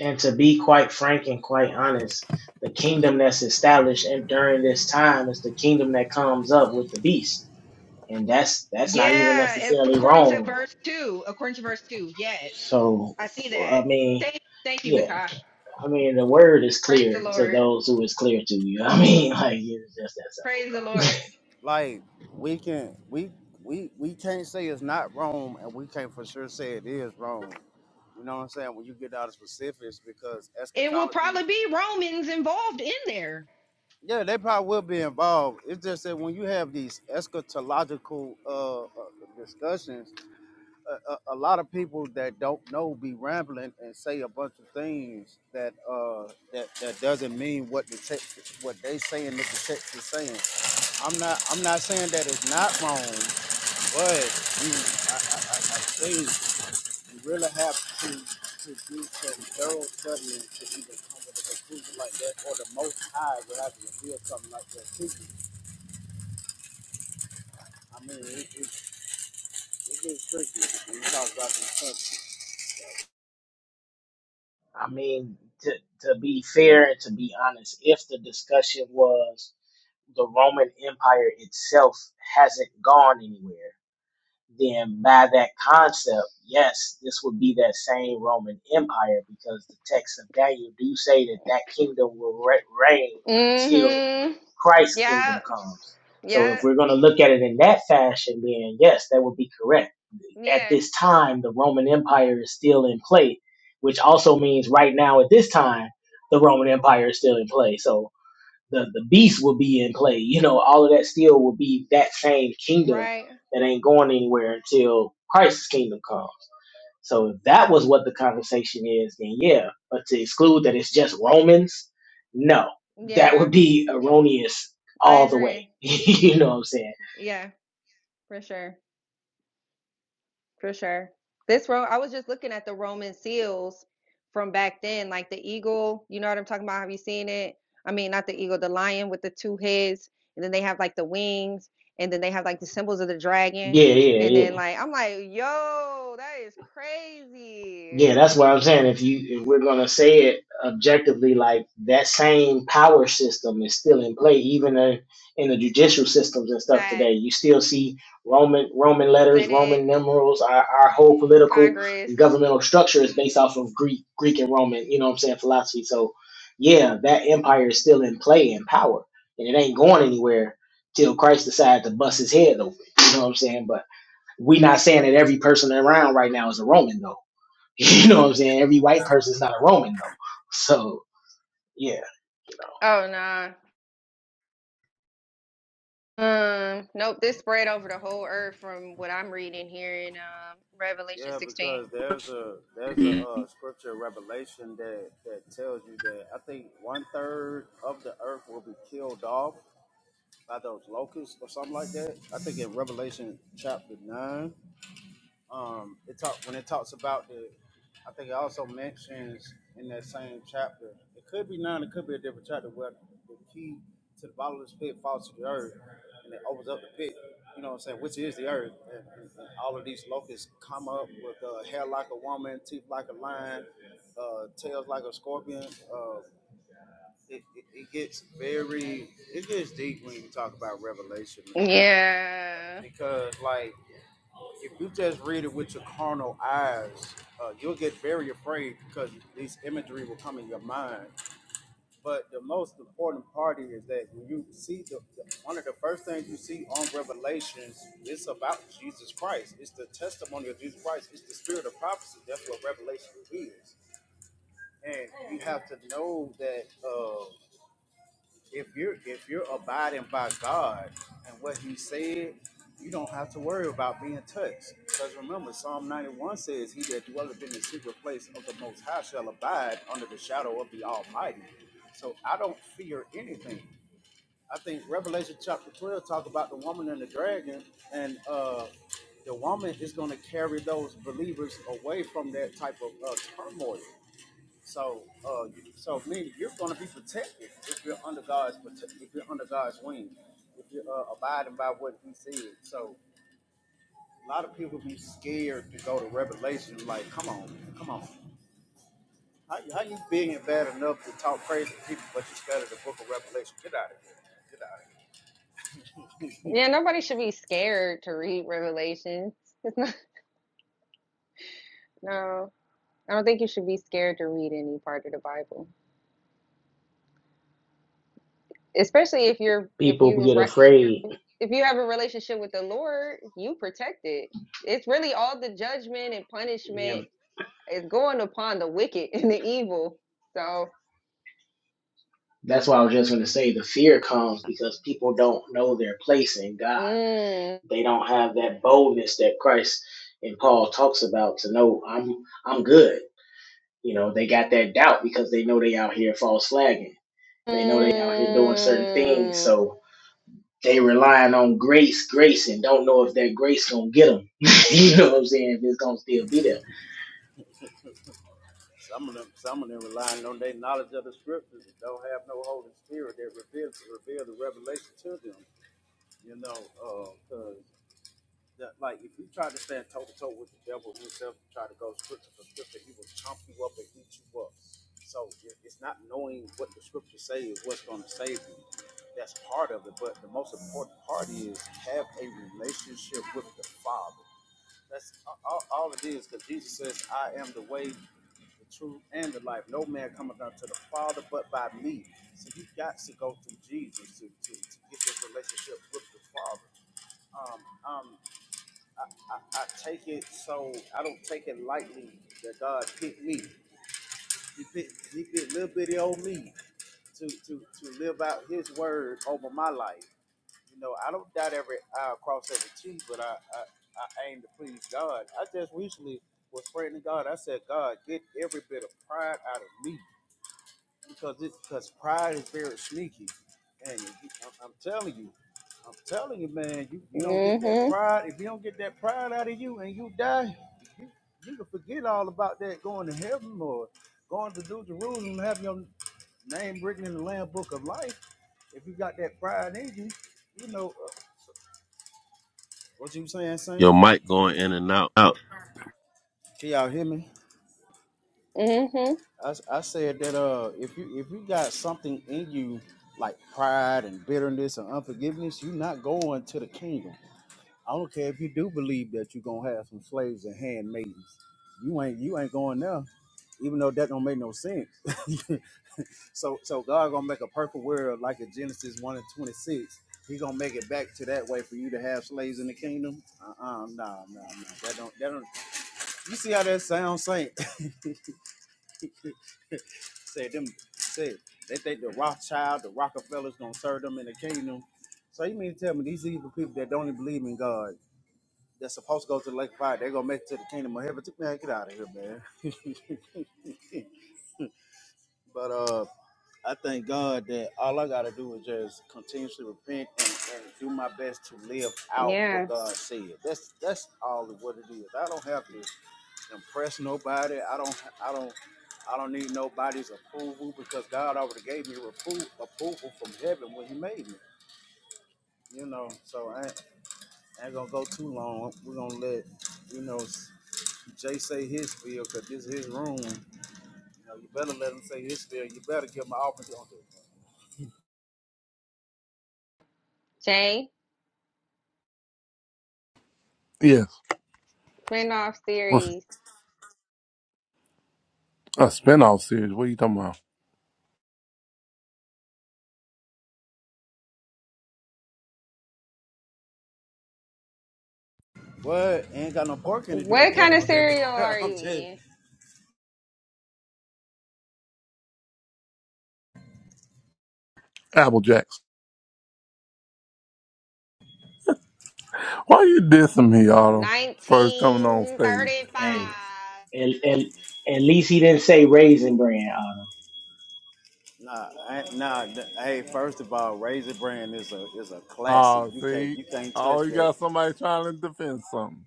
And to be quite frank and quite honest, the kingdom that's established and during this time is the kingdom that comes up with the beast, and that's that's not even
Yeah, and f-
necessarily
according to
Rome.
verse two, according to verse two, yes,
So
I see
I
that.
mean.
Thank, thank you,
yeah.
Nakai.
I mean, the word is
Praise the
clear to
Lord.
those who is clear to you. I mean, like it's just that simple,
Praise the
bro.
Lord.
like we can we we we can't say it's not Rome, and we can't for sure say it is Rome. You know what I'm saying? When you get out of specifics, because
It will
eschatology
probably be Romans involved in there.
Yeah, they probably will be involved. It's just that when you have these eschatological uh, uh, discussions, a, a, a lot of people that don't know be rambling and say a bunch of things that uh, that that doesn't mean what the text, what they saying that the text is saying. I'm not I'm not saying that it's not wrong, but you, I, I, I I think you really have to to do some thorough studying to even come with a conclusion like that, or the Most High would have to reveal something like that to you I mean, it, it, it gets tricky when you talk about these countries.
I mean, to to be fair and to be honest, if the discussion was the Roman Empire itself hasn't gone anywhere, then by that concept, yes, this would be that same Roman Empire because the texts of Daniel do say that that kingdom will re- reign until
Mm-hmm.
Christ's
Yeah.
kingdom comes. So if
Yeah.
we're going to look at it in that fashion, then yes, that would be correct at
Yeah.
this time the Roman Empire is still in play, which also means right now at this time the Roman Empire is still in play. So the the beast will be in play. You know, all of that still will be that same kingdom
Right.
that ain't going anywhere until Christ's kingdom comes. So if that was what the conversation is, then yeah. But to exclude that it's just Romans, no, that
Yeah.
would be erroneous
I
all the way.
agree.
you know what I'm saying?
Yeah, for sure. For sure. This ro. I was just looking at the Roman seals from back then, like the eagle, you know what I'm talking about? Have you seen it? I mean, not the eagle, the lion with the two heads, and then they have like the wings, and then they have like the symbols of the dragon.
Yeah,
And
yeah, yeah.
then like I'm like, yo, that is
Yeah,
crazy.
that's what I'm saying. If you if we're gonna say it objectively, like that same power system is still in play, even in, in the judicial systems and stuff
That
today. You still see Roman Roman letters,
Senate,
Roman numerals. Our our whole
the
political
Congress.
and governmental structure is based off of Greek Greek and Roman. You know what I'm saying? Philosophy. So yeah, that empire is still in play and power, and it ain't going anywhere till Christ decides to bust his head open. You know what I'm saying? But we not saying that every person around right now is a Roman though You know what I'm saying? Every white person's not a Roman though. So yeah, you know,
Oh nah. Um, nope, this spread over the whole earth from what I'm reading here in um Revelation
Yeah,
16.
because there's a there's a uh, scripture revelation that that tells you that I think one third of the earth will be killed off by those locusts or something like that. I think in Revelation chapter nine. Um, it talk when it talks about the. I think it also mentions in that same chapter. It could be nine. It could be a different chapter where the key to the bottomless pit falls to the earth, and it opens up the pit. You know what I'm saying? Which is the earth, and, and- and all of these locusts come up with uh, hair like a woman, teeth like a lion, uh, tails like a scorpion. Uh, it, it, it gets very, it gets deep when you talk about Revelation, man.
Yeah.
Because like if you just read it with your carnal eyes, uh, you'll get very afraid because these imagery will come in your mind. But the most important part is that when you see the, the one of the first things you see on Revelations, it's about Jesus Christ. It's the testimony of Jesus Christ. It's the spirit of prophecy. That's what Revelation is, and you have to know that. Uh, if you're if you're abiding by God and what He said, you don't have to worry about being touched. Because remember, Psalm 91 says, "He that dwelleth in the secret place of the Most High shall abide under the shadow of the Almighty." So I don't fear anything. I think Revelation chapter 12 talk about the woman and the dragon, and uh, the woman is going to carry those believers away from that type of uh, turmoil. So, uh, you- so meaning you're going to be protected if you're under God's prote- if you're under God's wing, if you're uh, abiding by what He said. So, a lot of people be scared to go to Revelation. Like, come on, come on, how, how you big and bad enough to talk crazy to people, but you study the Book of Revelation? Get out of here, get out of here.
Yeah, nobody should be scared to read Revelations. It's not no. I don't think you should be scared to read any part of the Bible. Especially if you're if
people
you
get
right
afraid.
if you have a relationship with the Lord, you protect it. It's really all the judgment and
Yeah,
punishment is going upon the wicked and the evil. So
that's why I was just gonna say the fear comes because people don't know their place in God.
Mm,
They don't have that boldness that Christ and Paul talks about to know I'm I'm good. You know, they got that doubt because they know they out here false flagging. They know they out here doing certain things.
mm,
So they relying on grace, grace, and don't know if that grace gonna get them. you know what I'm saying? If it's gonna still be there
Some of them, some of them relying on their knowledge of the scriptures and don't have no Holy Spirit that reveals reveal the revelation to them. You know, because. that like if you tried to stand toe to toe with the devil himself, you try to go scripture for scripture, he will chomp you up and eat you up. So it's not knowing what the scripture say is what's going to save you. That's part of it, but the most important part is have a relationship with the Father. That's all, all it is, because Jesus says, "I am the way, the truth, and the life. No man cometh unto the Father but by me." So you got to go through Jesus to, to, to get this relationship with the Father. Um, um, I, I, I take it so I don't take it lightly that God picked me. He picked he picked little bitty old me to to to live out His word over my life. You know, I don't doubt every I cross every T, but I, I I aim to please God. I just recently was praying to God. I said, God, get every bit of pride out of me because it because pride is very sneaky, and it- I'm, I'm telling you, I'm telling you, man, you, you don't get that
mm-hmm,
pride if you don't get that pride out of you, and you die, you, you can forget all about that going to heaven or going to New Jerusalem, and have your name written in the Lamb Book of Life. If you got that pride in you, you know uh, what you saying, Saint.
Your mic going in and out.
Can y'all hear me?
mm-hmm.
I, I said that uh, if you if you got something in you like pride and bitterness and unforgiveness, you're not going to the kingdom. I don't care if you do believe that you're gonna have some slaves and handmaidens. You ain't you ain't going there, even though that don't make no sense. so so God gonna make a perfect world like in Genesis one and twenty six. He gonna make it back to that way for you to have slaves in the kingdom. Uh uh nah nah nah. That don't that don't. You see how that sounds, Saint? say them say they think the Rothschild, the Rockefellers gonna serve them in the kingdom. So you mean to tell me these evil people that don't even believe in God, that's supposed to go to the lake of fire, they are gonna make it to the kingdom of heaven. Man, get out of here, man. but uh I thank God that all I gotta do is just continuously repent and, and do my best to live out
Yeah.
what God said. That's that's all of what it is. I don't have to impress nobody. I don't I don't I don't need nobody's approval because God already gave me appro- approval from heaven when He made me. You know, so I ain't, I ain't gonna go too long. We're gonna let you know Jay say his bill because this is his room. You know, you better let him say his bill. You better give him an offering.
Jay,
Yes.
Randolph
What's
series.
a spinoff series? What are you talking about?
What? Ain't got no parking to do with
What
Jay.
kind of
I'm just,
cereal are
I'm
you
just
eating?
Apple Jacks. Why you dissing me, Otto? First coming on stage.
Hey,
1935.
at, at, at least he didn't say raisin bran, Autumn.
nah, I, nah. Hey, first of all, Razor Brand is a is a classic.
Oh,
You can't
see?
you can't
Oh,
touch
you
that.
got somebody trying to defend something.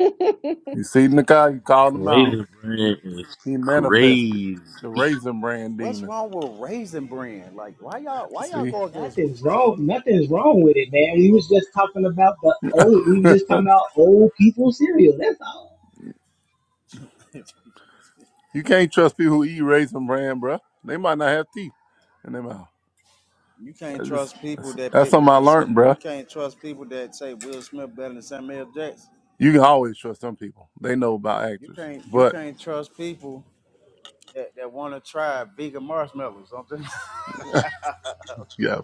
You see Nikai, you called him out.
Raisin
He
bread is
he manifested.
crazy.
The raisin brand
What's
demon.
wrong with raisin brand? Like, why y'all why y'all
See?
go against?
Nothing's wrong. Nothing's wrong with it, man. We was just talking about the old. We was just talking about old people cereal. That's all.
you can't trust people who eat raisin brand, bruh. They might not have teeth in their mouth.
you can't
That's just
trust people
that's,
that
that's
pick
something I
Will. Smith.
learned,
You
bruh.
can't trust people that say Will Smith better than Samuel Jackson.
You can always trust some people. They know about
You
actors.
can't you
But
can't trust people that, that want to try vegan marshmallows. I'm just
yeah,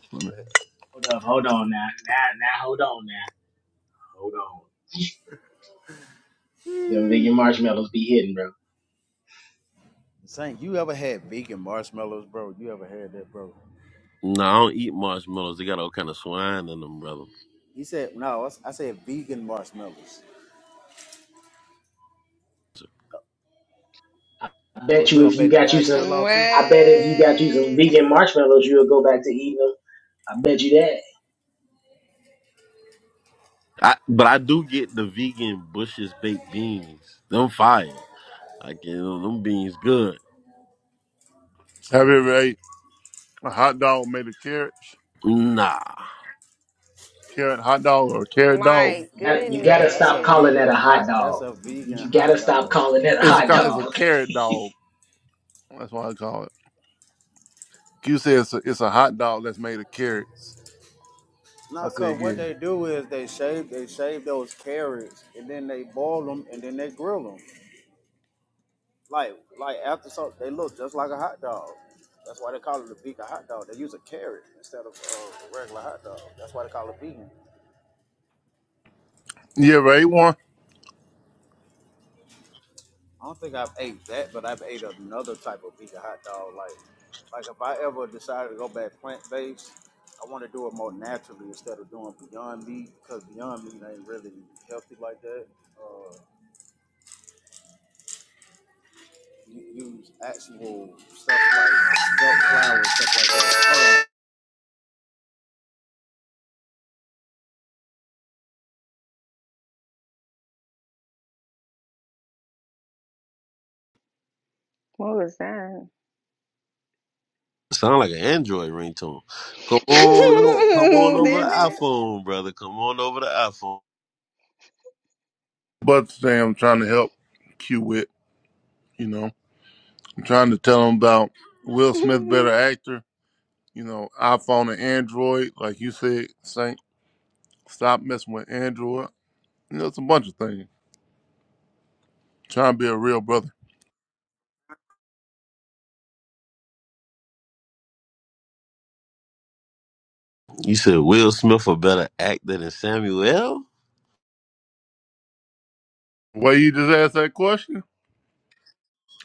Hold up. Hold on now. Now, now, hold on now. Hold on. Them vegan marshmallows be hitting, bro.
saying, you ever had vegan marshmallows, bro? You ever had that, bro?
No, I don't eat marshmallows. They got all kind of swine in them, brother.
He said, no, I s- I said vegan marshmallows.
I
Oh,
bet
you
you if
obey
you
the
got you some,
dietary law too?
I bet if you got you some
What?
vegan marshmallows, you'll go back to eating them. I bet you that.
I, but I do get the vegan Bush's baked beans. Them fire. I get them, them beans good.
have you ever ate A hot dog made of carrots,
Nah.
carrot hot dog or carrot dog.
My
You gotta, you gotta
That's a
stop calling that
vegan
a
goodness.
hot
hot. That's
dog.
a vegan
You gotta
hot
stop
dog.
calling that a
It's a
hot
co- it's
dog.
a carrot dog. That's what I call it. Q said it's a, it's a hot dog that's made of carrots. I
Now,
said
cause what
yeah.
they do is they shave, they shave those carrots, and then they boil them, and then they grill them. Like, like after so they look just like a hot dog. That's why they call it a vegan hot dog. They use a carrot instead of uh, a regular hot dog. That's why they call it vegan.
You ever ate one?
I don't think I've ate that, but I've ate another type of vegan hot dog. Like, like if I ever decided to go back plant based, I want to do it more naturally instead of doing Beyond Meat, cause Beyond Meat ain't really healthy like that. Uh, use actual stuff like silk flour and stuff like that. Hold
What was that?
Sound like an Android ringtone. Come on, o- come on over the
Didn't
iPhone, brother. Come on over the iPhone.
But today I'm trying to help Q with. You know, I'm trying to tell him about Will Smith
it?
better actor. You know, iPhone and Android, like you said, Saint. Stop messing with Android. You know, it's a bunch of things. trying to be a real brother.
You said Will Smith a better actor than Samuel?
The way you just asked that question,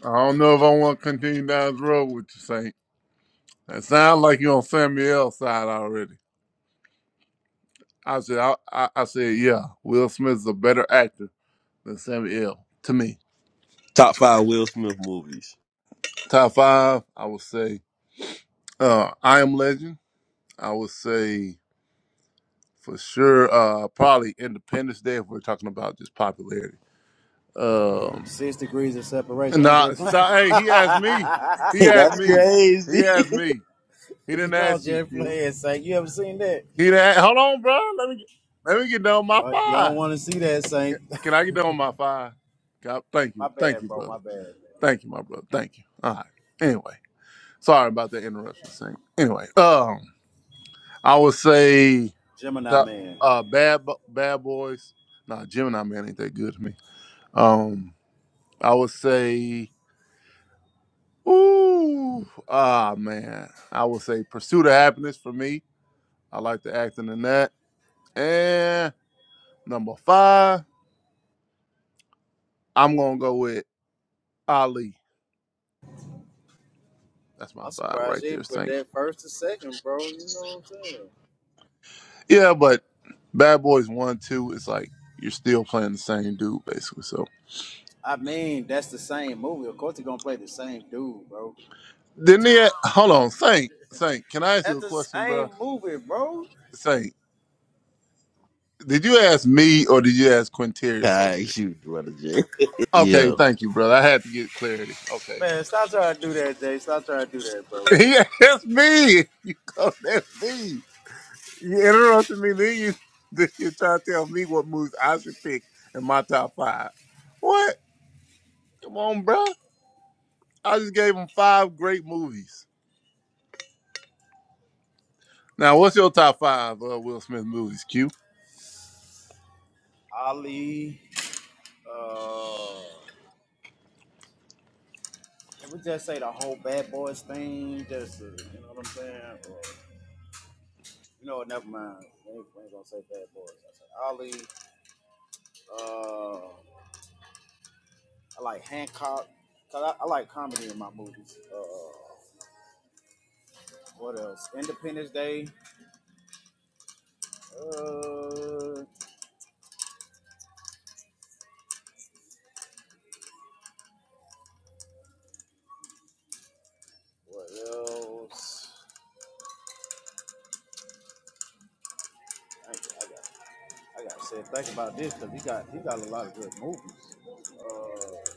I don't know if I want to continue down this road with you, Saint. It sounds like you're on Samuel's side already. I said, I, I, I said, yeah, Will Smith is a better actor than Samuel to me.
Top five Will Smith movies.
Top five, I would say, uh, I Am Legend. I would say for sure, uh, probably Independence Day if we're talking about just popularity.
on.
Um,
Six degrees of separation. I'm
nah,
just playing.
stop. Hey, he asked me. He
Hey,
asked
that's
me. He
crazy.
asked me. He
you
didn't
know, I'm
ask you,
just
Q.
playing, Saint. You ever seen that,
He didn't. Hold on, bro. Let me get, let me get down my
but you don't
five.
want to see that,
Can
Saint.
can I get down on my five? God, thank
My
you. Thank
bad,
you,
bro. My
brother.
bad, man.
Thank you, my brother. Thank you. All right. Anyway, sorry about the interruption, Saint. Anyway, um, I would say
Gemini
the
man.
uh, bad Bo- bad boys. Nah, Gemini man ain't that good to me. Um, I would say, ooh, ah man. I would say Pursuit of Happiness for me. I like the acting in that. And number five, I'm gonna go with Ali. That's my
I'm
five
surprised
right
you
there,
didn't put
Saint.
that first to second, bro. You know what I'm saying?
Yeah, but Bad Boys One, Two, it's like you're still playing the same dude basically. So
I mean, that's the same movie. Of course, they're gonna play the same dude, bro.
didn't he? a- Hold on, Saint, Saint, can I ask you
That's
a
the
question, bro?
same movie, bro.
Saint, did you ask me or did you ask Quinterius over
I
here?
shoot, brother J.
Okay,
Yeah,
thank you, brother. I had to get clarity. Okay,
Man, stop trying to do that, Jay. Stop trying to do that, bro.
he asked me. You called at me. You interrupted me. Then you then you try to tell me what moves I should pick in my top five. What? Come on, bro. I just gave him five great movies. Now, what's your top five uh, Will Smith movies, Q?
Ali. Uh, can we just say the whole Bad Boys thing? Just uh, you know what I'm saying? Or, you know, what, never mind. We ain't, we ain't gonna say Bad Boys. I said Ali. Uh, I like Hancock. Cause I, I like comedy in my movies. Uh, what else? Independence Day. Uh, what else? I, I got. I gotta say, think about this because he got he got a lot of good movies. Uh,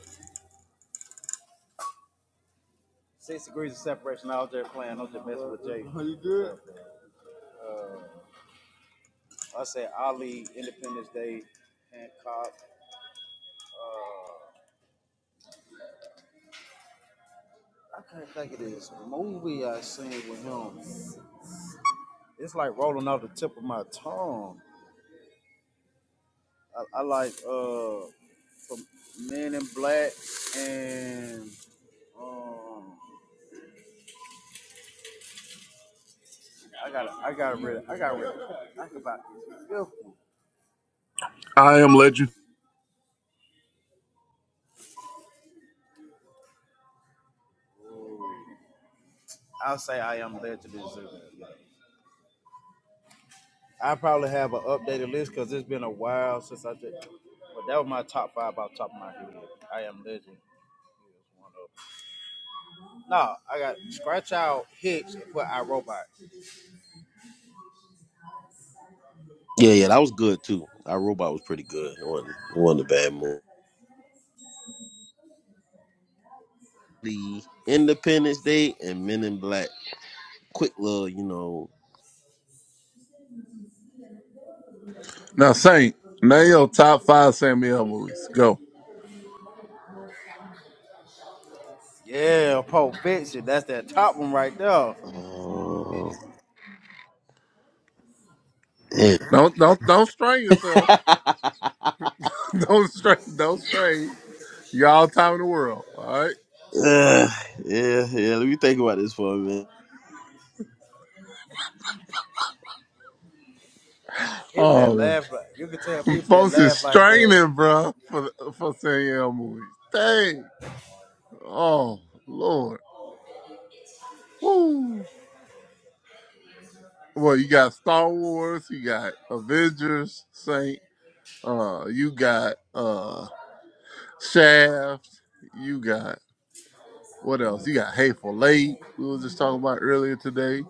Six degrees of separation. I was there playing. I was just messing with Jay. How you good? Uh, I said Ali, Independence Day, Hancock. Uh, I can't think of this movie I seen with him. It's like rolling off the tip of my tongue. I, I like uh, from Men in Black and um, I got I got rid of I got rid of I think about this fifth
I am legend.
one. I'll say I am legend is. I probably have an updated list because it's been a while since I did. But that was my top five off the top of my head. I am legend. is one of 'em. No, I got scratch out Hicks and put I Robot.
yeah, yeah. That was good too. Our robot was pretty good. It wasn't, it wasn't a bad movie. The Independence Day and Men in Black. Quick little, you know.
Now, Saint, name your top five Samuel movies. Go.
Yeah, Pulp Fiction. That's that top one right there.
Oh, yeah.
Don't don't don't strain yourself. Don't strain. Don't strain. You got all the time in the world. All right.
yeah, yeah, yeah. Let me think about this for a minute.
People that
Oh,
laugh, like- you can tell people that
Folks is
laugh like that,
straining, bro, for the- for Samuel movies. Dang. Oh Lord. Woo. Well, you got Star Wars. You got Avengers. Saint. Uh, you got uh Shaft. You got What else? You got Hateful Late. We was just talking about earlier today.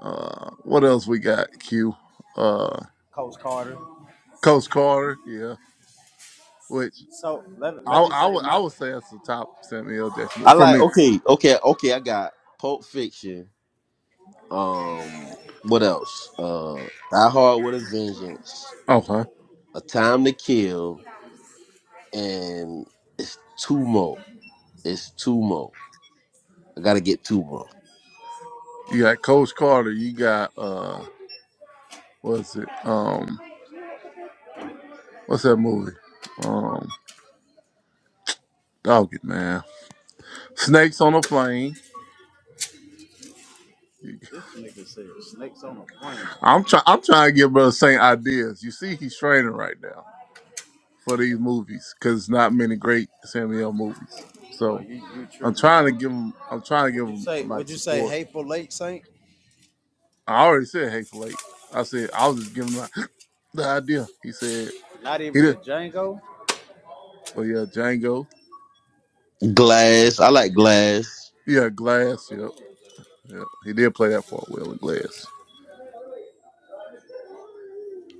Uh, what else we got? Q. Uh,
Coach Carter.
Coach Carter. Yeah. Which
So let,
I
let me
I
say
would I
my.
would say that's the top Samuel L. Jackson
I
movie for
like.
me.
Okay, okay, okay. I got Pulp Fiction. Um, what else? Uh, Die Hard with a Vengeance.
Oh huh.
A Time to Kill, and it's two more. It's Tumo. I gotta get Tumo.
You got Coach Carter. You got uh, what's it? Um, what's that movie? Um, Dog it, man. Snakes on a plane.
This nigga said snakes on a plane.
I'm trying. I'm trying to give Brother Saint ideas. You see, he's training right now for these movies because not many great Samuel movies.
Bro,
So.
you you
I'm
tripping,
trying to
bro?
give them. I'm trying to give
Would you
them
say
like
would you say
support.
hateful late saint?
I already said hateful eight. I said I was just giving him the the idea. He said
Not even
he
the
did.
Django.
But yeah, Django.
Glass. I like Glass.
Yeah, Glass. Yep. Yeah, he did play that part well in Glass.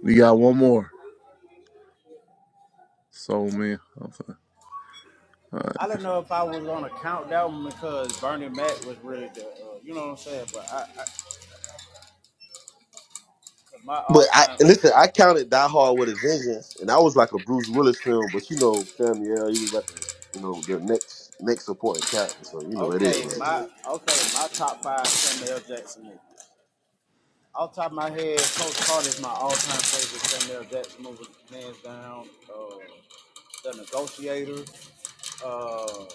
We got one more. Soul Man. I'm fin- All right.
I don't know if I was on a countdown because Bernie Mac was really the, uh, you know what I'm saying. But I, I 'cause my
But
all
I
time,
and listen, I counted Die Hard with a Vengeance, and that was like a Bruce Willis film. But you know, Samuel, he was like, a, you know, the next next supporting character. So you know, it
okay,
is.
my okay, my top five Samuel L. Jackson movies. Off the top of my head, Coach Carter is my all time favorite Samuel L. Jackson movie, hands down. Uh, the Negotiator, uh,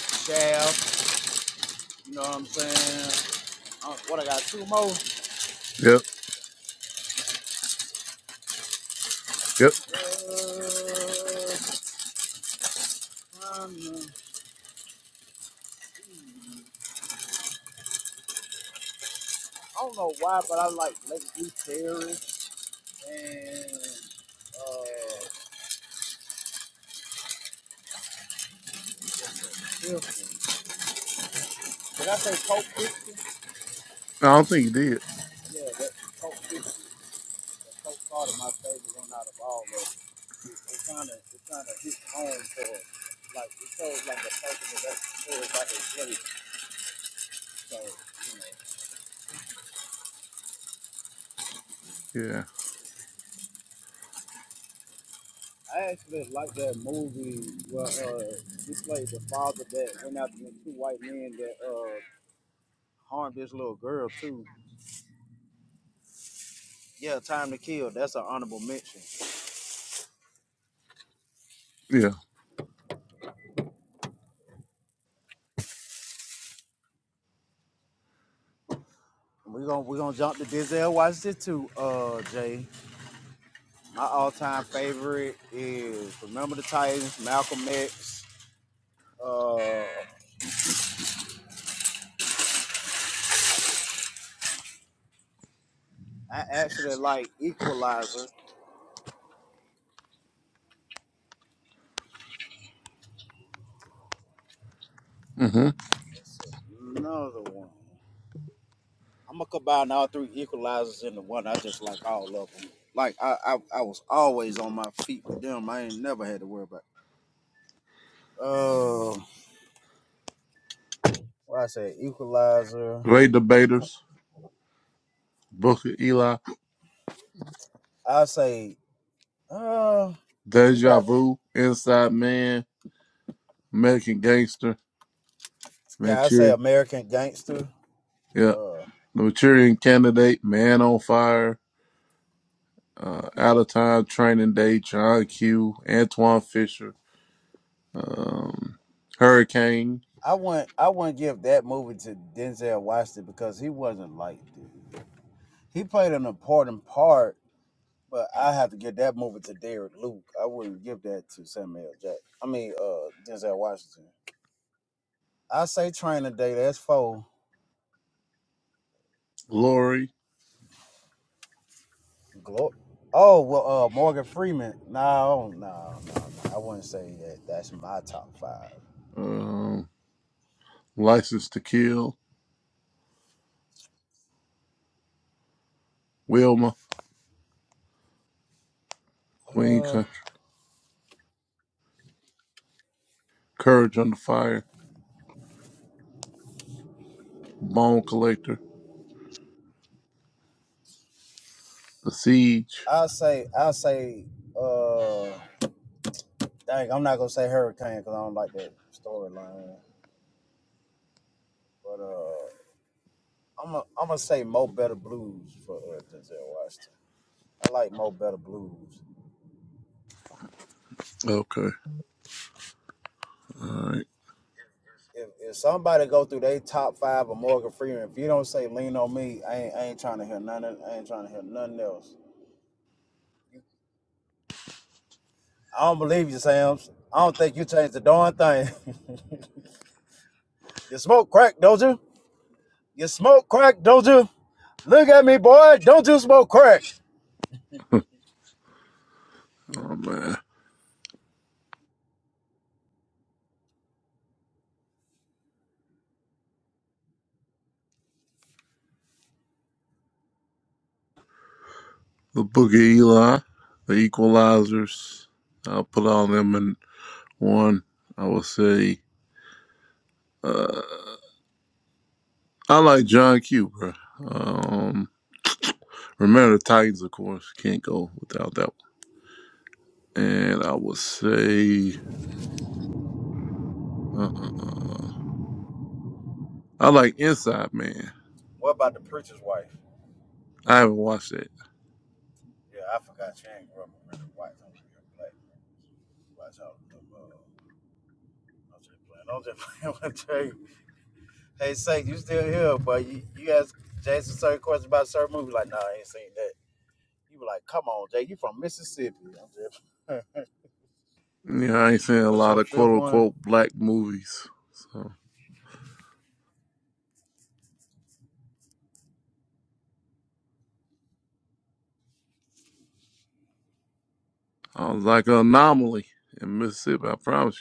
Shaft. You know what I'm saying? Uh, what I got two more.
Yep. Yep.
Uh, um, I don't know why, but I like Lake View Terrace. and uh, Wilson. Did I say Coke 50?
I don't think he did.
Yeah, that Coke 50. That Coke Carter, my favorite one out of all of them. It, kind of it kind of hits home for like it shows like the person that that's story about their place. So you know,
Yeah.
I actually like that movie where uh, he played the father that went after the two white men that uh harmed this little girl too. Yeah, Time to Kill. That's an honorable mention.
Yeah.
We're gonna we're gonna jump to Denzel Washington too, uh Jay. My all time favorite is Remember the Titans, Malcolm X, uh I actually like Equalizer.
hmm
What's another one? I'm gonna combine all three equalizers into one. I just like all of them. Like I, I, I was always on my feet with them. I ain't never had to worry about. Uh, what I say equalizer.
Great debaters. Booker Eli.
I say uh, he
Deja
got
Vu. Inside Man. American Gangster.
yeah. I say
Manchurian.
American Gangster.
Yeah.
Uh,
The Manchurian Candidate. Man on Fire. uh, Out of Time, Training Day, John Q, Antoine Fisher, um, Hurricane,
I wouldn't I wouldn't give that movie to Denzel Washington because he wasn't like dude. He played an important part, but I have to give that movie to Derek Luke. I wouldn't give that to Samuel L. Jackson. I mean, uh, Denzel Washington. I say Training Day. That's four.
Lori,
Glo- oh well, uh, Morgan Freeman. No, no, no, no. I wouldn't say that. That's my top five.
um, License to Kill, Wilma, Queen
Uh,
country. Courage Under Fire, Bone Collector, The Siege.
i say i say. Uh, dang, I'm not gonna say Hurricane because I don't like that storyline. But uh. I'm gonna I'm gonna say Mo Better Blues for uh, Denzel Washington. I like Mo Better Blues.
Okay, all right.
If if somebody go through they top five of Morgan Freeman, if you don't say Lean on Me, I ain't I ain't trying to hear nothing. I ain't trying to hear nothing else. I don't believe you, Sam's. I don't think you changed the darn thing. you smoke crack, don't you? You smoke crack, don't you? Look at me, boy. Don't you smoke crack?
Oh, man. The Book of Eli, The Equalizers. I'll put all them in one. I would say uh, I like John Q, bro. Um, Remember the Titans, of course. Can't go without that one. And I would say, uh, uh, uh, I like Inside Man.
What about the preacher's wife?
I haven't watched it.
Yeah, I forgot she ain't grew up a really white. I'm real black. Watch out. I'm just playing. I'm just playing with Jay. Hey, Saint, you still here, but you, you ask Jason certain questions about certain movies. Like, nah, I ain't seen that. You be like, come on, Jay, you from Mississippi. I'm just,
You know, I ain't seen a
What's
lot
your
of quote
fifth one?
unquote black movies. So I was like an anomaly in Mississippi. I promise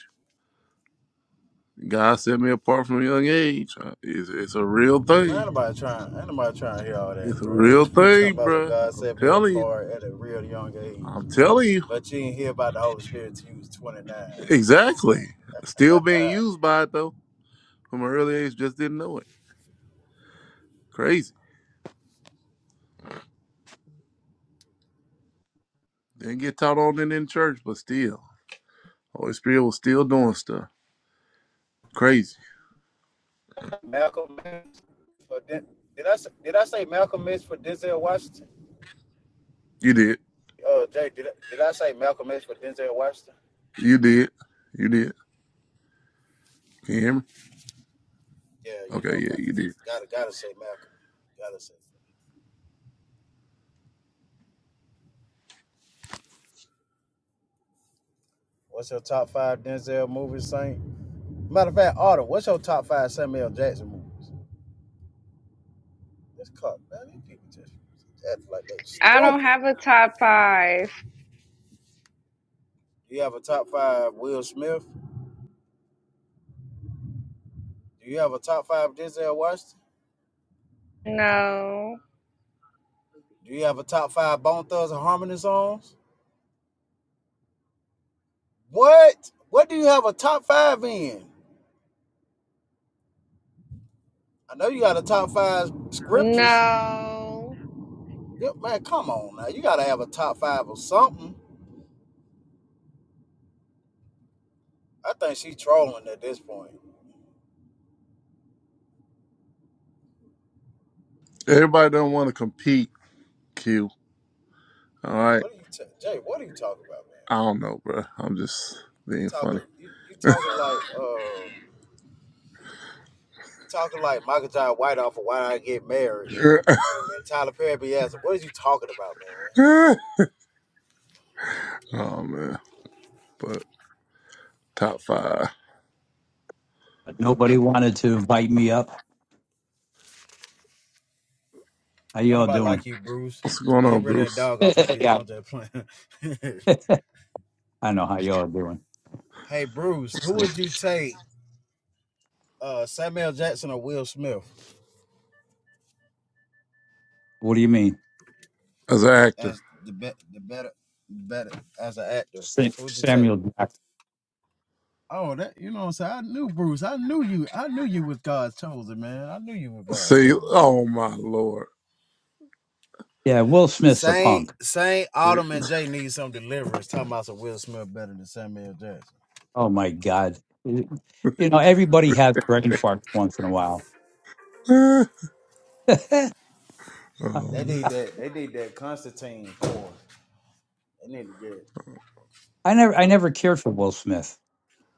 you. God set me apart from a young age. Uh, It's, it's a real
Man, ain't
thing.
nobody trying, ain't nobody trying to hear all that,
It's a
bro.
real
Talking
thing,
about what
bro.
God
I'm
set me
telling you.
apart at a real young
I'm
age.
telling you.
But you didn't hear about the Holy Spirit till you was 29. Man.
Exactly. Still being used by it though. From an early age, just didn't know it. Crazy. Didn't get taught on it in church, but still, Holy Spirit was still doing stuff. Crazy.
Malcolm X, for Den- did I, say- did I say Malcolm X for Denzel Washington?
You did.
Uh, Jay, did I, did I say Malcolm X for Denzel Washington?
You did. You did. Can you hear me?
Yeah, you
Okay,
know,
yeah,
but
you did.
gotta gotta say Malcolm. Gotta say. What's your top five Denzel movies, Saint? Matter of fact, Autumn, what's your top five Samuel Jackson movies? That's caught. Man, these people just act like they
I don't
stupid.
have a top five.
Do you have a top five Will Smith? Do you have a top five Denzel Washington?
No.
Do you have a top five Bone Thugs and Harmony songs? What? What do you have a top five in? I know you got a top five scriptures.
No.
Yeah, man, come on now. You gotta have a top five of something. I think she trolling at this point.
Everybody don't want to compete. Q. All right.
What are you, t- Jay? What are you talking about,
I
man?
don't know, bro. I'm just
You
being funny.
talking, you, you talking like, uh, you talking like Michael John White off of Why I Get Married, and and, and Tyler Perry be asking, what are you talking about, man?
oh man. But top five.
Nobody wanted to invite me up. How
Don't
y'all
nobody
doing?
like you, Bruce.
What's going
Get
on,
rid of that
Bruce?
dog off your picture.
yeah.
I'm just playing.
I know how y'all are doing.
hey, Bruce, who would you take, uh, Samuel Jackson or Will Smith
What do you mean?
As an actor.
as the be- the better, better as an actor?
Sa-
Who would you take?
Samuel Jackson.
Oh, that you know what I'm saying? I knew Bruce. I knew you. I knew you was God's chosen, man. I knew you were God's
See,
chosen.
oh my lord.
Yeah, Will Smith's a
Saint
punk.
Saint
See?
Autumn and Jay need some deliverance. Talking about some Will Smith better than Samuel Jackson.
Oh my God. You know, everybody has brain farts once in a while.
oh
They
man.
need that. They need that Constantine for. They need to get
I never I
what?
never cared for Will Smith.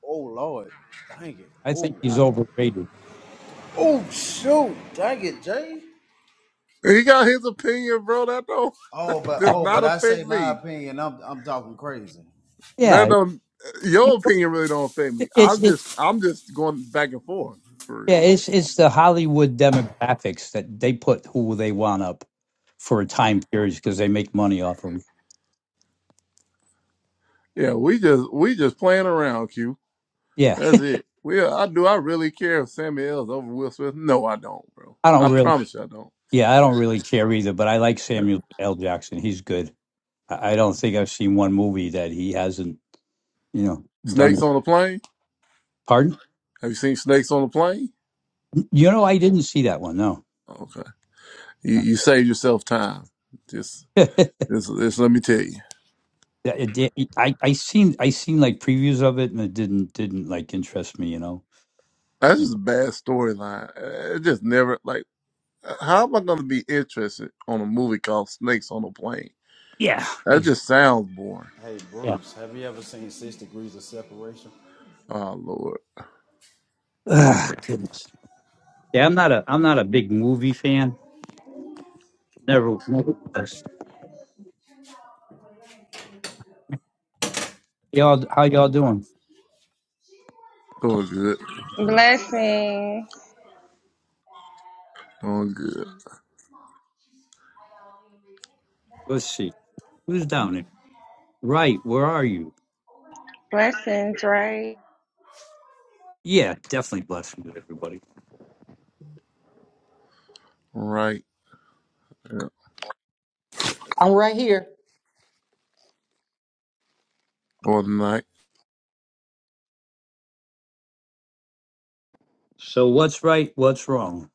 Oh Lord, dang it.
I
Oh,
think he's
I-
overrated.
oh shoot, dang it, Jay.
He got his opinion, bro. That don't
Oh, but
Yeah.
does
oh,
not
but I
affect
say my
me.
opinion. I'm I'm talking crazy.
That
Yeah.
don't your opinion really don't affect me.
It's
I'm
it,
just I'm just going back and forth for real.
yeah, it's it's the Hollywood demographics that they put who they want up for a time period because they make money off of 'em.
Yeah, we just we just playing around, Q.
Yeah.
That's it. We I do I really care if Sammy L's over Will Smith? No, I don't, bro.
I don't
I
really
promise you I don't.
Yeah, I don't really care either, but I like
Yeah.
Samuel L. Jackson. He's good. I I don't think I've seen one movie that he hasn't, you know,
Snakes
done.
on a plane?
Pardon?
Have you seen snakes on a plane?
You know, I didn't see that one. No,
Okay. You you save yourself time. Just
Yeah,
just, just let me tell you.
it did- I I seen I seen like previews of it, and it didn't didn't like interest me. You know.
That's just a bad storyline. Uh, It just never like how am I gonna be interested on a movie called Snakes on a Plane?
Yeah.
That
Ex-
just sounds boring.
Hey
yeah.
Bruce, have you ever seen Six Degrees of Separation?
Oh Lord,
Ugh, goodness. Yeah, I'm not a I'm not a big movie fan. Never. never was. Y'all, how y'all doing?
doing good,
Blessings.
doing good.
Let's see. Who's down there? Right. Where are you?
Blessings, right?
Yeah, definitely blessings to everybody.
Right, yeah.
I'm right here.
or the night.
So what's right? What's wrong?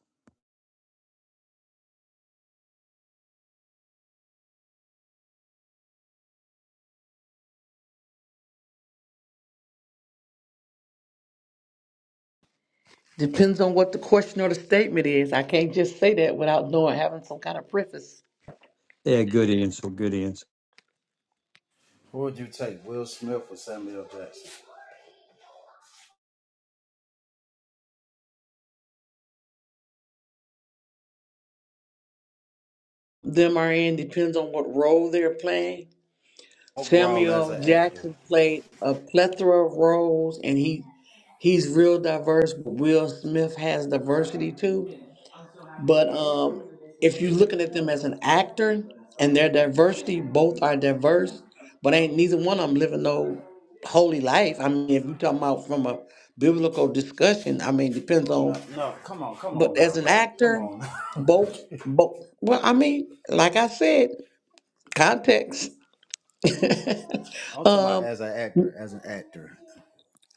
Depends on what the question or the statement is. I can't just say that without knowing, having some kind of preface.
Yeah, good answer. Good answer.
Who would you take, Will Smith or Samuel Jackson?
Them are in depends on what role they're playing.
Overall, as
Samuel
an actor.
Jackson played a plethora of roles, and he he's real diverse. But Will Smith has diversity too. But um, if you're looking at them as an actor and their diversity, both are diverse, but ain't neither one of them living no holy life. I mean, if you talking about from a biblical discussion, I mean, depends
No,
on.
no, come on, come on
But
now,
as an
right? Come
actor,
on. I'm
both, both. Well, I mean, like I said, context.
talking about
um,
as an actor, as an actor.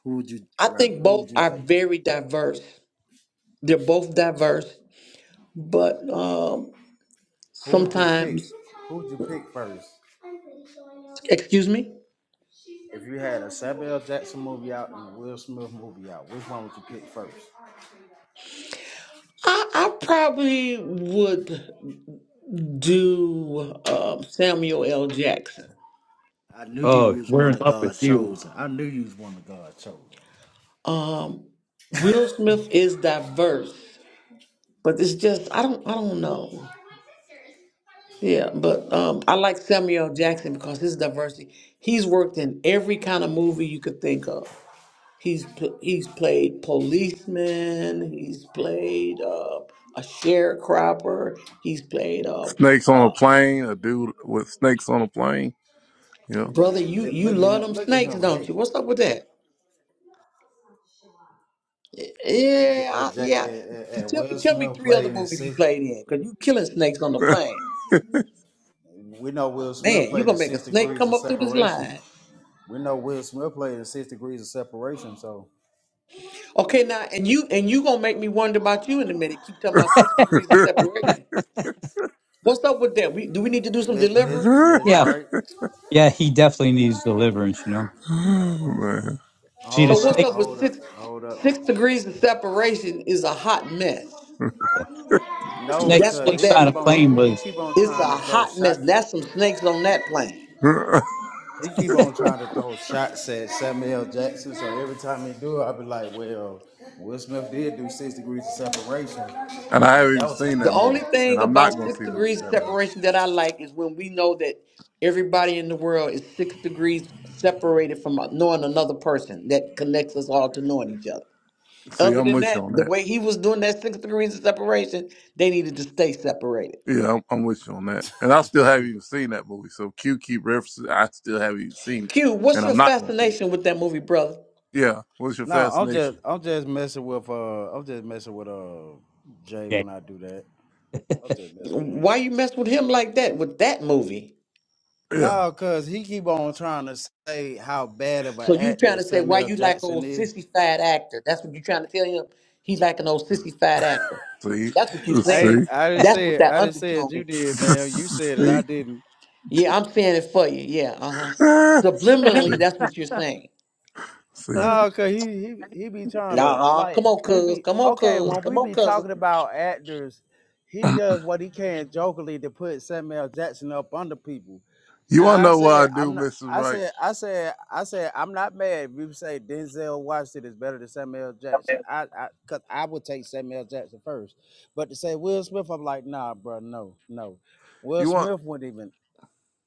Who would you
I
rather?
think
Who would
both
you
are
take?
very diverse. They're both diverse, but um,
Who would you pick?
sometimes,
Who would you pick first?
excuse me.
If you had a Samuel Jackson movie out and a Will Smith movie out, which one would you pick first?
I, I probably would do um, Samuel L. Jackson.
I knew you
Oh,
was
we're in
one of
love with
God's
you.
chosen. I knew you was one of God's chosen.
Um, Will Smith is diverse, but it's just I don't I don't know. Yeah, but um, I like Samuel L. Jackson because his diversity. He's worked in every kind of movie you could think of. He's pl- he's played policeman. He's played uh, a sharecropper. He's played uh,
Snakes on a
uh,
plane. A dude with snakes on a plane. Yep.
brother.
Man,
You
th-
you
look at
love
him!
them
Look at
snakes,
him!
don't
Hey,
you? What's up with that?
J-
Yeah,
uh,
I-
J-
yeah.
uh,
T-
uh, uh,
Tell me,
Will
tell me
Smith
three other
played in
movies he
six.
played in, because you killing snakes on the plane.
We know Will Smith
Man, you
played in
gonna make a
six
snake
degrees
come
of
up through this
separation.
line.
We know Will Smith played in six degrees of separation. So,
Okay, now and you and you gonna make me wonder about you in a minute. Keep talking about six degrees of separation. What's up with that? We do we need to do some
Miss Miss,
deliverance?
oh,
Miss
Yeah,
Wright,
yeah. He definitely needs deliverance. You know.
man.
See the
So
hold
what's
up,
snake.
up with
hold up,
six
hold
six
up.
degrees of separation is a hot mess.
No,
Snake.
That's
because
what
Snakes
he
that
on a
keep on
is.
plane
he
was.
keep on
It's a
trying to throw
hot mess.
shot.
That's some snakes on that plane.
and
He keep on trying to throw shots at Samuel L. Jackson, so every time he do, I be like, well, Will Smith did do six degrees of separation.
I
And
haven't
that
even
was it.
seen that
The only
movie, and
thing
I'm not
about
gonna
six
see the,
degrees of
that movie.
separation that I like is when we know that everybody in the world is six degrees separated from knowing another person that connects us all to knowing each other.
See,
Other
I'm
than
with you
that,
on
the
that.
way he was doing that six degrees of separation, they needed to stay separated.
Yeah, I'm, I'm with you on that. And I still haven't even seen that movie. So Q keep references. I still haven't even seen it,
Q, what's
and
your
I'm not gonna see it.
fascination with that movie, brother?
Yeah. What's your
no, I'm just
fascination?
I'm just messing with uh I'm just messing with uh Jay
Yeah.
when I do that. I'm just messing with him.
Why you mess with him like that with that movie?
Yeah.
No, cause he keep on trying to say how bad of an
So you trying
actor
to say why
Samuel
you like
Jackson
old
is.
sissy fat actor? That's what you trying to tell him. He's like an old sissy fat actor.
See,
That's what you
I
saying.
ain't-
see,
I didn't
That's
say
what
it.
that
I didn't say
undertone
it. You
is.
did, man. You said it. I
see,
didn't.
Yeah, I'm saying it for you. Yeah, uh huh.
Ah, see,
Subliminally, that's what you're saying.
see.
No, cause he he he be trying to
Nah, come
like
on,
we
cuz.
be
Come on,
okay
cuz.
when we
Come on,
be
cousin.
talking about actors, he does what he can jokingly to put Samuel Jackson up under people.
You want to
Now I
know what I
said
do,
I'm not.
Mrs.
I
Wright?
said I said I said I'm not mad if you say Denzel Washington is better than Samuel Jackson. I I cause I would take Samuel Jackson first, but to say Will Smith, I'm like nah, bro, no, no. Will
You want?
Smith wouldn't even,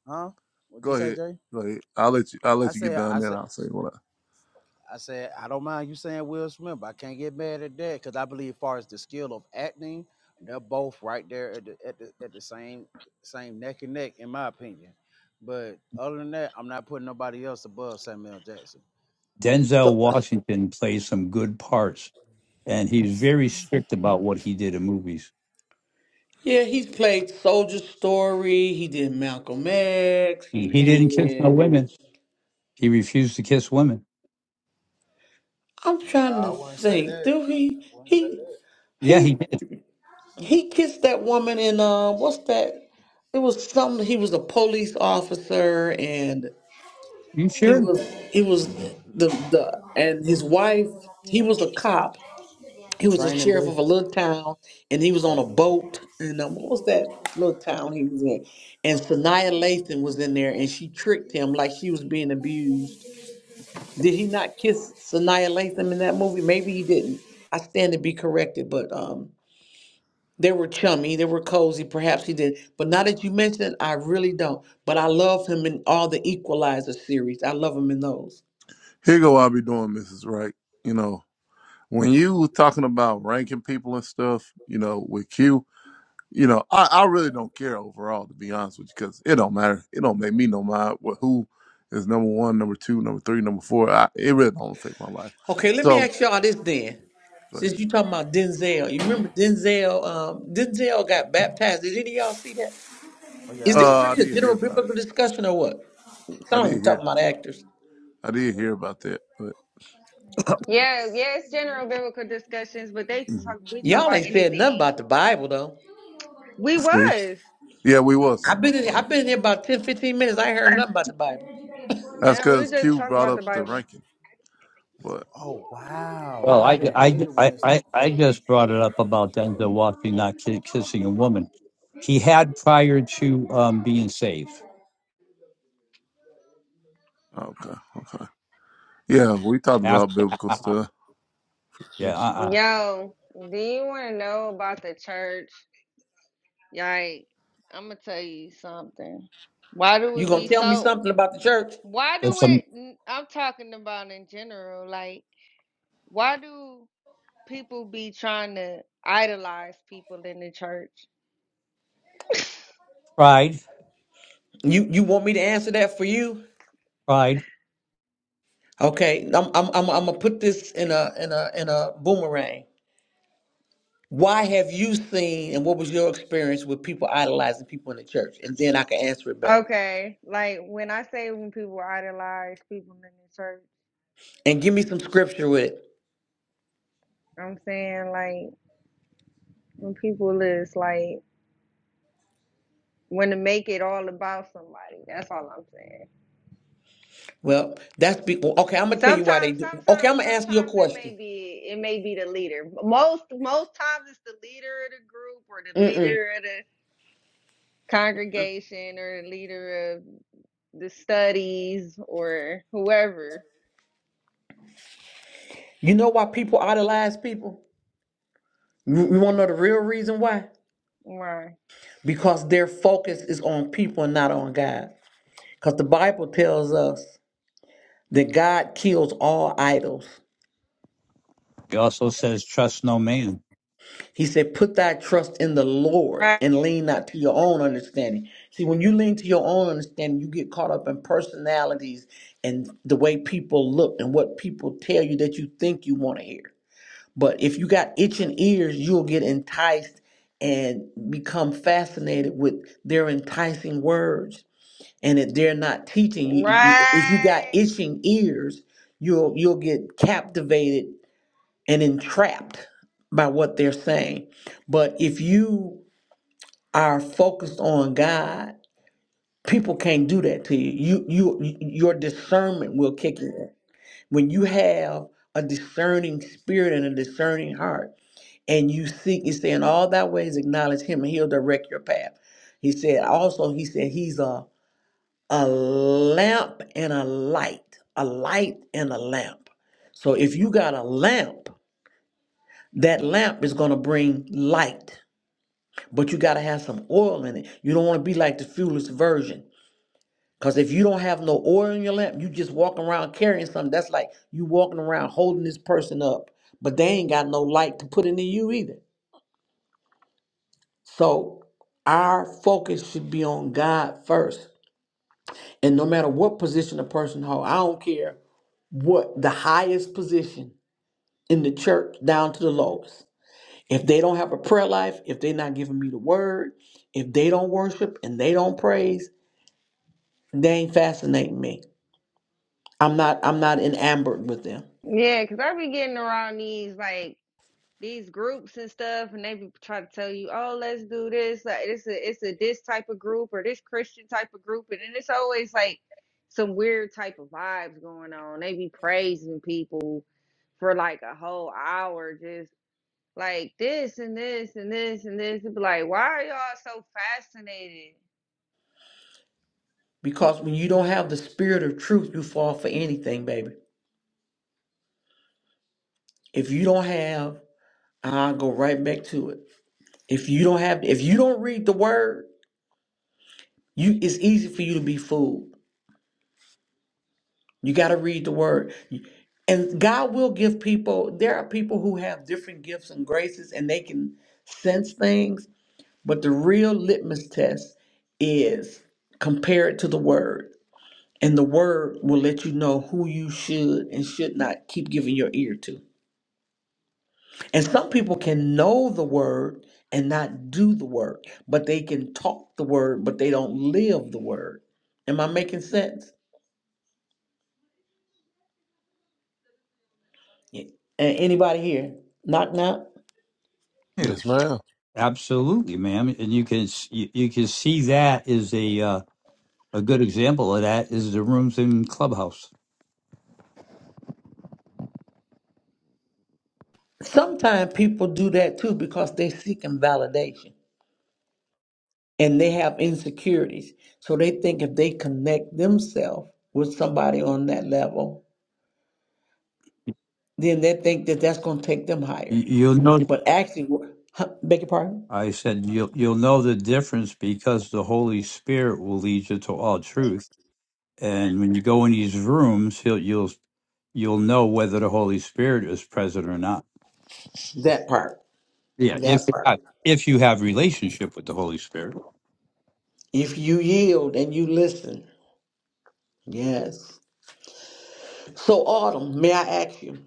huh? What'd
Go
you say,
ahead,
Jay?
go ahead. I'll let you. I'll
I
let you get
said
done.
I said.
Then I'll say what. I,
I said, I don't mind you saying Will Smith, but I can't get mad at that because I believe, as far as the skill of acting, they're both right there at the, at the at the same same neck and neck, in my opinion. But other than that, I'm not putting nobody else above Samuel Jackson.
Denzel
So
I,
Washington plays some good parts, and he's very strict about what he did in movies.
yeah, he's played Soldier Story. He did Malcolm X.
He,
He
he didn't kiss no
did.
women. He refused to kiss women.
I'm
no,
trying
I
to
wouldn't say
think.
that.
Do
I
he?
wouldn't say
He?
that.
Yeah, he
He?
did.
He kissed that woman in uh, what's that? It was some. He was a police officer, and
You
he
sure?
was he was the the and his wife. He was a cop. He was a
Training
sheriff
day.
of a little town, and he was on a
Oh.
boat. And um, what was that little town he was in? And Sanaya Lathan was in there, and she tricked him like she was being abused. Did he not kiss Sanaya Lathan in that movie? Maybe he didn't. I stand to be corrected, but um. They were chummy, they were cozy, perhaps he did. But now that you mention it, I really don't. But I love him in all the Equalizer series. I love him in those.
here go. What I be doing, Mrs. Wright. You know, when you was talking about ranking people and stuff, you know, with Q, you know, I, I really don't care overall, to be honest with you, because it don't matter. It don't make me no mind what who is number one, number two, number three, number four. I, it really don't affect my life.
Okay, let me
So
ask y'all this then.
go ahead.
Since you talking about Denzel, you remember Denzel? Um, Denzel got baptized. Did any of y'all see that?
Oh yeah,
Is
I
this
saw
Uh, I
really a
did
that.
hear
general
about it.
biblical discussion or what?
I
Some of
did
you
hear.
talking about actors.
I did hear about that, but
Yeah, yeah, it's general biblical discussions, but they
Mhm.
talk we talk
Y'all
about
ain't said nothing
anything.
about the Bible though.
We
see,
was.
yeah, we was
I've
talking
been
about
in,
flowers.
I've been in here about 10, 15 minutes. I ain't heard nothing about the Bible.
That's
Yeah, we were
because
just
Q
talking
brought
about
up
the
the
Bible.
ranking, but
Oh wow,
Well,
I
I,
didn't. I ain't
I,
the one
I,
that's.
I I just brought it up about Denzel Washington not ki- kissing a woman. He had prior to um, being saved.
okay, okay, yeah, we talked
After,
about biblical
uh-uh.
stuff. Yeah.
yeah, uh-uh.
Yo, do you wanna know about the church? Like, I'ma tell you something. Why do
You
it be
gonna tell me
so
something about the church?
why
It's
do
some
it n- I'm talking about in general, like why do people be trying to idolize people in the church?
pride.
You you want me to answer that for you?
Pride.
Okay, I'm I'm I'm, I'm gonna put this in a in a in a boomerang. Why have you seen and what was your experience with people idolizing people in the church? And then I can answer it better.
Okay, like when I say when people idolize people in the church,
And give me some scripture with it.
I'm saying like when people is like when to make it all about somebody. That's all I'm saying.
Well, that's be- well, okay. I'm gonna tell you why they
Sometimes,
do. Okay, I'm
sometimes,
gonna answer your
sometimes it
question.
may be it may be the leader. Most most times it's the leader of the group or the
Mm-mm.
leader of the congregation or the leader of the studies or whoever.
You know why people idolize people? You, you want to know the real reason why?
Right.
Because their focus is on people and not on God. Because the Bible tells us that God kills all idols.
He also says, "Trust no man."
He said, Put thy trust in the Lord
Right.
and lean not to your own understanding. See, when you lean to your own understanding, you get caught up in personalities and the way people look and what people tell you that you think you want to hear. But if you got itching ears, you'll get enticed and become fascinated with their enticing words. And if they're not teaching you, you- you- if you got
Right.
itching ears, you'll you'll get captivated and entrapped by what they're saying. But if you are focused on God, people can't do that to you. You you your discernment will kick in. When you have a discerning spirit and a discerning heart, and you seek, he said, in all thy ways acknowledge him and he'll direct your path. He said also, he said he's a a lamp and a light. A light and a lamp. So if you got a lamp That lamp is going to bring light, but you got to have some oil in it. You don't want to be like the fuelless version. Because if you don't have no oil in your lamp, you just walking around carrying something. That's like you walking around holding this person up, but they ain't got no light to put into you either. So our focus should be on God first. And no matter what position a person holds, I don't care what the highest position in the church down to the lowest. If they don't have a prayer life, if they're not giving me the word, if they don't worship and they don't praise, they ain't fascinating me. I'm not I'm not enamored with them.
Yeah, because I be getting around these like these groups and stuff and they be trying to tell you oh let's do this like it's a it's a this type of group or this christian type of group and then it's always like some weird type of vibes going on they be praising people for like a whole hour just like this and this and this and this it be like why are y'all so fascinated
Because when you don't have the spirit of truth, you fall for anything, baby. If you don't have, I'll go right back to it. If you don't have if you don't read the word, you it's easy for you to be fooled. You gotta read the word. And God will give people, there are people who have different gifts and graces and they can sense things But the real litmus test is compare it to the word. And the word will let you know who you should and should not keep giving your ear to. And some people can know the word and not do the word, but they can talk the word, but they don't live the word. Am I making sense? Yeah. And anybody here? Knock knock.
Yeah,
Yes,
Absolutely, ma'am. And you can s- you, you can see that is a uh, a good example of that is the rooms in clubhouse.
Sometimes people do that too because they're seeking validation. and they have insecurities. So they think if they connect themselves with somebody on that level, then they think that that's going to take them
You,
higher.
you'll know.
But actually, wh- huh, beg your pardon?
I said you'll you'll know the difference because the Holy Spirit will lead you to all truth And when you go in these rooms, he'll, you'll you'll know whether the Holy Spirit is present or not.
That part,
Yeah, if
that part.
if you have relationship with the Holy Spirit.
If you yield and you listen, yes. So, Autumn, may I ask you,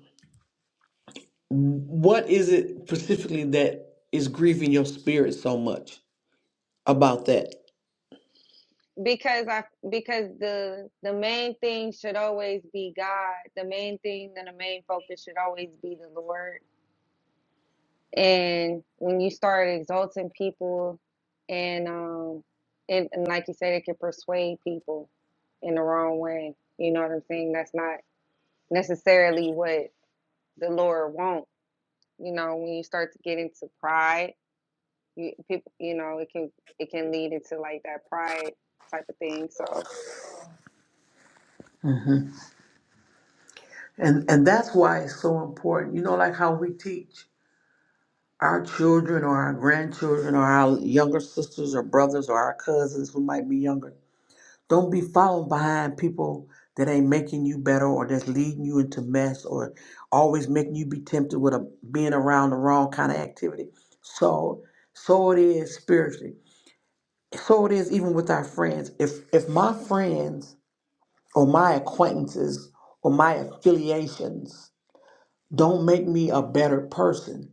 what is it specifically that is grieving your spirit so much about that?
because i because the the main thing should always be god the main thing and the main focus should always be the lord and when you start exalting people and um it, and like you said it can persuade people in the wrong way you know what i'm saying that's not necessarily what the lord wants you know when you start to get into pride you people you know it can it can lead into like that pride type of thing so
Mhm. And and that's why it's so important. You know, like how we teach. our children or our grandchildren or our younger sisters or brothers or our cousins who might be younger. Don't be following behind people that ain't making you better or that's leading you into mess or always making you be tempted with a, being around the wrong kind of activity. So, so it is spiritually. So it is even with our friends. If if my friends or my acquaintances or my affiliations don't make me a better person,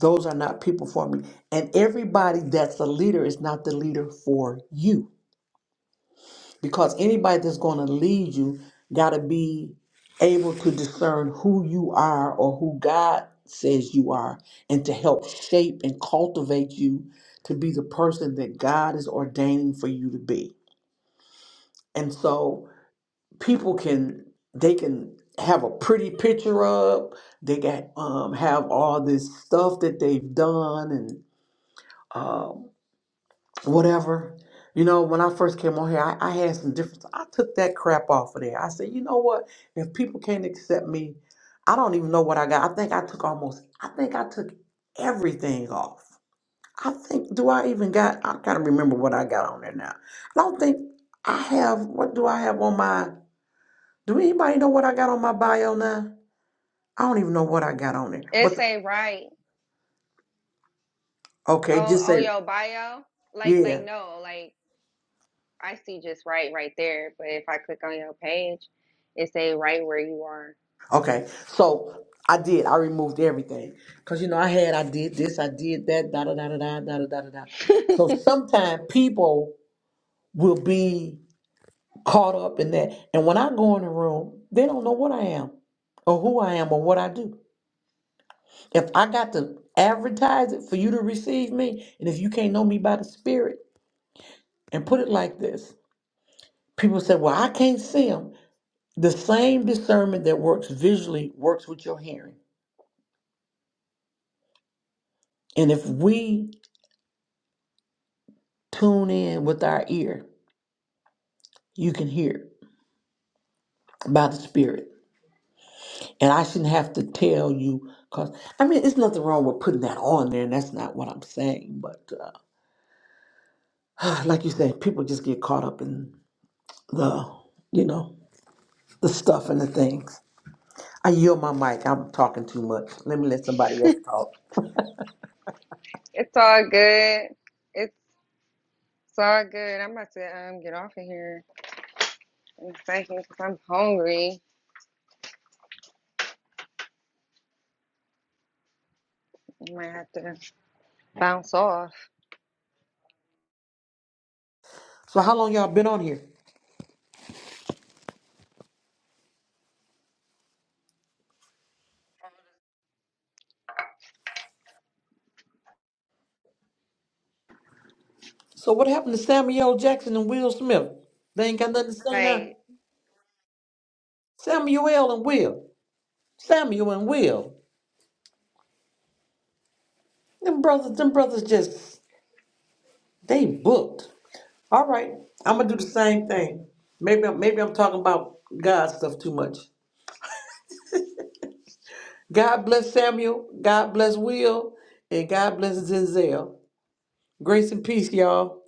those are not people for me. And everybody that's the leader is not the leader for you. Because anybody that's going to lead you got to be able to discern who you are or who God says you are and to help shape and cultivate you to be the person that God is ordaining for you to be. And so people can, they can have a pretty picture up, they can um, have all this stuff that they've done and um, whatever. You know, when I first came on here, I, I had some difference. I took that crap off of there. I said, you know what? If people can't accept me, I don't even know what I got. I think I took almost, I think I took everything off. I think, do I even got, I gotta remember what I got on there now. I don't think I have, what do I have on my, do anybody know what I got on my bio now? I don't even know what I got on there.
it
But,
say right
okay,
on
just say,
on your bio like
yeah.
like no like i see just right right there but if i click on your page it say right where you are
Okay, so I did. I removed everything because you know I had. I did this. I did that. Da da da da da da da da da. da. So sometimes people will be caught up in that, and when I go in the room, they don't know what I am, or who I am, or what I do. If I got to advertise it for you to receive me, and if you can't know me by the Spirit, and put it like this, people say, "Well, I can't see him." The same discernment that works visually works with your hearing. And if we tune in with our ear. You can hear by the Spirit. And I shouldn't have to tell you, because, I mean, it's nothing wrong with putting that on there, and that's not what I'm saying. But uh, like you said, people just get caught up in the, you know, the stuff and the things. I yield my mic. I'm talking too much. Let me let somebody else talk.
It's all good. It's all good. I'm about to um get off of here in a second because I'm hungry. I might have to bounce off.
So, how long y'all been on here? So, what happened to Samuel L. Jackson and Will Smith? They ain't got nothing to say now.
Right.
Samuel and Will. Samuel and Will. Them brothers, them brothers just They booked. All right, I'm gonna do the same thing. Maybe I'm, maybe I'm talking about God stuff too much. God bless Samuel. God bless Will, and God bless Zenzel. Grace and peace, y'all.